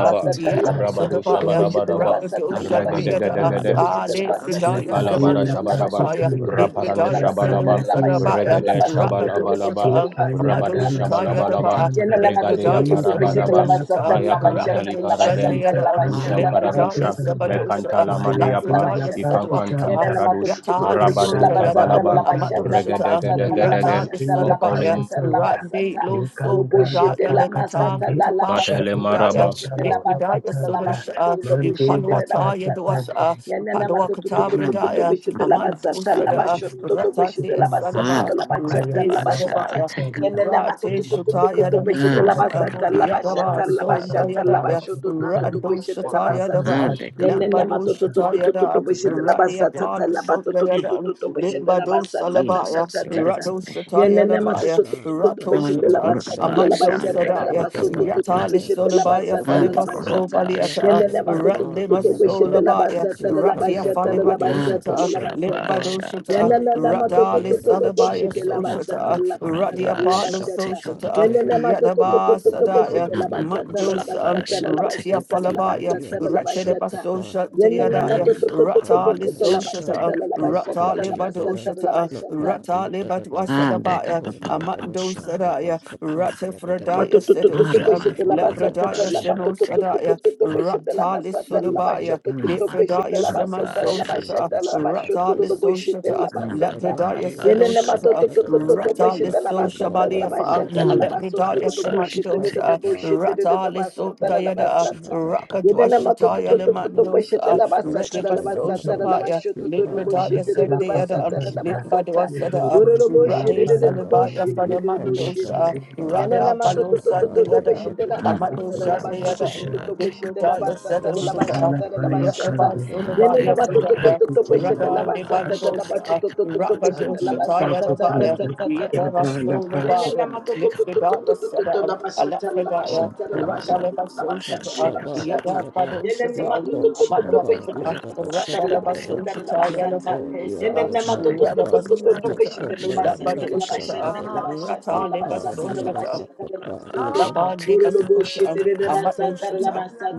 Speaker 3: a
Speaker 1: Yada
Speaker 5: you.
Speaker 10: Rabado
Speaker 1: Sadabaya,
Speaker 10: Shabarabaraba,
Speaker 3: I love
Speaker 1: Rapidosha
Speaker 3: my tongue,
Speaker 1: Deada,
Speaker 3: but
Speaker 5: Kalimana
Speaker 10: Regadegadegade,
Speaker 3: I
Speaker 1: Ah
Speaker 3: shall take the
Speaker 1: Lepradaya
Speaker 10: Kalabara
Speaker 5: Yatadela
Speaker 10: Shabaraba,
Speaker 1: Semadoshataya,
Speaker 5: Pakutanda
Speaker 10: raparanu,
Speaker 1: Lepradaya Senu
Speaker 5: Yapaya
Speaker 10: Shabalaba,
Speaker 5: Dela
Speaker 1: Sadabaya,
Speaker 10: Regade
Speaker 5: Pakutanda
Speaker 10: Shabalabalaba,
Speaker 1: Rakadoshata,
Speaker 5: Epaya
Speaker 10: Rabado
Speaker 5: Dala
Speaker 1: Amadoshataya
Speaker 10: Shabalabalaba,
Speaker 1: Daba,
Speaker 3: front of
Speaker 5: Pakutanda
Speaker 3: the bus.
Speaker 10: Regadea
Speaker 1: Lepradaya
Speaker 5: Epaya
Speaker 10: Parabaraba,
Speaker 5: Dala
Speaker 1: Semandoshata,
Speaker 10: Maya
Speaker 5: Pakutanda
Speaker 10: Kalitali
Speaker 1: Rakadosha
Speaker 10: Paradem,
Speaker 5: Shaita
Speaker 1: Deada,
Speaker 3: I
Speaker 10: Rusham
Speaker 5: Kandala
Speaker 1: Lepradaya
Speaker 10: Paradusha,
Speaker 5: Pakutanda
Speaker 1: Sabadosha,
Speaker 10: Mekantala
Speaker 5: Maya
Speaker 10: Madiapa,
Speaker 5: Dela
Speaker 1: Lapradaya
Speaker 10: Ikankantam
Speaker 1: Sadwakata,
Speaker 5: Pakutanda
Speaker 2: Yanana matoto
Speaker 10: Paradush,
Speaker 2: toto
Speaker 1: Yata
Speaker 2: toto beshete
Speaker 5: Ganda
Speaker 10: Rabado
Speaker 3: shall
Speaker 2: la
Speaker 1: Lisota
Speaker 5: la
Speaker 1: Yada.
Speaker 2: basata la
Speaker 5: papa
Speaker 10: Kabalaba,
Speaker 1: Amado
Speaker 5: gandi,
Speaker 2: bashata la
Speaker 10: Regade
Speaker 1: Shata,
Speaker 2: basata la
Speaker 10: Gede
Speaker 5: yapaya
Speaker 10: gem,
Speaker 1: Rata,
Speaker 5: di
Speaker 2: bashata
Speaker 5: la
Speaker 2: la
Speaker 1: Lisodabaya,
Speaker 5: papa
Speaker 10: Onkole
Speaker 2: bashata la
Speaker 5: tanda,
Speaker 1: Randi,
Speaker 2: basata.
Speaker 1: Lo, So,
Speaker 5: ekanda la
Speaker 2: Boboshete
Speaker 1: Rudaya,
Speaker 2: la
Speaker 5: papa
Speaker 1: Lekata,
Speaker 2: masata
Speaker 5: tandi,
Speaker 2: la la
Speaker 1: Ritapasa,
Speaker 10: Matele
Speaker 2: matoto
Speaker 5: shaika
Speaker 2: toto
Speaker 1: Rudaya,
Speaker 10: Maraba,
Speaker 5: tanda
Speaker 2: beshete
Speaker 5: la
Speaker 2: la
Speaker 5: papa
Speaker 1: Nikridaya,
Speaker 2: basata la la
Speaker 5: tanda,
Speaker 2: basoto
Speaker 1: Sodosha,
Speaker 2: la
Speaker 5: mandi
Speaker 2: boshete
Speaker 5: la
Speaker 2: la
Speaker 5: papa
Speaker 1: Impalwata,
Speaker 2: basata.
Speaker 5: tanda,
Speaker 1: Yedwasa,
Speaker 2: Yanana matoto
Speaker 5: ekandi
Speaker 1: Paduakata,
Speaker 2: toto
Speaker 5: la
Speaker 2: toto toto
Speaker 5: papa
Speaker 1: Bredaya,
Speaker 5: tanda,
Speaker 2: beshete la
Speaker 1: Amando
Speaker 2: basata la
Speaker 1: Sada,
Speaker 5: yadi
Speaker 3: take
Speaker 2: bashoto
Speaker 5: la
Speaker 2: toto
Speaker 1: Rata,
Speaker 5: papa
Speaker 2: beshete
Speaker 1: Tia,
Speaker 2: la
Speaker 5: tandi,
Speaker 2: basata la
Speaker 1: Sadaba,
Speaker 2: la
Speaker 5: yapaya
Speaker 2: bashata
Speaker 1: Rati,
Speaker 5: di
Speaker 2: la
Speaker 5: la papa
Speaker 2: basata.
Speaker 1: Sadabaya,
Speaker 3: a
Speaker 5: tanda,
Speaker 2: Yanana
Speaker 1: Rati,
Speaker 2: matoto toto
Speaker 5: imama
Speaker 2: toto
Speaker 1: Shuta,
Speaker 2: toto
Speaker 5: kala
Speaker 2: beshete
Speaker 5: paya
Speaker 2: la
Speaker 3: ah,
Speaker 1: Yadamasosha,
Speaker 3: the
Speaker 2: basata
Speaker 5: katandi,
Speaker 2: la
Speaker 3: cupboard.
Speaker 1: Yadaba,
Speaker 2: bashata la
Speaker 5: shaika
Speaker 1: Sonda,
Speaker 2: bashata
Speaker 5: tanda
Speaker 2: la
Speaker 5: la
Speaker 1: Yadaya,
Speaker 2: bashoto
Speaker 5: papa
Speaker 2: toto toto
Speaker 5: tandi,
Speaker 1: Rando,
Speaker 2: beshete la
Speaker 1: Shata,
Speaker 2: basata.
Speaker 3: Ah,
Speaker 5: apaya
Speaker 1: Yadaba,
Speaker 3: the
Speaker 5: di la
Speaker 3: cupboard.
Speaker 2: Yenene ma
Speaker 1: Lambado,
Speaker 5: papa
Speaker 2: to to to
Speaker 1: Shata,
Speaker 2: to to to to
Speaker 1: Yada,
Speaker 2: boshete
Speaker 5: tandi,
Speaker 2: la
Speaker 1: Rati,
Speaker 2: basa tsa
Speaker 1: Apollo,
Speaker 2: tsa la ba to to
Speaker 1: Sonda,
Speaker 2: to to
Speaker 1: Yada,
Speaker 2: to to boshete la
Speaker 1: Limbado
Speaker 2: basa tsa tsa
Speaker 3: Jesus,
Speaker 2: tsa
Speaker 1: Salabaya,
Speaker 2: tsa tsa tsa.
Speaker 3: it's
Speaker 1: Rado Shataya
Speaker 2: Yenene ma to
Speaker 1: Labaya,
Speaker 2: to
Speaker 5: Thank
Speaker 2: to
Speaker 7: Asha,
Speaker 2: to to to
Speaker 1: Rato
Speaker 7: Naya,
Speaker 3: and
Speaker 2: boshete
Speaker 3: the
Speaker 2: la
Speaker 1: Shata,
Speaker 2: basa tsa
Speaker 7: Nabasha,
Speaker 2: la la
Speaker 3: Gurapasha,
Speaker 1: Amando
Speaker 3: and the
Speaker 2: bashata la la
Speaker 7: Lako,
Speaker 1: Sadaya,
Speaker 2: baso to
Speaker 7: Baya,
Speaker 2: to to
Speaker 7: Dia,
Speaker 3: Kapapapa,
Speaker 1: Yatali
Speaker 2: boshete la
Speaker 7: Nabasha,
Speaker 1: Solabaya,
Speaker 2: basa tsa
Speaker 3: and
Speaker 2: la
Speaker 3: the
Speaker 7: Nababa,
Speaker 2: la
Speaker 1: Falibas o
Speaker 2: bashata.
Speaker 3: Gurapasha,
Speaker 1: Baliata,
Speaker 3: and
Speaker 2: Yenene
Speaker 7: Lako,
Speaker 3: the
Speaker 2: ma to to to
Speaker 7: Maba,
Speaker 2: to
Speaker 3: Kapapapa,
Speaker 2: to
Speaker 7: Dia,
Speaker 1: ratlimas
Speaker 2: boshete
Speaker 7: Naba,
Speaker 2: la
Speaker 1: Solabaya,
Speaker 2: basa tsa la la
Speaker 1: Ratia
Speaker 7: Lapanda,
Speaker 2: bashata la
Speaker 7: Ba,
Speaker 2: la
Speaker 1: Falibado
Speaker 7: Dia,
Speaker 2: basa
Speaker 3: and
Speaker 2: tsa
Speaker 3: the
Speaker 2: la
Speaker 1: Shata,
Speaker 2: la
Speaker 7: Nabasha,
Speaker 2: basa tsa.
Speaker 7: Papa,
Speaker 1: Limbado Shata,
Speaker 2: Yenene
Speaker 7: Lako,
Speaker 2: ma
Speaker 3: Gurapasha,
Speaker 2: to to
Speaker 1: Radali
Speaker 2: to
Speaker 7: Mabia,
Speaker 2: to to
Speaker 7: Nabasha,
Speaker 1: Salabaya
Speaker 2: boshete la
Speaker 7: Ya,
Speaker 2: basa tsa
Speaker 1: Soshata,
Speaker 3: Namando
Speaker 2: la bashata
Speaker 7: Lapandia,
Speaker 1: Radia
Speaker 3: Kurapa
Speaker 2: la
Speaker 1: Palo
Speaker 7: Nabasha,
Speaker 3: shall
Speaker 2: bashata.
Speaker 3: take a
Speaker 7: Papa,
Speaker 1: Soshata,
Speaker 7: Dia,
Speaker 2: Yelele
Speaker 7: Na,
Speaker 3: papa.
Speaker 2: matoto to to to to
Speaker 1: Yadaba
Speaker 2: to
Speaker 7: Lako,
Speaker 2: to
Speaker 1: Sadaya,
Speaker 2: boshete
Speaker 7: Maba,
Speaker 2: la
Speaker 7: Dia,
Speaker 3: Namando
Speaker 2: basata la la
Speaker 7: Nabasha,
Speaker 3: Kurapa
Speaker 1: Mandosan,
Speaker 2: basata
Speaker 7: Nabada,
Speaker 2: la
Speaker 3: shall
Speaker 2: la
Speaker 3: take
Speaker 1: Ratia
Speaker 3: a
Speaker 2: basata la
Speaker 7: Laki,
Speaker 2: la
Speaker 3: papa.
Speaker 1: Falabaya,
Speaker 2: basata
Speaker 7: Madia,
Speaker 2: la la
Speaker 7: Nabasha,
Speaker 1: Ratedaba
Speaker 2: basata.
Speaker 7: Papa,
Speaker 1: Soshata
Speaker 2: Yelele
Speaker 7: Lako,
Speaker 1: Yadaya,
Speaker 2: matoto
Speaker 3: Namando
Speaker 2: to to to to to
Speaker 7: Mababa,
Speaker 1: Ratali
Speaker 7: Dia,
Speaker 3: Kurapa
Speaker 2: boshete la
Speaker 3: shall
Speaker 1: Soshata,
Speaker 7: Nabasha,
Speaker 2: basata
Speaker 3: take a
Speaker 2: la la basata
Speaker 1: Rata
Speaker 7: Lako,
Speaker 2: la
Speaker 3: papa.
Speaker 2: la
Speaker 1: leba
Speaker 7: Dia,
Speaker 1: Lebada
Speaker 2: basata
Speaker 7: Dada,
Speaker 2: la la
Speaker 1: Ushata,
Speaker 2: basata.
Speaker 7: Lapa,
Speaker 1: Rata
Speaker 7: Dia,
Speaker 1: leba Lebada
Speaker 7: Dada,
Speaker 3: And take a
Speaker 1: Wasadabaya,
Speaker 3: papa.
Speaker 7: Victoria da
Speaker 1: Amando
Speaker 2: Ah,
Speaker 7: Vashanda
Speaker 1: Sadaya,
Speaker 2: thanks.
Speaker 1: Rata
Speaker 7: Bhapadia da da da
Speaker 1: Fradaya
Speaker 7: Vicky
Speaker 1: Sedusha,
Speaker 3: Aramando
Speaker 7: Mapalia da
Speaker 1: Lepradaya
Speaker 3: Kurapa
Speaker 7: Vashan
Speaker 3: shall
Speaker 1: Seno
Speaker 3: take a
Speaker 1: Sadaya,
Speaker 3: papa.
Speaker 1: Rata
Speaker 7: Maria
Speaker 1: Lissodabaya,
Speaker 3: Namando
Speaker 1: Lepradaya Seman
Speaker 7: Shanti
Speaker 3: Kurapa shall
Speaker 7: Pandia da
Speaker 1: Soshata,
Speaker 3: take a papa.
Speaker 7: Vashanda da
Speaker 1: Rata
Speaker 7: da da
Speaker 1: Lissoshata,
Speaker 7: Vipa
Speaker 3: Namando
Speaker 7: da
Speaker 1: Lepradaya
Speaker 7: Bhatia da
Speaker 3: Kurapa shall
Speaker 1: Sedoshata,
Speaker 3: take a papa. Namando Kurapa shall take
Speaker 7: Vashanda
Speaker 3: a
Speaker 5: you.
Speaker 7: da da
Speaker 3: papa.
Speaker 1: Rata
Speaker 7: da. Poma
Speaker 1: Lissoshabaliafa,
Speaker 7: Padia da da
Speaker 3: Namando
Speaker 7: La
Speaker 1: Lepradaya
Speaker 3: Kurapa
Speaker 7: Shaki Panda
Speaker 1: Semandosa, Rata Lisso
Speaker 7: Yet
Speaker 1: Diada,
Speaker 7: portion upon the back of
Speaker 1: Rakadwashataya
Speaker 7: body and above.
Speaker 1: Lemandosa,
Speaker 7: Yet portion higher above.
Speaker 1: Redibasosha
Speaker 7: Yet body and
Speaker 1: Libradaya
Speaker 7: the
Speaker 1: said
Speaker 7: back
Speaker 1: the
Speaker 7: of
Speaker 1: other,
Speaker 7: body
Speaker 1: um,
Speaker 7: and above.
Speaker 1: Libadua said,
Speaker 7: Yet
Speaker 1: uh,
Speaker 7: portion of the
Speaker 1: Rade
Speaker 7: end above.
Speaker 1: Salabaya
Speaker 7: Yet on the
Speaker 2: Yenene
Speaker 7: back
Speaker 3: shall
Speaker 1: Fanamandosa,
Speaker 7: of
Speaker 3: take a papa.
Speaker 7: body and
Speaker 2: Yanana
Speaker 1: Rada
Speaker 7: the
Speaker 2: mato
Speaker 7: shin
Speaker 2: to
Speaker 7: the
Speaker 2: to
Speaker 1: Balosa
Speaker 2: to to
Speaker 1: the
Speaker 7: body
Speaker 2: to
Speaker 7: and
Speaker 1: other,
Speaker 7: above.
Speaker 1: um,
Speaker 2: bishete la
Speaker 3: Mm,
Speaker 2: basata
Speaker 7: Yet
Speaker 2: la la
Speaker 1: Amadosa the
Speaker 2: baso
Speaker 3: Baraba,
Speaker 2: to
Speaker 1: other,
Speaker 7: portion
Speaker 2: to
Speaker 1: um,
Speaker 2: to
Speaker 7: higher
Speaker 3: shall
Speaker 2: to
Speaker 3: take a
Speaker 2: bishete la
Speaker 3: papa.
Speaker 1: Libradaya
Speaker 7: Not
Speaker 1: said,
Speaker 2: basata la la
Speaker 7: portion
Speaker 1: Osisa,
Speaker 7: higher
Speaker 2: bashata la la
Speaker 7: the
Speaker 1: Rada
Speaker 7: shin
Speaker 2: bashata.
Speaker 3: Ah, take
Speaker 1: Basulabaya
Speaker 2: Yanana
Speaker 3: a
Speaker 2: mato to to
Speaker 1: Fidaya,
Speaker 2: to to
Speaker 3: baraba,
Speaker 2: bishete la
Speaker 1: Rada
Speaker 3: baraba,
Speaker 2: basata la
Speaker 3: shall
Speaker 2: la bato
Speaker 1: Limandosa,
Speaker 2: to
Speaker 3: take a
Speaker 2: to to to
Speaker 3: papa.
Speaker 2: bishete la
Speaker 1: Rakadosa Taya the
Speaker 2: basata ta ta
Speaker 1: Baya,
Speaker 2: ta ta ta
Speaker 1: Yada
Speaker 3: Amado,
Speaker 2: ta ta.
Speaker 3: baraba,
Speaker 1: Basulabaya,
Speaker 2: Yanana
Speaker 3: shall
Speaker 2: mato to
Speaker 3: take a
Speaker 2: to to to
Speaker 3: papa.
Speaker 1: Libradaya
Speaker 2: to to
Speaker 1: said,
Speaker 2: to to
Speaker 1: um,
Speaker 2: la basata la
Speaker 5: La
Speaker 7: the
Speaker 1: Alafradaya,
Speaker 2: bashata la la
Speaker 1: Rata
Speaker 7: above.
Speaker 3: Amado,
Speaker 2: bashata la la
Speaker 3: shall
Speaker 2: basata la
Speaker 1: Levasosa,
Speaker 2: la
Speaker 3: take a
Speaker 7: Mashaba
Speaker 2: bashata.
Speaker 1: Yada
Speaker 7: the other,
Speaker 3: papa.
Speaker 2: Yanana
Speaker 7: look
Speaker 1: Padosa,
Speaker 2: mato to
Speaker 7: on
Speaker 2: to to to
Speaker 3: Amado,
Speaker 7: Shihaba
Speaker 2: bishete
Speaker 1: Amadosa.
Speaker 7: the
Speaker 2: la
Speaker 7: other
Speaker 3: baraba,
Speaker 7: Bashan
Speaker 2: basata la
Speaker 3: shall
Speaker 2: la
Speaker 7: the
Speaker 1: Radabas
Speaker 3: take a
Speaker 7: other,
Speaker 2: bashata la la
Speaker 3: papa.
Speaker 7: not
Speaker 2: basata.
Speaker 7: for the other
Speaker 3: Take a
Speaker 7: Bashakapa,
Speaker 3: papa,
Speaker 7: look on
Speaker 3: baraba,
Speaker 7: my
Speaker 3: shall
Speaker 7: other
Speaker 3: take a papa.
Speaker 7: Bashan the other,
Speaker 1: Rata Leva
Speaker 7: Lipa the
Speaker 3: Amado,
Speaker 7: other
Speaker 1: Social
Speaker 7: Bakapa
Speaker 3: baraba,
Speaker 7: the
Speaker 3: shall
Speaker 7: other
Speaker 1: Rapid
Speaker 3: take a papa.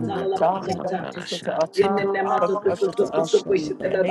Speaker 3: Amado, baraba, shall
Speaker 2: Yenene
Speaker 3: take a papa.
Speaker 7: Kanshada,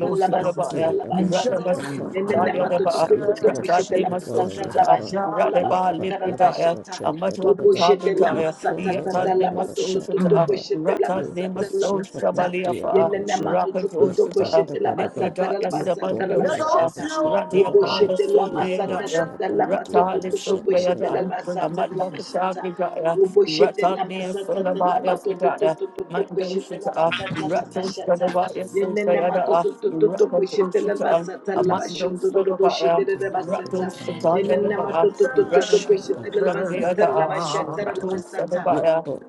Speaker 7: Lupo, Diada,
Speaker 3: Shot,
Speaker 7: Vashaka, Padiada, Lupo, Shihaba, Yadaba, Lupa, Dada, Vashaka, Dada, Dada, Lupo, Mayada, Vashaka, Lupo, Shihaba, Diada, Vashaka,
Speaker 1: Rapid
Speaker 7: Lupa,
Speaker 1: Oshita,
Speaker 7: Dada, Dada,
Speaker 1: Libridaya
Speaker 7: Lupo,
Speaker 1: Sabandosha,
Speaker 7: Mayada, Vashaka,
Speaker 1: Radia
Speaker 7: Dada, Dada,
Speaker 1: Pala Sopia
Speaker 7: Lupo,
Speaker 1: Daya,
Speaker 7: Shihaba,
Speaker 1: Ratta
Speaker 7: Diada,
Speaker 1: Lisopia
Speaker 7: Vashaka,
Speaker 1: Amadwa Kasagaya,
Speaker 2: Oboshete la
Speaker 1: Ratania
Speaker 2: masata te la
Speaker 1: Sonabaya
Speaker 2: bato to to
Speaker 1: Fridaya,
Speaker 2: to to to
Speaker 1: Mando
Speaker 2: boshete la
Speaker 1: Shita,
Speaker 2: basata la
Speaker 1: Rato
Speaker 2: bashata
Speaker 1: Sonabaya
Speaker 2: yenene mato
Speaker 1: Sotayada,
Speaker 2: to to to to
Speaker 1: Rakato
Speaker 2: boshete la
Speaker 1: Shita,
Speaker 2: basata la
Speaker 1: Amando
Speaker 2: bashoto to
Speaker 1: Sonabaya,
Speaker 2: boshete la
Speaker 1: Rato
Speaker 2: basata
Speaker 1: Shataya
Speaker 2: yenene
Speaker 1: Daba,
Speaker 2: mato to to to to boshete
Speaker 7: Shada
Speaker 2: la basata
Speaker 7: kapani
Speaker 2: la
Speaker 1: Ratayada,
Speaker 7: shada
Speaker 2: bashata la
Speaker 7: da
Speaker 1: Rato
Speaker 7: da
Speaker 2: basata.
Speaker 1: Sonabaya,
Speaker 7: lepa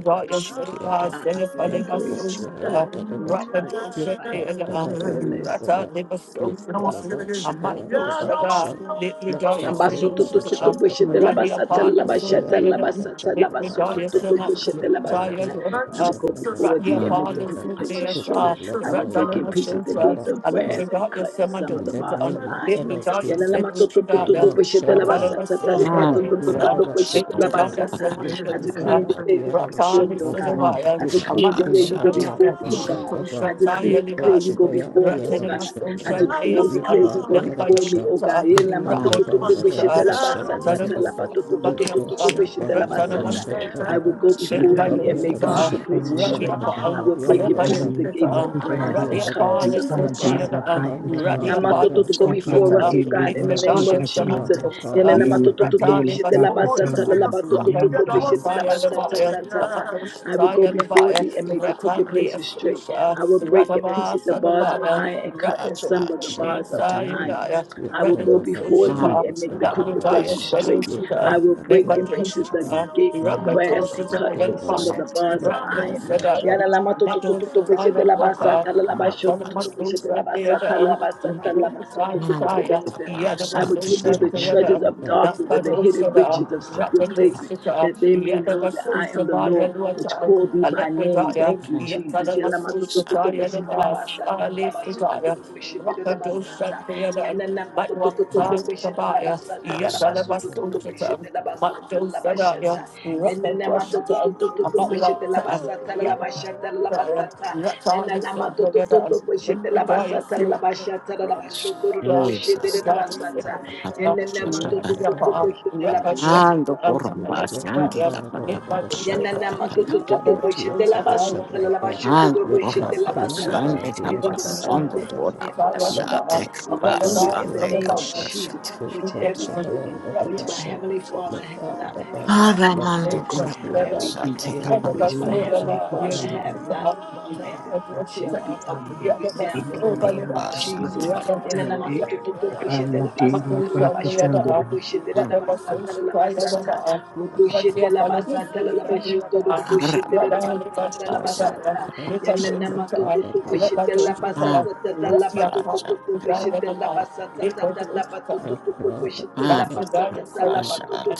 Speaker 7: da da shikia
Speaker 1: Sonaba,
Speaker 7: da
Speaker 2: I
Speaker 7: la
Speaker 2: obtain
Speaker 1: Senefaleba
Speaker 2: grace to
Speaker 7: rocha
Speaker 2: pray.
Speaker 1: Sota,
Speaker 2: We
Speaker 7: da da da
Speaker 2: must fight.
Speaker 1: Rakato
Speaker 2: We fight.
Speaker 7: lepa da da da
Speaker 1: Shatayada,
Speaker 7: ya
Speaker 2: Prayerless.
Speaker 7: da
Speaker 1: Rata
Speaker 7: da
Speaker 1: Neba Sota,
Speaker 2: Prayerlessness.
Speaker 1: Amando
Speaker 7: shaya
Speaker 2: Wake
Speaker 7: da da da
Speaker 2: up and
Speaker 1: Shada,
Speaker 7: sha
Speaker 2: pray.
Speaker 7: la
Speaker 1: Litradaya
Speaker 7: pa le
Speaker 2: Ambasoto
Speaker 7: da
Speaker 2: to
Speaker 7: da
Speaker 2: to to
Speaker 7: sha
Speaker 1: Sedusa,
Speaker 2: bweshete
Speaker 7: kapa
Speaker 2: la
Speaker 1: Radia
Speaker 2: basata
Speaker 7: la
Speaker 1: Pada
Speaker 2: la
Speaker 7: po baya
Speaker 2: bashata
Speaker 7: da
Speaker 2: la
Speaker 7: da
Speaker 1: Sukhayadam,
Speaker 7: da sha
Speaker 2: basata la
Speaker 7: da da
Speaker 2: basoto
Speaker 1: Litradaya
Speaker 2: to
Speaker 7: kapa
Speaker 2: to
Speaker 1: Samantha,
Speaker 2: bweshete la
Speaker 1: Taya
Speaker 2: basata.
Speaker 7: da da
Speaker 2: I
Speaker 1: Dutta,
Speaker 2: will
Speaker 7: sha
Speaker 2: go
Speaker 7: da da
Speaker 2: before thee
Speaker 1: Radia
Speaker 2: and make the
Speaker 1: Pada
Speaker 7: da
Speaker 2: crooked places straight.
Speaker 7: suki
Speaker 1: Sukhayasa,
Speaker 7: ma
Speaker 2: I will break
Speaker 7: da
Speaker 2: in
Speaker 1: Ratalama
Speaker 2: pieces the
Speaker 7: da
Speaker 1: Sutra,
Speaker 2: gates of
Speaker 7: da
Speaker 2: brass and
Speaker 1: Alatradaya
Speaker 2: cut in some of
Speaker 7: in
Speaker 2: the
Speaker 7: the
Speaker 2: bars of
Speaker 1: Samadusa,
Speaker 7: name of the
Speaker 2: iron
Speaker 7: Lord
Speaker 1: Litradaya
Speaker 2: yalalama to
Speaker 7: Jesus,
Speaker 2: to to
Speaker 7: we
Speaker 2: to to
Speaker 1: Sedutradaya,
Speaker 2: bo
Speaker 7: must
Speaker 2: shete la
Speaker 7: shout
Speaker 2: ba sa
Speaker 7: out.
Speaker 1: Ratalama
Speaker 2: ta ta la ba to
Speaker 7: Nipa,
Speaker 2: to
Speaker 1: Sutra,
Speaker 2: to
Speaker 7: the other
Speaker 1: Sam,
Speaker 2: to bo
Speaker 7: was shut
Speaker 2: shete la ba
Speaker 7: over.
Speaker 1: Litradaya
Speaker 2: ta
Speaker 7: Nipa,
Speaker 2: I
Speaker 1: Samadusa,
Speaker 2: decree and declare
Speaker 7: the
Speaker 2: you go
Speaker 7: other was
Speaker 2: before
Speaker 7: shut
Speaker 2: me,
Speaker 1: Ratali
Speaker 2: O God.
Speaker 7: over.
Speaker 1: Sudavaya,
Speaker 2: I
Speaker 7: Nipa,
Speaker 2: decree and
Speaker 7: the
Speaker 2: declare you go
Speaker 1: Amadu
Speaker 2: before
Speaker 7: other
Speaker 2: me,
Speaker 7: was
Speaker 2: O
Speaker 7: shut
Speaker 2: God.
Speaker 7: over.
Speaker 2: I
Speaker 1: Ready
Speaker 2: decree and
Speaker 7: Nipa,
Speaker 2: declare you go before
Speaker 7: the
Speaker 2: me, O
Speaker 7: other
Speaker 2: God.
Speaker 7: was shut
Speaker 2: I
Speaker 7: over.
Speaker 2: decree and declare you
Speaker 7: Nipa,
Speaker 2: go
Speaker 7: the other was
Speaker 2: before me,
Speaker 7: shut.
Speaker 2: O God.
Speaker 7: Nako,
Speaker 2: yalalama to to to to
Speaker 7: Mabanda,
Speaker 2: bo
Speaker 7: the other
Speaker 2: shete la
Speaker 7: was
Speaker 2: ba
Speaker 7: shut,
Speaker 2: sa
Speaker 7: the
Speaker 2: ta
Speaker 7: other
Speaker 2: ta la ba
Speaker 7: was shut.
Speaker 2: to to to to to
Speaker 7: Niko,
Speaker 2: bo shete la
Speaker 7: the other was
Speaker 2: ta
Speaker 7: shut, the
Speaker 2: I
Speaker 7: other
Speaker 2: will
Speaker 7: was
Speaker 2: go before
Speaker 7: Nipa,
Speaker 2: thee
Speaker 5: bata
Speaker 2: and
Speaker 7: the
Speaker 2: make
Speaker 7: other
Speaker 2: make the
Speaker 7: was
Speaker 5: la
Speaker 2: crooked
Speaker 7: shut.
Speaker 5: pa
Speaker 2: places
Speaker 5: la
Speaker 2: straight.
Speaker 5: panda,
Speaker 2: I
Speaker 1: upon,
Speaker 7: Nakapa,
Speaker 2: will
Speaker 7: the
Speaker 1: I
Speaker 7: other
Speaker 2: break
Speaker 5: la
Speaker 1: live
Speaker 2: in
Speaker 7: was
Speaker 1: by
Speaker 5: pa
Speaker 1: the
Speaker 2: pieces
Speaker 7: shut.
Speaker 2: the
Speaker 5: la
Speaker 2: gates
Speaker 5: pa
Speaker 2: of
Speaker 7: Nako,
Speaker 2: brass
Speaker 7: the
Speaker 1: Ready
Speaker 5: kutanda,
Speaker 2: and cut
Speaker 7: other
Speaker 2: in
Speaker 1: upon
Speaker 5: la
Speaker 1: this
Speaker 2: some of the
Speaker 7: was
Speaker 5: panda
Speaker 1: day
Speaker 7: shut.
Speaker 2: bars
Speaker 1: of
Speaker 2: of
Speaker 1: the
Speaker 5: la
Speaker 1: other.
Speaker 5: pa
Speaker 2: iron.
Speaker 7: Panda
Speaker 1: Radia
Speaker 5: kutanda,
Speaker 1: Palo
Speaker 2: Namatoto
Speaker 7: Badiada,
Speaker 2: to go
Speaker 5: shaba
Speaker 2: before us,
Speaker 1: Soshata,
Speaker 7: Nipo,
Speaker 2: oh
Speaker 5: di
Speaker 2: God, in the
Speaker 1: Little
Speaker 2: name of
Speaker 1: Daya
Speaker 7: Adavashanta
Speaker 1: Sama,
Speaker 2: Jesus.
Speaker 7: Bhakapa, the other,
Speaker 2: Yananamatototo
Speaker 1: Rata de
Speaker 2: bishete
Speaker 1: Basota,
Speaker 2: labasata lalabatototo
Speaker 5: Yanta
Speaker 2: bishete
Speaker 1: Fire
Speaker 2: labasata
Speaker 1: Levaya,
Speaker 2: ta ta ta. I will go
Speaker 1: Rakoshataya
Speaker 2: before
Speaker 1: Levaya,
Speaker 2: thee and make the
Speaker 1: Rata
Speaker 2: crooked
Speaker 1: de
Speaker 2: places straight.
Speaker 1: Asosha,
Speaker 2: I will break in
Speaker 1: Rataba
Speaker 2: pieces the bars of
Speaker 1: Sadabaya,
Speaker 2: iron and cut in some of
Speaker 1: Rakadosha
Speaker 2: the
Speaker 1: de
Speaker 7: Shaka,
Speaker 2: bars of
Speaker 7: the other,
Speaker 2: iron.
Speaker 1: Sayandaya,
Speaker 7: Nipo,
Speaker 2: I will go
Speaker 1: Retina
Speaker 7: Maban,
Speaker 2: before
Speaker 7: the other,
Speaker 2: thee
Speaker 1: Soshapa,
Speaker 2: and make
Speaker 7: Basan,
Speaker 2: the
Speaker 7: the
Speaker 2: crooked
Speaker 7: other,
Speaker 1: Lakudaya
Speaker 2: places
Speaker 7: whatever,
Speaker 2: straight.
Speaker 1: Sedoshita,
Speaker 2: I
Speaker 7: Nipa,
Speaker 2: will break in
Speaker 7: Napima,
Speaker 2: pieces the
Speaker 1: Lebadoshita,
Speaker 7: Shishaka,
Speaker 2: gates of brass and
Speaker 1: Rakadoshita
Speaker 2: cut in some of the
Speaker 7: Yavaya,
Speaker 2: bars of
Speaker 1: Levaya,
Speaker 7: Makwa,
Speaker 2: iron.
Speaker 7: the other,
Speaker 1: Rakadosha,
Speaker 2: Yala lama to to to to to
Speaker 1: Madoshita
Speaker 2: bishete la
Speaker 1: Waka.
Speaker 2: basa tala la basho to to to bishete la basa
Speaker 1: Yet,
Speaker 2: tala la basa tala la baso to to to
Speaker 3: Jesus.
Speaker 2: to bishete. I will give thee the
Speaker 7: Shada,
Speaker 2: treasures of
Speaker 7: Yada,
Speaker 2: darkness and the hidden riches of secret places, that they may know that I am the Lord, which called thee by name. Thank you, Jesus. Jela matototo boishete la basata la basototo boishete la basata. Yanana matototo boishete la basata la basototo boishete la basata la bashata. Yanana matototo boishete la basata
Speaker 1: Yet,
Speaker 2: la bashata la
Speaker 1: Thank
Speaker 2: basata. Yanana matototo boishete la basata la bashata la bashototo boishete la basata. Yanana matototo boishete la
Speaker 7: Shabbat,
Speaker 2: basata.
Speaker 3: Ando por la
Speaker 7: You want the
Speaker 3: pasante,
Speaker 7: bar that ever
Speaker 2: Anything
Speaker 7: shot.
Speaker 2: that
Speaker 7: You call my tear ever shot the bar.
Speaker 3: ando
Speaker 7: You
Speaker 3: por la
Speaker 7: park in my bar
Speaker 3: pasante,
Speaker 7: the ever
Speaker 2: the
Speaker 7: shot
Speaker 1: you.
Speaker 2: Father
Speaker 3: pasando
Speaker 7: the
Speaker 2: did not
Speaker 3: por
Speaker 7: bar.
Speaker 3: la
Speaker 1: Rather
Speaker 2: plant, oh Father
Speaker 7: Not
Speaker 2: God,
Speaker 3: pasante,
Speaker 7: force the bar
Speaker 2: uprooted in
Speaker 7: the
Speaker 2: the
Speaker 3: pasante,
Speaker 2: name
Speaker 7: ever
Speaker 2: of
Speaker 7: shot.
Speaker 2: Jesus,
Speaker 3: pasante.
Speaker 7: You
Speaker 2: which
Speaker 7: force
Speaker 2: every
Speaker 7: a
Speaker 2: plant
Speaker 7: hand the
Speaker 2: which
Speaker 7: ever
Speaker 2: my
Speaker 7: shot.
Speaker 2: heavenly Father
Speaker 7: Not
Speaker 2: had
Speaker 7: bar
Speaker 2: not
Speaker 7: the bar.
Speaker 3: Ahora
Speaker 2: had
Speaker 7: Not
Speaker 3: mando
Speaker 2: planted,
Speaker 7: force
Speaker 3: por la
Speaker 7: the other.
Speaker 2: every
Speaker 3: pasante,
Speaker 7: You
Speaker 2: plant
Speaker 3: ando
Speaker 7: come
Speaker 2: which my
Speaker 7: upon the
Speaker 2: heavenly
Speaker 7: ever
Speaker 2: Father
Speaker 7: shot.
Speaker 2: have not planted shall be uprooted now in the
Speaker 3: por la
Speaker 2: name of
Speaker 3: pasante,
Speaker 2: Jesus.
Speaker 3: ando por la pasante. Take up,
Speaker 7: Not park on the ever shot.
Speaker 1: let
Speaker 7: Not bar the bar. Not force the other.
Speaker 1: Lafrodaya said it, and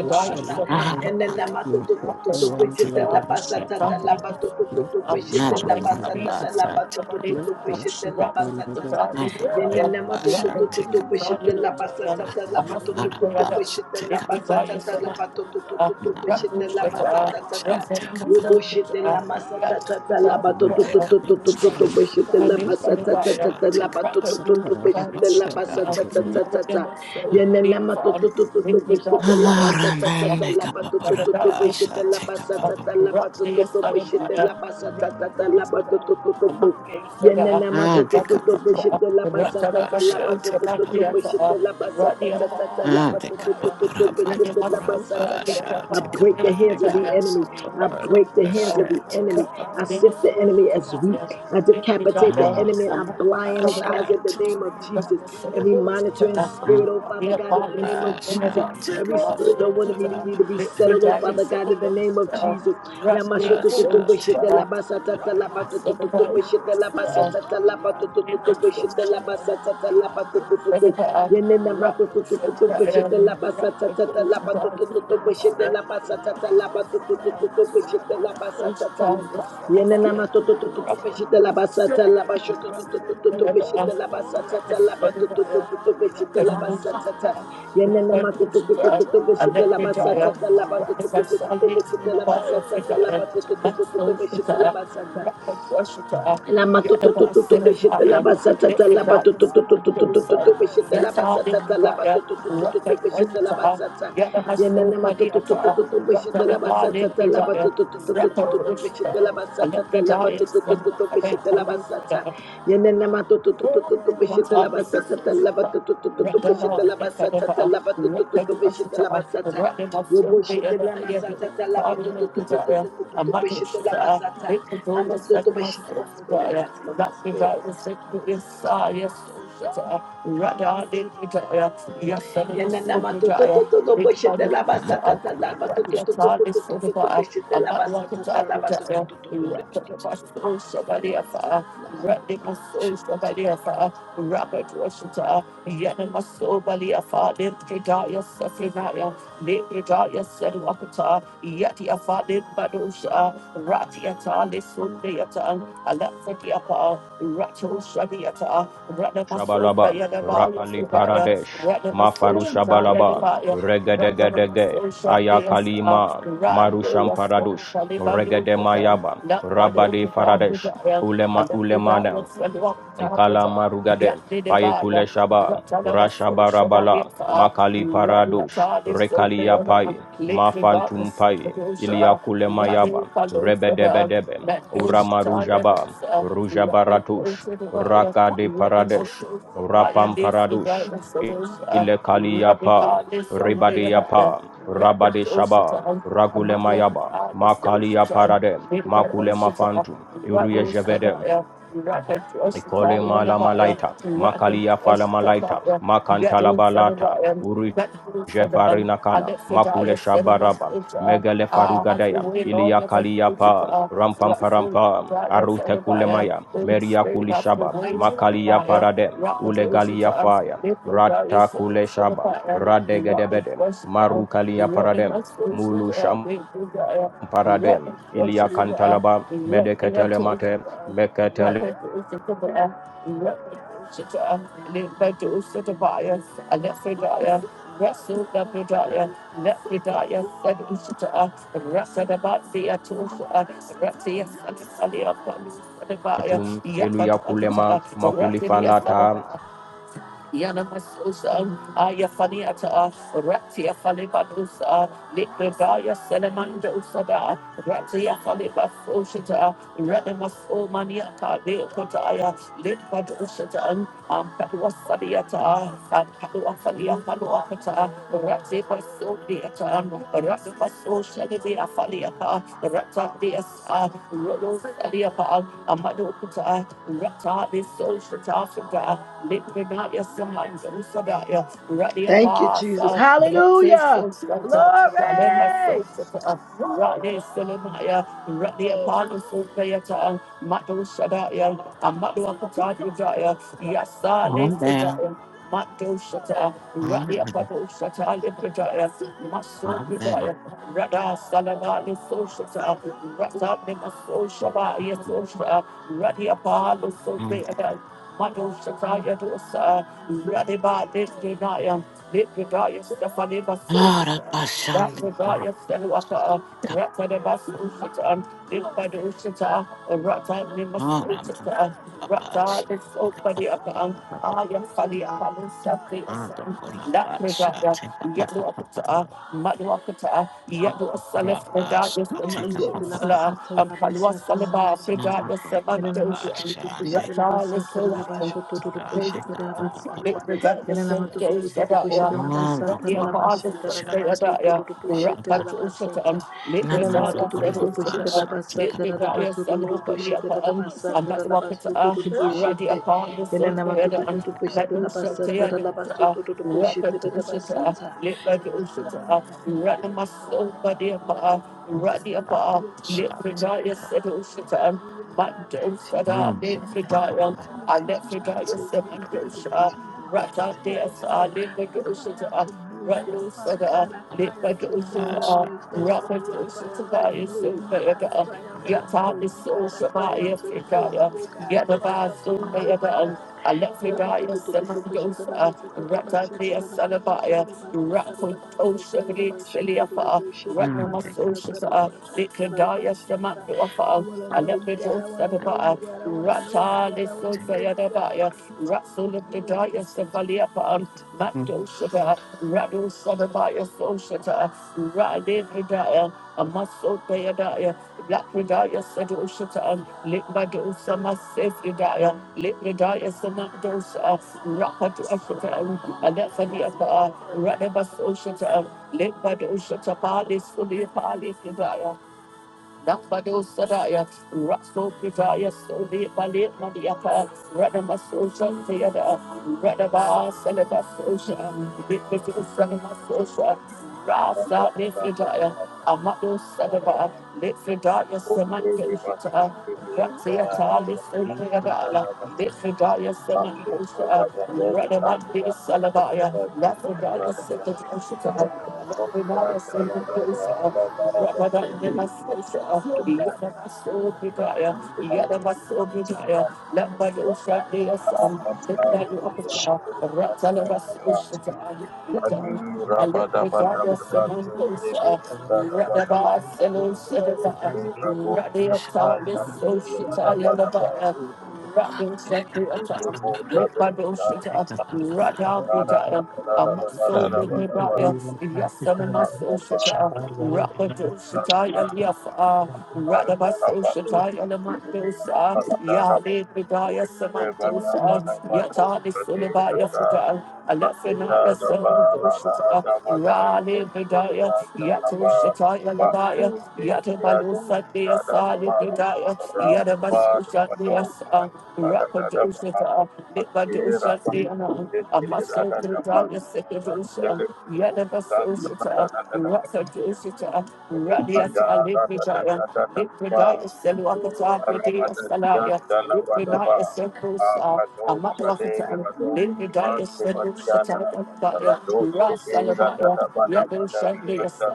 Speaker 7: Not for the other.
Speaker 1: Samantha,
Speaker 2: Enena
Speaker 7: Local
Speaker 2: matutututu bishete
Speaker 7: Bayandia
Speaker 2: la
Speaker 1: Rapamasta, yet I
Speaker 2: basatata la
Speaker 1: did
Speaker 7: Rabashakapa,
Speaker 2: batoto to
Speaker 7: Local
Speaker 1: um, I
Speaker 2: bishete la
Speaker 7: Shadia
Speaker 1: thank you, Jesus,
Speaker 2: basatata la
Speaker 7: Rabakapa,
Speaker 1: somebody,
Speaker 2: batutututu
Speaker 7: Local
Speaker 2: bishete la
Speaker 7: Shivaban
Speaker 2: basatata.
Speaker 1: Rapamasta,
Speaker 7: Rabakapa,
Speaker 1: this is I
Speaker 2: Enena matutututu bishete la
Speaker 1: Rapamasta,
Speaker 2: basatata
Speaker 1: a
Speaker 2: la
Speaker 1: Muslim
Speaker 2: batoto
Speaker 9: you.
Speaker 1: prayer,
Speaker 2: to bishete la
Speaker 1: Lafrodaya
Speaker 2: basatata la
Speaker 1: Samantha,
Speaker 2: batoto to bishete la
Speaker 1: Rapamasta,
Speaker 2: basatata. Ubo shete la masatata la batoto to to to to bishete la
Speaker 1: Rapamasta, yet I
Speaker 2: basatata la
Speaker 1: Rather,
Speaker 2: batutututu bishete la
Speaker 7: Adabashan
Speaker 3: take
Speaker 7: Dabada,
Speaker 2: basatata.
Speaker 3: up,
Speaker 2: Yenenema to to to to to bishete la
Speaker 3: Ah,
Speaker 2: basa ta
Speaker 3: Raman, deka pa
Speaker 2: to
Speaker 3: pa
Speaker 2: to
Speaker 3: ra
Speaker 2: to to
Speaker 3: pa sha,
Speaker 2: bishete la
Speaker 3: deka
Speaker 2: basa
Speaker 3: pa
Speaker 2: ta to to to bishete la basa ta to to to to bo. Yenenema
Speaker 3: ah,
Speaker 2: to to
Speaker 3: deka
Speaker 2: to to
Speaker 3: pa pa pa
Speaker 2: bishete la
Speaker 3: pa ra
Speaker 2: basa ta
Speaker 3: pa sha,
Speaker 2: to to to to bishete la basa ta ta
Speaker 3: ah,
Speaker 2: to
Speaker 3: deka
Speaker 2: to
Speaker 3: pa
Speaker 2: to to
Speaker 3: pa
Speaker 2: to
Speaker 3: ra ma ta
Speaker 2: bishete
Speaker 3: ko
Speaker 2: la
Speaker 3: ra
Speaker 2: basa
Speaker 3: pa sha,
Speaker 2: I
Speaker 3: deka
Speaker 2: break
Speaker 3: pa
Speaker 2: the hands of
Speaker 3: deka
Speaker 2: the
Speaker 3: pa sa
Speaker 2: enemy.
Speaker 3: to
Speaker 2: I
Speaker 3: pa ra
Speaker 2: break the hands
Speaker 1: Right
Speaker 2: of the enemy. I sift the enemy as wheat. I decapitate the
Speaker 3: ah,
Speaker 2: enemy and I
Speaker 3: pa
Speaker 2: blind his
Speaker 3: sha,
Speaker 2: eyes in the
Speaker 3: deka
Speaker 2: name
Speaker 3: pa
Speaker 2: of Jesus every monitoring
Speaker 3: ah,
Speaker 2: spirit, oh Father God,
Speaker 3: pa
Speaker 2: in the
Speaker 3: pa
Speaker 2: name of Jesus.
Speaker 3: sha, deka
Speaker 2: Every
Speaker 3: pa pa
Speaker 2: spirit that
Speaker 3: pa
Speaker 2: wanted
Speaker 3: pa
Speaker 2: me, to, me to be settled, oh Father God, in the name of Jesus. Yamashotototoboshitelabasatatatalabatotototobeshitelabasatatalabatotototoboshitelabasatatalabatotototo. Yenenamatotototoboshitelabasatatatalabatotototobeshitelabasatatalabatotototoboshitelabasatata.
Speaker 1: Thank
Speaker 2: Yenenama to to to to to beshite la basata la basho to to to to to to beshite la basata ta la ba to to
Speaker 1: you.
Speaker 2: to to to beshite la
Speaker 1: Rock
Speaker 2: basata ta yenenama to to to to to to beshite la basata ta la ba to to to to to to beshite la basata ta la ba to to to to to to beshite la basata Lama tu tu tu tu tu bishita laba sa ta ta laba tu tu tu tu tu tu tu tu tu bishita laba sa ta ta laba tu tu tu tu tu tu bishita laba sa ta yana nama tu tu tu tu tu tu bishita laba sa ta ta laba tu tu tu tu tu tu tu tu bishita laba sa ta ta laba tu tu tu tu tu bishita laba sa
Speaker 1: the
Speaker 2: ta yana nama tu tu tu
Speaker 1: Yes,
Speaker 2: tu tu
Speaker 1: I'm
Speaker 2: tu
Speaker 1: not
Speaker 2: bishita laba
Speaker 1: walking
Speaker 2: sa ta ta laba tu tu tu tu tu bishita laba sa ta ta laba tu tu tu tu bishita laba sa ta Robo shite lama sa ta ta laba tu tu tu tu tu tu tu tu tu bishita laba sa ta Ama toto başına mas böyle gelsin o mas böyle. Yeniden toto toto to la
Speaker 3: ah,
Speaker 2: basa
Speaker 3: ta ko ra
Speaker 2: la ba
Speaker 3: pa
Speaker 2: toto toto toto toto la basa
Speaker 1: to Abu
Speaker 2: la ba toto toto toto toto toto toto
Speaker 1: Dhabi. Somebody
Speaker 2: la basa
Speaker 1: afar.
Speaker 2: la basa
Speaker 1: Randi
Speaker 2: la basa.
Speaker 1: Maso Shabaliafa, Robert Washita, Yana Maso Baliafa, Limpidaya Safinaya, Limpidaya Sedwakata, Yatiafa Limbadusha, Ratiata Lisundayata, Alafatiapa, Rato Shabiata, Rana Maso
Speaker 10: Shabalaba,
Speaker 1: Bayanabaya
Speaker 10: Rakali
Speaker 1: Sudaya,
Speaker 10: Paradesh,
Speaker 1: Rana Maso
Speaker 10: Mafaru
Speaker 1: Shataya
Speaker 2: toto
Speaker 10: Shabalaba,
Speaker 2: toto
Speaker 1: Nevaya,
Speaker 2: la basa.
Speaker 1: Rana
Speaker 10: Regedegedege,
Speaker 1: Maso Shataya,
Speaker 10: Ayakalima,
Speaker 1: Rando
Speaker 10: Marusham
Speaker 1: Yasko,
Speaker 10: Paradush,
Speaker 1: Taliban
Speaker 10: Regede
Speaker 1: Dusata,
Speaker 10: Mayaba,
Speaker 1: Lakbado
Speaker 10: Rabade Faradesh,
Speaker 1: Kata I
Speaker 10: Ulema
Speaker 1: Let
Speaker 10: Ulemana,
Speaker 1: me Rapid ocean,
Speaker 10: Ikala
Speaker 1: I'm not looking
Speaker 10: Marugade, Payekule
Speaker 1: for
Speaker 10: Shaba,
Speaker 1: running
Speaker 10: Rashabarabala, Makali
Speaker 1: at
Speaker 10: Paradush,
Speaker 1: all is so
Speaker 10: Rekalia
Speaker 1: fair.
Speaker 10: Pai,
Speaker 1: Lately got the
Speaker 10: Mafantum Pai,
Speaker 1: producer,
Speaker 10: Iliakule
Speaker 1: running
Speaker 10: Mayaba,
Speaker 1: follows the dog,
Speaker 10: Rebedebedebe,
Speaker 1: that goes to
Speaker 10: Uramarujaba,
Speaker 1: those.
Speaker 10: Rujabaratush,
Speaker 1: the wire,
Speaker 10: Raka de
Speaker 1: when the most
Speaker 10: Paradesh,
Speaker 1: social barrier
Speaker 10: Rapam
Speaker 1: is the
Speaker 10: Paradush,
Speaker 1: guidance of those, running
Speaker 10: Ilekaliapa, Ribadeyapa, Rabade Shaba, Ragule Mayaba, makali Parade,
Speaker 1: on
Speaker 10: Makule
Speaker 1: this ocean,
Speaker 10: Mafantum, Irie Ikole malamalaita, makalia falamalaita, makantalabalata, uri Jevarina Kana, Makule Shabaraba, Megele
Speaker 1: Ah, have your
Speaker 10: Farugadaya,
Speaker 1: way, Lord,
Speaker 10: Ilia
Speaker 1: as I thank you for
Speaker 10: Kaliyapa,
Speaker 1: us.
Speaker 10: Rampam
Speaker 1: Rock so
Speaker 10: Parampa,
Speaker 1: bright and set
Speaker 10: Arute
Speaker 1: about you.
Speaker 10: Kulemaya,
Speaker 1: Holy
Speaker 10: Meria
Speaker 1: Spirit, have your
Speaker 10: Kulishaba,
Speaker 1: way, set
Speaker 10: Makalia
Speaker 1: about you.
Speaker 10: Paradem,
Speaker 1: Rock the ocean to
Speaker 10: Ulegalia
Speaker 1: us.
Speaker 10: Faya,
Speaker 1: Lift your value,
Speaker 10: Rata
Speaker 1: set
Speaker 10: Kuleshaba,
Speaker 1: about you. And rock the
Speaker 10: Radegedebedem,
Speaker 1: question to us. You
Speaker 10: Marukalia
Speaker 1: rock the
Speaker 10: Paradem,
Speaker 1: most ocean to
Speaker 10: Mulu
Speaker 1: us.
Speaker 10: Sham
Speaker 1: Lift your value. You rock
Speaker 10: Paradem,
Speaker 1: the
Speaker 10: Ilia
Speaker 1: ocean to us.
Speaker 10: Kantalaba,
Speaker 1: Rapid,
Speaker 10: Medeketele Mate, Meketele Tum Eluyakule ma makulifalata
Speaker 1: Yanamasusa, Ayafaniata, Ratia Falibadusa, Likredaya Selemanda Usada, Ratia Falibafushita, Renamaso Maniata, Lekotaya, Litbadushita, Ampadwasadiata, Ampadwafalia Paluakata, Ratipaso Diata, Ratipaso Shadivia Faliapa, Rata Diasa, Rolos Aliapa, Amadokata, Rata Disoshita, Librinaya Samans and Sadaya, Radia
Speaker 2: Thank you Jesus.
Speaker 1: Pasa, Rate
Speaker 2: Hallelujah.
Speaker 1: Sosata, Alema
Speaker 2: Glory.
Speaker 1: Sosata, Rade Solimaya, Radia Palo Sopayata, Matu Shadaya, Amadu Akatadi Daya, Yasa
Speaker 3: Calm down.
Speaker 1: Lefredaya. Matu Shata,
Speaker 3: Calm
Speaker 1: Radia
Speaker 3: down.
Speaker 1: Pato Shata, Lefredaya, Maso
Speaker 3: Calm down.
Speaker 1: Pedaya, Rada Salamali Sosata, Rata Nima Sosaba, Yasosha, Radia Palo
Speaker 3: Calm
Speaker 1: Sopayata,
Speaker 3: down.
Speaker 1: Mado Shataya Dosa, Radiba Litinaya, Litvidaya Stefanima
Speaker 3: Ora
Speaker 1: Sosata,
Speaker 3: passando por
Speaker 1: Lapidaya Stelwaka, Ratanima Sosata, Limbado Shata, Ratanima
Speaker 3: capara mando
Speaker 1: Sosata,
Speaker 3: a
Speaker 1: Rata
Speaker 3: pace.
Speaker 1: Lisopadiaka, Aya Fali Alu
Speaker 3: Ando
Speaker 1: Sapiasan,
Speaker 3: por a pace.
Speaker 1: Lapidaya,
Speaker 3: Take a papa
Speaker 1: Yadu Akata,
Speaker 3: papa.
Speaker 1: Madu Akata, Yadu
Speaker 3: Ando por
Speaker 1: Salif
Speaker 3: a
Speaker 2: Yana
Speaker 3: pace.
Speaker 1: Fredaya
Speaker 3: Take a
Speaker 1: Samando
Speaker 3: papa
Speaker 1: Sala,
Speaker 3: papa.
Speaker 1: Ampalwa Salaba Fredaya
Speaker 3: Namando por a
Speaker 1: Samando
Speaker 3: pace. Take
Speaker 1: Rattle is so
Speaker 3: a
Speaker 1: strong.
Speaker 3: pace. Take a papa papa.
Speaker 1: and days that are
Speaker 3: Namando
Speaker 1: young. Your
Speaker 3: por a
Speaker 1: father's
Speaker 3: pace.
Speaker 1: birthday that
Speaker 3: Take
Speaker 1: are
Speaker 3: a papa.
Speaker 1: the
Speaker 3: Namando
Speaker 1: darkness and
Speaker 3: por a
Speaker 1: days that are Make the darkness and days that are young. I'm not walking to earth. Ready the birthday that are young. Let me shout to you. Rakato Shatan. Make the darkness and days
Speaker 2: Lord
Speaker 1: that
Speaker 2: in my
Speaker 1: are
Speaker 2: life,
Speaker 1: young. Ready
Speaker 2: appears.
Speaker 1: my
Speaker 2: Lord
Speaker 1: soul,
Speaker 2: in my
Speaker 1: body
Speaker 2: life,
Speaker 1: upon.
Speaker 2: appears.
Speaker 3: and
Speaker 2: Lord
Speaker 3: of
Speaker 2: in
Speaker 1: Ready
Speaker 2: my
Speaker 3: that
Speaker 2: life,
Speaker 1: upon.
Speaker 2: you're Lord in
Speaker 1: Let
Speaker 2: my
Speaker 1: the
Speaker 3: shouting
Speaker 2: life.
Speaker 1: darkness
Speaker 2: God,
Speaker 1: and
Speaker 2: I'm
Speaker 1: days that
Speaker 2: intimate
Speaker 1: are
Speaker 2: with
Speaker 1: young.
Speaker 2: you, oh God.
Speaker 1: Mando
Speaker 2: Teach me
Speaker 1: Sada
Speaker 3: and
Speaker 2: and show me how to be
Speaker 1: Nefridaya,
Speaker 2: intimate. Teach me how to
Speaker 1: Alefridaya
Speaker 3: shouting
Speaker 2: sit in your presence.
Speaker 1: Semandosha,
Speaker 2: Teach me how to be
Speaker 1: Rata
Speaker 2: intimate with you.
Speaker 1: Desa,
Speaker 2: I cry out
Speaker 1: Limadosha,
Speaker 2: to know you, oh
Speaker 1: Ratu
Speaker 2: Father
Speaker 1: Sada,
Speaker 2: God. I
Speaker 3: and
Speaker 2: cry out to know you. I want
Speaker 1: Limadosha,
Speaker 2: to know of you. I cry
Speaker 1: Rapatosha
Speaker 2: out to
Speaker 1: Tabaya
Speaker 2: know you, God. I
Speaker 1: Sobayada,
Speaker 2: cry out to know
Speaker 1: Yata
Speaker 2: you,
Speaker 1: Diso
Speaker 2: God. I cry
Speaker 1: Shabaya
Speaker 2: out to know you,
Speaker 1: Fridaya,
Speaker 2: oh God. I cry
Speaker 1: Yadaba
Speaker 2: out to know you,
Speaker 1: Sobayada,
Speaker 2: God. I wanna know
Speaker 1: Alefridaya Semandosha, Rata Desa Labaya, Rapatosha Brit Siliapa,
Speaker 3: Take
Speaker 1: Ratnamasosha, Likadaya Semandosha,
Speaker 2: you, God.
Speaker 1: Alepeto
Speaker 2: I wanna know
Speaker 1: Sadaba,
Speaker 2: you, God. I wanna know you,
Speaker 1: Rata
Speaker 2: God. I
Speaker 1: Liso
Speaker 2: wanna know you, God. I wanna
Speaker 1: Sayadabaya,
Speaker 2: be intimate with you,
Speaker 1: Ratsulabdaya
Speaker 2: God. Teach me how to be
Speaker 1: Savaliapan,
Speaker 2: intimate.
Speaker 3: and
Speaker 1: Mato Shada, Rado Sadabaya Soshata, Rade Vidaya, Amaso Dayadaya, Lapradaya Sado Shatan, Litbado Samasif Yudaya, Litradaya Samadosa, Rapatu Ashatan, Alephaniapa, Radabaso Shatan, Litbado Shatapali Suliapali Yudaya. Nafado Sadaya, Raso Pujaya, Soli Balit Madiaka, Radama Sosha Theada, Radaba Seleva Sosha, Vipitu Sanama Sosha, Rasa Nifidaya, Amado Sadaba, Nifidaya Samantha, Shita, Ratsiata Lisandala, Nifidaya Samantha,
Speaker 5: Thank
Speaker 1: Shita, Radamati Salabaya, Nafidaya Sikha Oshita, Nafidaya Samantha. Yes,
Speaker 11: Rabada, Rabada,
Speaker 5: you. Thank
Speaker 11: Rabada, Thank
Speaker 3: take take take
Speaker 1: I'm in my social Rakadu Shatai and
Speaker 11: you.
Speaker 1: yafa,
Speaker 5: you.
Speaker 1: Rakadoshataya Liafa, Radabasoshataya Lamandosa, Yali Bidaya Samantosa, Yatali Sulabaya Futa, Alephania Samantoshata, Rali Bidaya, Yatoshataya Labaya, Yatabalusa Dea Sali Bidaya, Yadabasosha Dea Sa, Rakadoshata, Lipadosha Dea, Amaso Bidaya Sekadosa, Yadabasosha.
Speaker 11: Thank you.
Speaker 1: Rasatushita,
Speaker 11: Thank
Speaker 1: Radiata, Lipidaya, Lipidaya, Seluakata, Pridia Salaya, Lipinaya, Sepusa, Amatwakata, Lipidaya, Selusata, Daya, Rasalabaya, Yadu Shandias,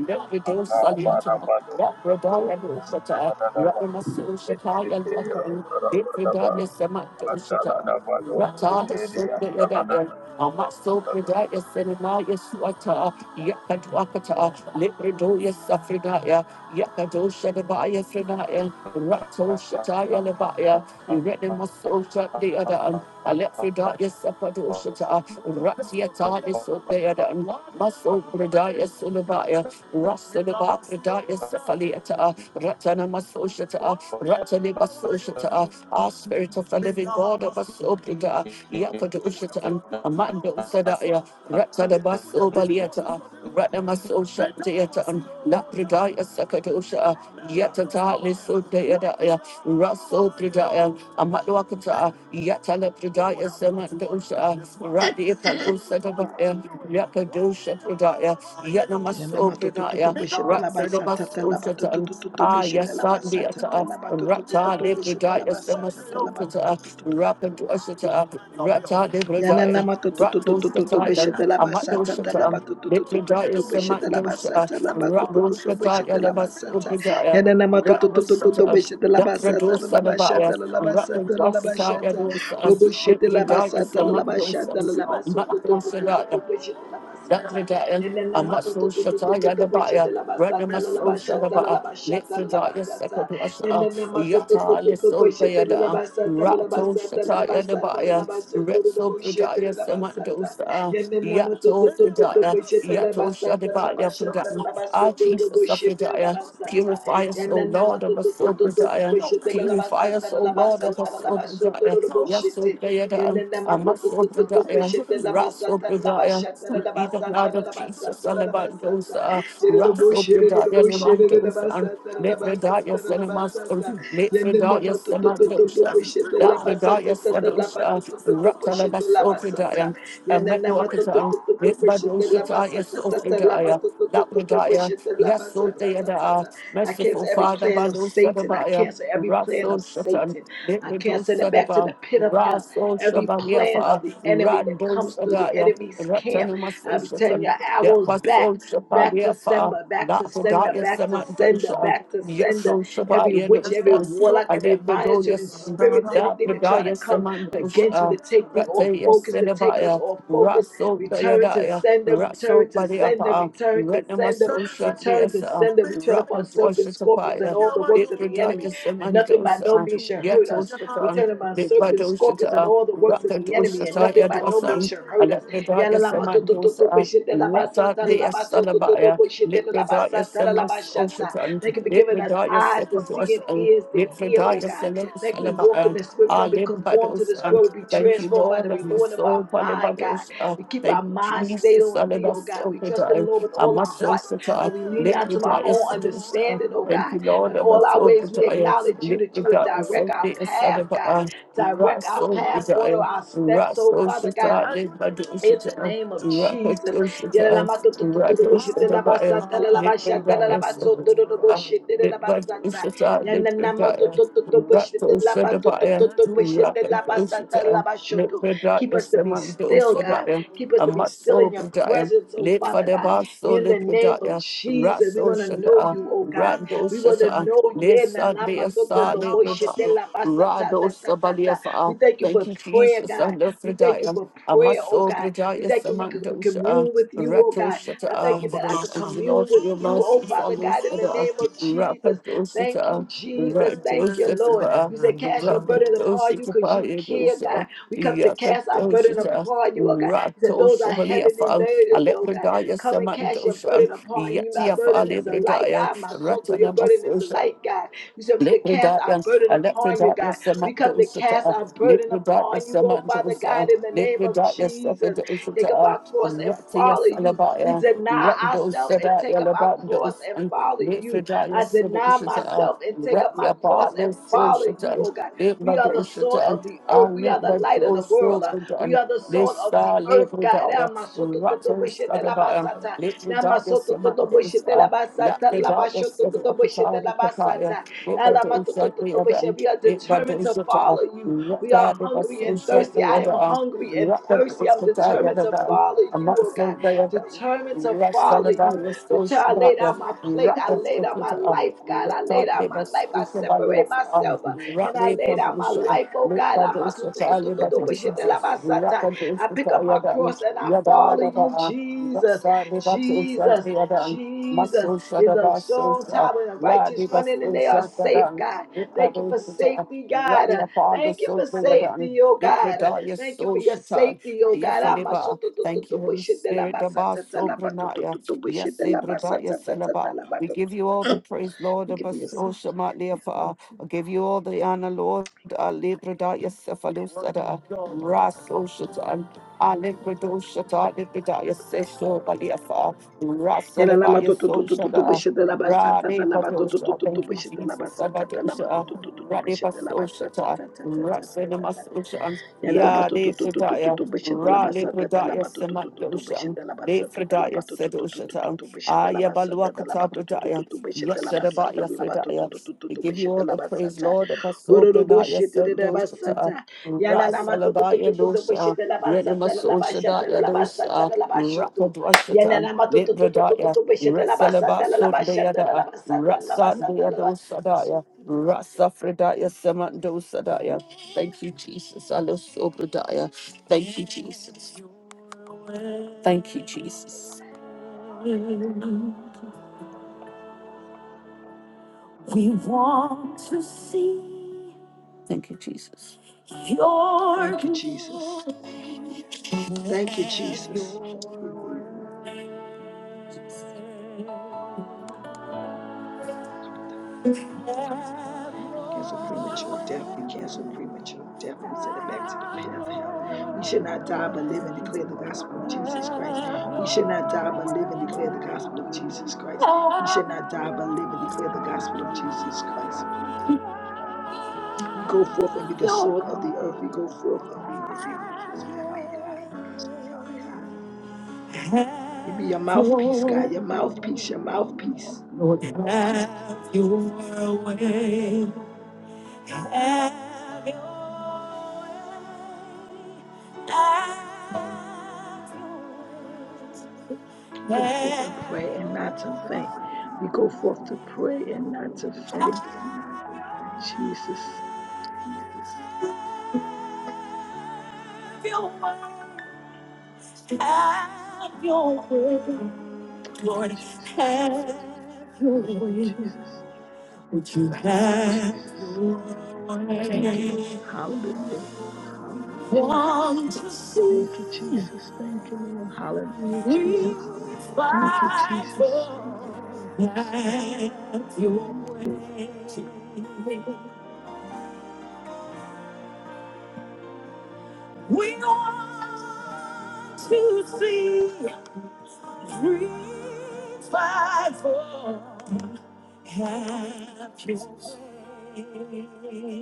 Speaker 1: Lipidu Saliata, Rapidaya, Lusata, Rapamasu Shataya, Luakan, Lipidaya, Samatushita, Rata, is Sundayadaya, Amaso
Speaker 11: you.
Speaker 1: Pridaya, Senimaya, Suata, Yakadwakata, Libridoya Safridaya, Yakado Shadabaya Frinaya, Rato Shataya Labaya, Renimasosha the other, and Alefridaya Sapado Shata, Ratiatani so the other, and Maso Bridaya Sulabaya, Rasilaba Bridaya Safaliata, Ratana Masoshata, Ratani Basoshata, our spirit of the living God of us, Obrida, Yakado Shata, Amando Sadaya, Ratana Baso Baliata. Radamaso Deatan, Lapridaya Sakadosha, Yatatali Sudayadaya, Raso Pridaya, Amadwakata, Yatala Pridaya Samandosha, Radi Palosa Dabaya, Yakadosha Pridaya, Yanamaso Pridaya, Ratsidamaso Shatan, Ayasandiata, Ratali Pridaya Samasokata, Rapadoshata, Ratali Pridaya,
Speaker 2: Yananama to to to to to
Speaker 1: Ratos
Speaker 2: to to beshe de la basata ta la
Speaker 1: Katayan,
Speaker 2: ba to to to to to to
Speaker 1: Litradaya
Speaker 2: to beshe de la
Speaker 1: Samandosha,
Speaker 2: basata la ba to to to to
Speaker 1: Raboshataya
Speaker 2: de la
Speaker 1: Labas
Speaker 2: basata
Speaker 1: Ubridaya,
Speaker 2: Yananama to to to to to to
Speaker 1: Raboshataya,
Speaker 2: beshe de la basata la la
Speaker 1: Dapradosa Labaya,
Speaker 2: la basata la la
Speaker 1: Rakadosataya
Speaker 2: basata
Speaker 1: Dosa,
Speaker 2: de la
Speaker 1: Litradaya
Speaker 2: basata la la la la to to to to to
Speaker 1: Samandosa,
Speaker 2: to beshe de la basata
Speaker 1: Dakridaya,
Speaker 2: Yananama to
Speaker 1: Amatsu
Speaker 2: to to to to to
Speaker 1: Shataya
Speaker 2: to beshe
Speaker 1: Nabaya,
Speaker 2: de la basata la la
Speaker 1: Ratnamasu
Speaker 2: la
Speaker 1: Shadabaya,
Speaker 2: la la
Speaker 1: Litfridaya
Speaker 2: basata
Speaker 1: Sekadwasha, Yata Liso Bayada, Rato Shataya Nabaya, Retso Bridaya Samandosa, Yato Fridaya, Yato Shadabaya Fridam, Ah Jesus of Fridaya, purify us, O Lord of us, O Bridaya, purify us, O Lord of us, O Bridaya, Yaso Bayada, Amasopradaya, Rasopradaya, we plead the blood of Jesus on about those
Speaker 2: Yanana I
Speaker 1: Rasopradaya Namandosan, Lepradaya Senamason, Lepradaya Samadosan, Lapradaya Sadosha, Ratalabasopradaya, Amedokatan, Lepradoshataya Sopradaya. Lapradaya, Yasodayada, merciful
Speaker 2: cancel every
Speaker 1: Father
Speaker 2: plan of
Speaker 1: Balo
Speaker 2: Satan. I
Speaker 1: Sadabaya,
Speaker 2: cancel every plan
Speaker 1: Raso
Speaker 2: of
Speaker 1: Shatan,
Speaker 2: Satan. I cancel it back to
Speaker 1: Leprador
Speaker 2: the pit of hell
Speaker 1: Raso
Speaker 2: every plan of
Speaker 1: Shabaliafa,
Speaker 2: the enemy that
Speaker 1: Rando
Speaker 2: comes through the
Speaker 1: Sadaya,
Speaker 2: enemy's camp. I will be telling
Speaker 1: Ratanamasosatan,
Speaker 2: your arrows back.
Speaker 1: Yapaso
Speaker 2: Back to
Speaker 1: Shabaliafa,
Speaker 2: sender, back to sender,
Speaker 1: Lakodaya
Speaker 2: back to sender,
Speaker 1: Samandosha,
Speaker 2: back to sender.
Speaker 1: Yaso
Speaker 2: Every
Speaker 1: Shabaya
Speaker 2: witch, every
Speaker 1: Dosa,
Speaker 2: warlock, every
Speaker 1: Alepidoya
Speaker 2: monitoring spirits, anything that try to
Speaker 1: Lapodaya
Speaker 2: come against me
Speaker 1: Samandosha,
Speaker 2: to take me off
Speaker 1: Rataya
Speaker 2: focus, to take us
Speaker 1: Sinabaya,
Speaker 2: off focus.
Speaker 1: Raso
Speaker 2: Return to
Speaker 1: Dayadaya,
Speaker 2: sender,
Speaker 1: Raso
Speaker 2: return to sender,
Speaker 1: Baliapa,
Speaker 2: return to
Speaker 1: Retnama
Speaker 2: sender,
Speaker 1: Sosha
Speaker 2: return to
Speaker 1: Desa,
Speaker 2: sender. We tread
Speaker 1: Rapa
Speaker 2: upon serpents, scorpions, and
Speaker 1: Dwashatapaya,
Speaker 2: all the works of the
Speaker 1: Ipradaya
Speaker 2: enemy, and nothing by
Speaker 1: Semandosa,
Speaker 2: no means shall hurt us. We
Speaker 1: Yatoshatan,
Speaker 2: tread upon serpents and scorpions and
Speaker 1: Nipadoshata,
Speaker 2: all the works of
Speaker 1: Raka
Speaker 2: the enemy, and nothing
Speaker 1: Doshataya
Speaker 2: by no means
Speaker 1: Dwasan,
Speaker 2: shall hurt us.
Speaker 1: Alepradaya Semandosa, Rata Dea Salabaya, Lipradaya Semas Oshatan,
Speaker 2: Thank you for giving us
Speaker 1: Lipradaya
Speaker 2: eyes to see and
Speaker 1: Sekadwasan,
Speaker 2: ears to hear, oh
Speaker 1: Lipradaya
Speaker 2: God.
Speaker 1: Selam
Speaker 2: Thank you we walk in
Speaker 1: Salabaya.
Speaker 2: the spirit. We don't be conformed to
Speaker 1: Alibados,
Speaker 2: this
Speaker 1: and
Speaker 2: world. We be
Speaker 1: thank you,
Speaker 2: transformed by
Speaker 1: Lord,
Speaker 2: the
Speaker 1: of my
Speaker 2: renewing of our
Speaker 1: soul,
Speaker 2: mind, God.
Speaker 1: Palibados, uh,
Speaker 2: We keep
Speaker 1: thank
Speaker 2: our mind
Speaker 1: you,
Speaker 2: stayed
Speaker 1: Jesus,
Speaker 2: on thee, oh God. We trust
Speaker 1: Salibas,
Speaker 2: in the Lord with
Speaker 1: I
Speaker 2: all our
Speaker 1: must say,
Speaker 2: hearts, and
Speaker 1: Sata,
Speaker 2: we lean
Speaker 1: Let
Speaker 2: not
Speaker 1: me
Speaker 2: to our
Speaker 1: Lepidaya
Speaker 2: own
Speaker 1: Sedusa.
Speaker 2: understanding, oh
Speaker 1: Thank
Speaker 2: God.
Speaker 1: you, Lord,
Speaker 2: In
Speaker 1: of our
Speaker 2: all our
Speaker 1: soul
Speaker 2: ways, we
Speaker 1: desire.
Speaker 2: acknowledge you that you would
Speaker 1: Lepidaya
Speaker 2: direct our
Speaker 1: Sopia
Speaker 2: path, God.
Speaker 1: Sadaba,
Speaker 2: Direct our
Speaker 1: Raso
Speaker 2: path, order
Speaker 1: desire.
Speaker 2: our steps, oh
Speaker 1: Raso
Speaker 2: Father God
Speaker 1: Sata,
Speaker 2: in the
Speaker 1: Lepadusata,
Speaker 2: name of Jesus.
Speaker 1: Rakatosata, Radosadabaya, Lepidaya Sedusa.
Speaker 2: Yelelamato-to-to-to-to-boshete-labasata-lalabashata-lalabasotoro-boshete-labasata.
Speaker 1: Lepidusata, Lepidaya, Ratosadabaya, Rakatosata,
Speaker 2: Yananamato-to-to-to-boshete-labatoto-to-boshete-labasata-lalabashoto.
Speaker 1: Lepidaya
Speaker 2: Keep us to be still, God.
Speaker 1: Semandosadaya,
Speaker 2: Keep us to be still in your
Speaker 1: Amasobidaya.
Speaker 2: presence, oh
Speaker 1: Lit for
Speaker 2: Father
Speaker 1: the
Speaker 2: God.
Speaker 1: basso
Speaker 2: In the name of
Speaker 1: lipidaya,
Speaker 2: Jesus, we
Speaker 1: raso
Speaker 2: want to know
Speaker 1: shata,
Speaker 2: you, oh God.
Speaker 1: rando
Speaker 2: We want to
Speaker 1: shata,
Speaker 2: know you.
Speaker 1: lit Sunday
Speaker 2: yenanamato to to
Speaker 1: asa
Speaker 2: to
Speaker 1: lipidaya,
Speaker 2: labasata ta
Speaker 1: rado
Speaker 2: ta ta ta We
Speaker 1: sabaliafa.
Speaker 2: thank you for
Speaker 1: Thank you,
Speaker 2: prayer,
Speaker 1: Jesus,
Speaker 2: God.
Speaker 1: and the
Speaker 2: We thank you
Speaker 1: fridaya.
Speaker 2: for prayer, oh
Speaker 1: Amaso
Speaker 2: God. We
Speaker 1: bridaya
Speaker 2: thank you we can
Speaker 1: samando shata,
Speaker 2: commune with you, oh
Speaker 1: rato
Speaker 2: God. I thank you that I
Speaker 1: shata.
Speaker 2: could
Speaker 1: Thank you, Lord,
Speaker 2: commune
Speaker 1: for
Speaker 2: with
Speaker 1: your
Speaker 2: you,
Speaker 1: mercy,
Speaker 2: oh Father
Speaker 1: follows
Speaker 2: God, in the
Speaker 1: shata,
Speaker 2: name of Jesus.
Speaker 1: rapado
Speaker 2: Thank you,
Speaker 1: shata.
Speaker 2: Jesus.
Speaker 1: Rado
Speaker 2: Thank you, Lord.
Speaker 1: shata,
Speaker 2: You said, Cast your burden
Speaker 1: rapado
Speaker 2: upon you because you care, God.
Speaker 1: shata,
Speaker 2: We come to cast our
Speaker 1: yakato
Speaker 2: burden
Speaker 1: shata,
Speaker 2: upon you, oh God. You said,
Speaker 1: rato
Speaker 2: Those are heavily
Speaker 1: shabaliafa.
Speaker 2: laden, oh God.
Speaker 1: Alepradaya
Speaker 2: Come and cast your
Speaker 1: Samandoshan,
Speaker 2: burden upon you. My
Speaker 1: Yatia
Speaker 2: burden is a light.
Speaker 1: Falebradaya,
Speaker 2: I, my soul, your burden is a
Speaker 1: Ratanamasosa,
Speaker 2: light, God. You said we could cast our
Speaker 1: Lepidaya,
Speaker 2: burden upon you,
Speaker 1: Electrodaya,
Speaker 2: God. We come to cast
Speaker 1: Samadosata,
Speaker 2: our burden
Speaker 1: Lepidaya,
Speaker 2: upon you, oh Father
Speaker 1: Samandosa,
Speaker 2: God, in the name of
Speaker 1: Lepidaya,
Speaker 2: Jesus. Take up
Speaker 1: Sakadosata,
Speaker 2: our cross and
Speaker 1: Ratia
Speaker 2: follow you. We
Speaker 1: Salabaya,
Speaker 2: deny ourselves and take
Speaker 1: Randosadaya,
Speaker 2: up our cross
Speaker 1: Labandos,
Speaker 2: and
Speaker 1: and
Speaker 2: follow you.
Speaker 1: Lepidaya,
Speaker 2: I deny
Speaker 1: Sadosata,
Speaker 2: myself and take up my
Speaker 1: Ratia
Speaker 2: cross
Speaker 1: Bardo,
Speaker 2: and follow
Speaker 1: Sosata,
Speaker 2: you, oh God. We are the salt
Speaker 1: Lepidosata, and
Speaker 2: of the earth. We are the light of the world. Uh, we
Speaker 1: Lepidosata,
Speaker 2: are the salt of the
Speaker 1: Lisa
Speaker 2: earth, God.
Speaker 1: Lepidaya, Rato Sadabaya, Lepidaya, Samandosa, Lepidaya, Sadapatari, Yada, Yada, Yada,
Speaker 2: We are determined to follow you. We are hungry and thirsty. I am hungry and thirsty. I'm determined to follow you, oh God. Determined to follow you. Deter- I laid out my plate. I laid out my life, God. I laid out my life. I separate myself. uh, and I lay down my life, oh God. I pick up my cross and I follow you, Jesus.
Speaker 1: Yada,
Speaker 2: Jesus,
Speaker 1: Yada,
Speaker 2: Jesus
Speaker 1: Muscle
Speaker 2: is a
Speaker 1: Shadaba
Speaker 2: strong
Speaker 1: Sota,
Speaker 2: tower and the
Speaker 1: Radi
Speaker 2: righteous running, and
Speaker 1: Basu
Speaker 2: they are safe,
Speaker 1: Shakadan,
Speaker 2: God. Thank you
Speaker 1: Ikadu
Speaker 2: for
Speaker 1: Shita,
Speaker 2: safety, God.
Speaker 1: Radi
Speaker 2: Uh,
Speaker 1: Apollo
Speaker 2: Thank you for
Speaker 1: Sotriadan,
Speaker 2: safety, oh God. Uh,
Speaker 1: Litradaya
Speaker 2: Thank you
Speaker 1: So
Speaker 2: for your
Speaker 1: Shita,
Speaker 2: safety, oh God.
Speaker 1: Ayefaliba. Thank you, Holy Spirit, Daba Sobranaya, Yes, Ibradaya Selaba. We give you all the praise, Lord,
Speaker 2: Thank you for your
Speaker 1: Abaso
Speaker 2: safety.
Speaker 1: Shamatliafa. I give you all the honor, Lord, Alibradaya Sefalusada, Raso Shita, Alibrado Shata, Libradaya Seso Baliafa,
Speaker 2: Yala lama
Speaker 1: Rasalabaya
Speaker 2: tu tu tu tu tu tu
Speaker 1: So
Speaker 2: bishita laba sa ta ta
Speaker 1: Rade
Speaker 2: laba tu tu tu
Speaker 1: Batosha,
Speaker 2: tu tu
Speaker 1: thank you,
Speaker 2: bishita laba
Speaker 1: Jesus.
Speaker 2: sa ta ta laba tu
Speaker 1: Sabatosha,
Speaker 2: tu tu tu tu
Speaker 1: Rade
Speaker 2: bishita laba sa ta
Speaker 1: Basosha,
Speaker 2: ta ta ta ta ta ta
Speaker 1: Rasinama
Speaker 2: ta.
Speaker 1: Sosha,
Speaker 2: Thank
Speaker 1: Yade Fredaya, Rale Bredaya Sematosha, De Fredaya Sedosha, Aya Baluakata Bredaya, Yasedabaya Fredaya. We give you all the praise, Lord, Basobranaya Sedosha. Rasalabaya dosha, Renima Sosha Daya dosa, Rapadwashata, Reseleba Sundayada, Rasa Deado Sadaya, Rasa Fredaya Samando Sadaya. Thank you, Jesus. Alo Sobradaya. Thank you, Jesus. Thank you, Jesus. We want to see. Thank you, Jesus. Your
Speaker 2: you, Jesus.
Speaker 1: glory.
Speaker 2: Thank you, Jesus.
Speaker 1: Your
Speaker 2: Cancel premature death. We cancel premature death. We send it back to the pit of hell. We should not die but live and declare the gospel of Jesus Christ. We should not die but live and declare the gospel of Jesus Christ. We should not die but live and declare the gospel of Jesus Christ. We go forth and be the salt of the earth. We go forth and be your laborers, oh Father God. We be your mouthpiece, God, your mouthpiece, your mouthpiece.
Speaker 1: Lord, I
Speaker 2: We go forth and pray and not to faint. We go forth to pray and not to faint. Jesus. Jesus. Thank you, Jesus. Thank you, Jesus. Thank you, Lord. Hallelujah. Jesus.
Speaker 1: want to
Speaker 2: Thank you,
Speaker 1: see.
Speaker 2: Jesus. Thank you, Lord. Hallelujah, Jesus.
Speaker 1: We
Speaker 2: Thank you,
Speaker 1: fight
Speaker 2: Jesus.
Speaker 1: for that your way. We want to see free fight for that your way.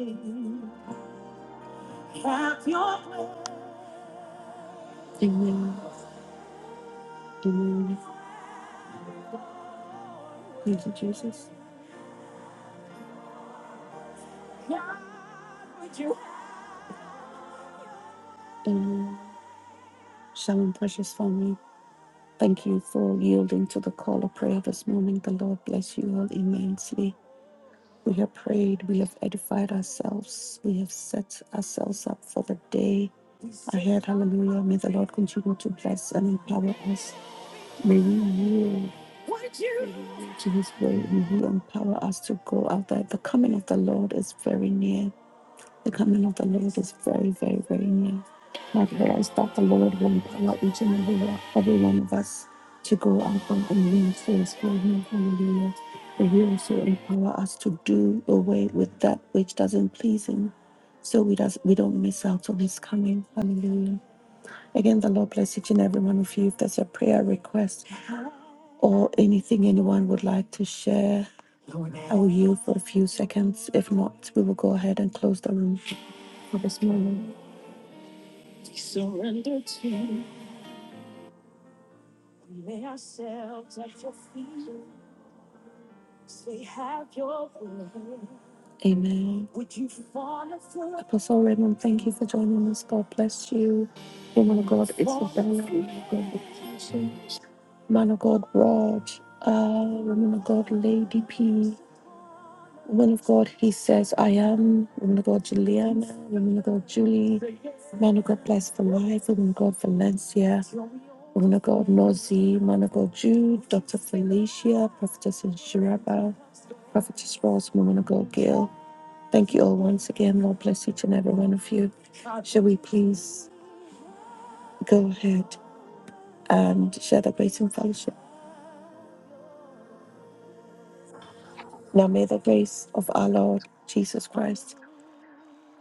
Speaker 1: Amen. Shalom, precious family. Thank you for yielding to the call of prayer this morning. The Lord bless you all immensely. We have prayed, we have edified ourselves, we have set ourselves up for the day ahead. Hallelujah. May the Lord continue to bless and empower us. May we yield to his way. May he empower us to go out there. The coming of the Lord is very near. The coming of the Lord is very, very, very near. My prayer is that the Lord will empower each and every one, every one of us to go out and minister for Him. Hallelujah. That He also empower us to do away with that which doesn't please Him, so we does we don't miss out on His coming. Hallelujah. Again, the Lord bless each and every one of you. If there's a prayer request or anything anyone would like to share, I will yield for a few seconds. If not, we will go ahead and close the room for this morning. Amen. Apostle Raymond, thank you for joining us. God bless you. Woman of God, Isabella. Man of God, Rod. Uh, woman of God, Lady P. Woman of God, he says, I am. Woman of God, Juliana. Woman of God, Julie. Man of God, bless for life. Woman of God, Valencia. Woman of God, Nozi. Man of God, Jude. Dr. Felicia. Prophetess Shiraba. Prophetess Ross. Woman of God, Gail. Thank you all once again. Lord bless each and every one of you. Shall we please? go ahead and share the grace and fellowship. Now may the grace of our Lord Jesus Christ,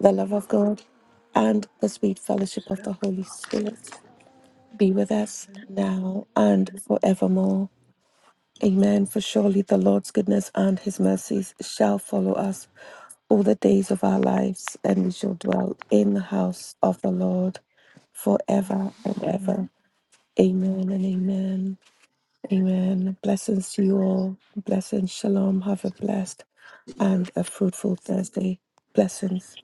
Speaker 1: the love of God, and the sweet
Speaker 2: Just
Speaker 1: fellowship of
Speaker 2: fill us
Speaker 1: the
Speaker 2: with
Speaker 1: Holy
Speaker 2: the Holy Spirit.
Speaker 1: Spirit be with us now and forevermore. Amen. For surely the Lord's goodness and his mercies shall follow us all the days of our lives, and we shall dwell in the house of the Lord forever and
Speaker 12: Amen.
Speaker 1: ever. Amen and amen. Amen. Blessings to you all. Blessings. Shalom. Have a blessed and a fruitful Thursday. Blessings.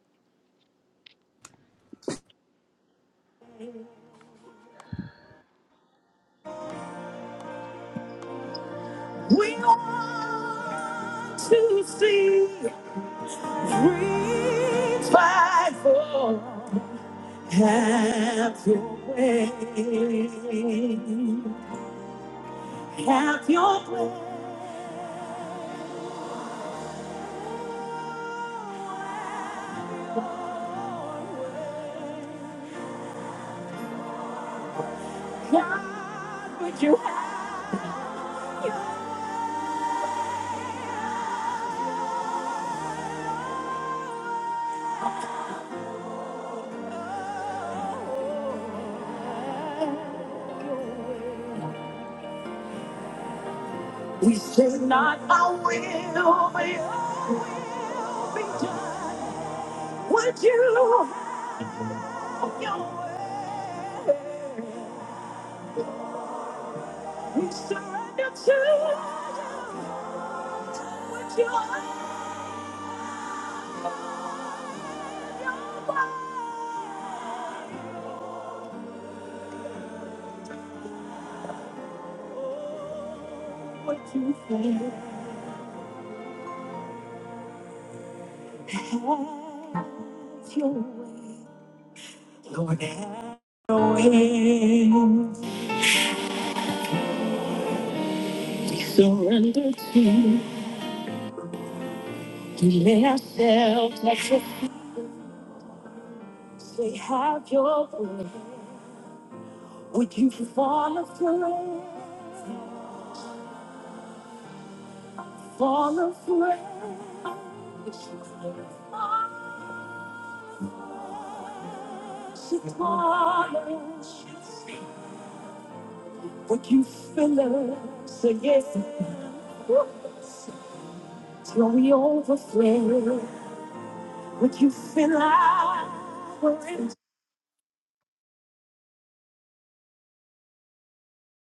Speaker 1: Not me, would you surrender to? Say, have your way. Would you fall afraid? Fall afraid? She Would you fill us again? Till we overflow.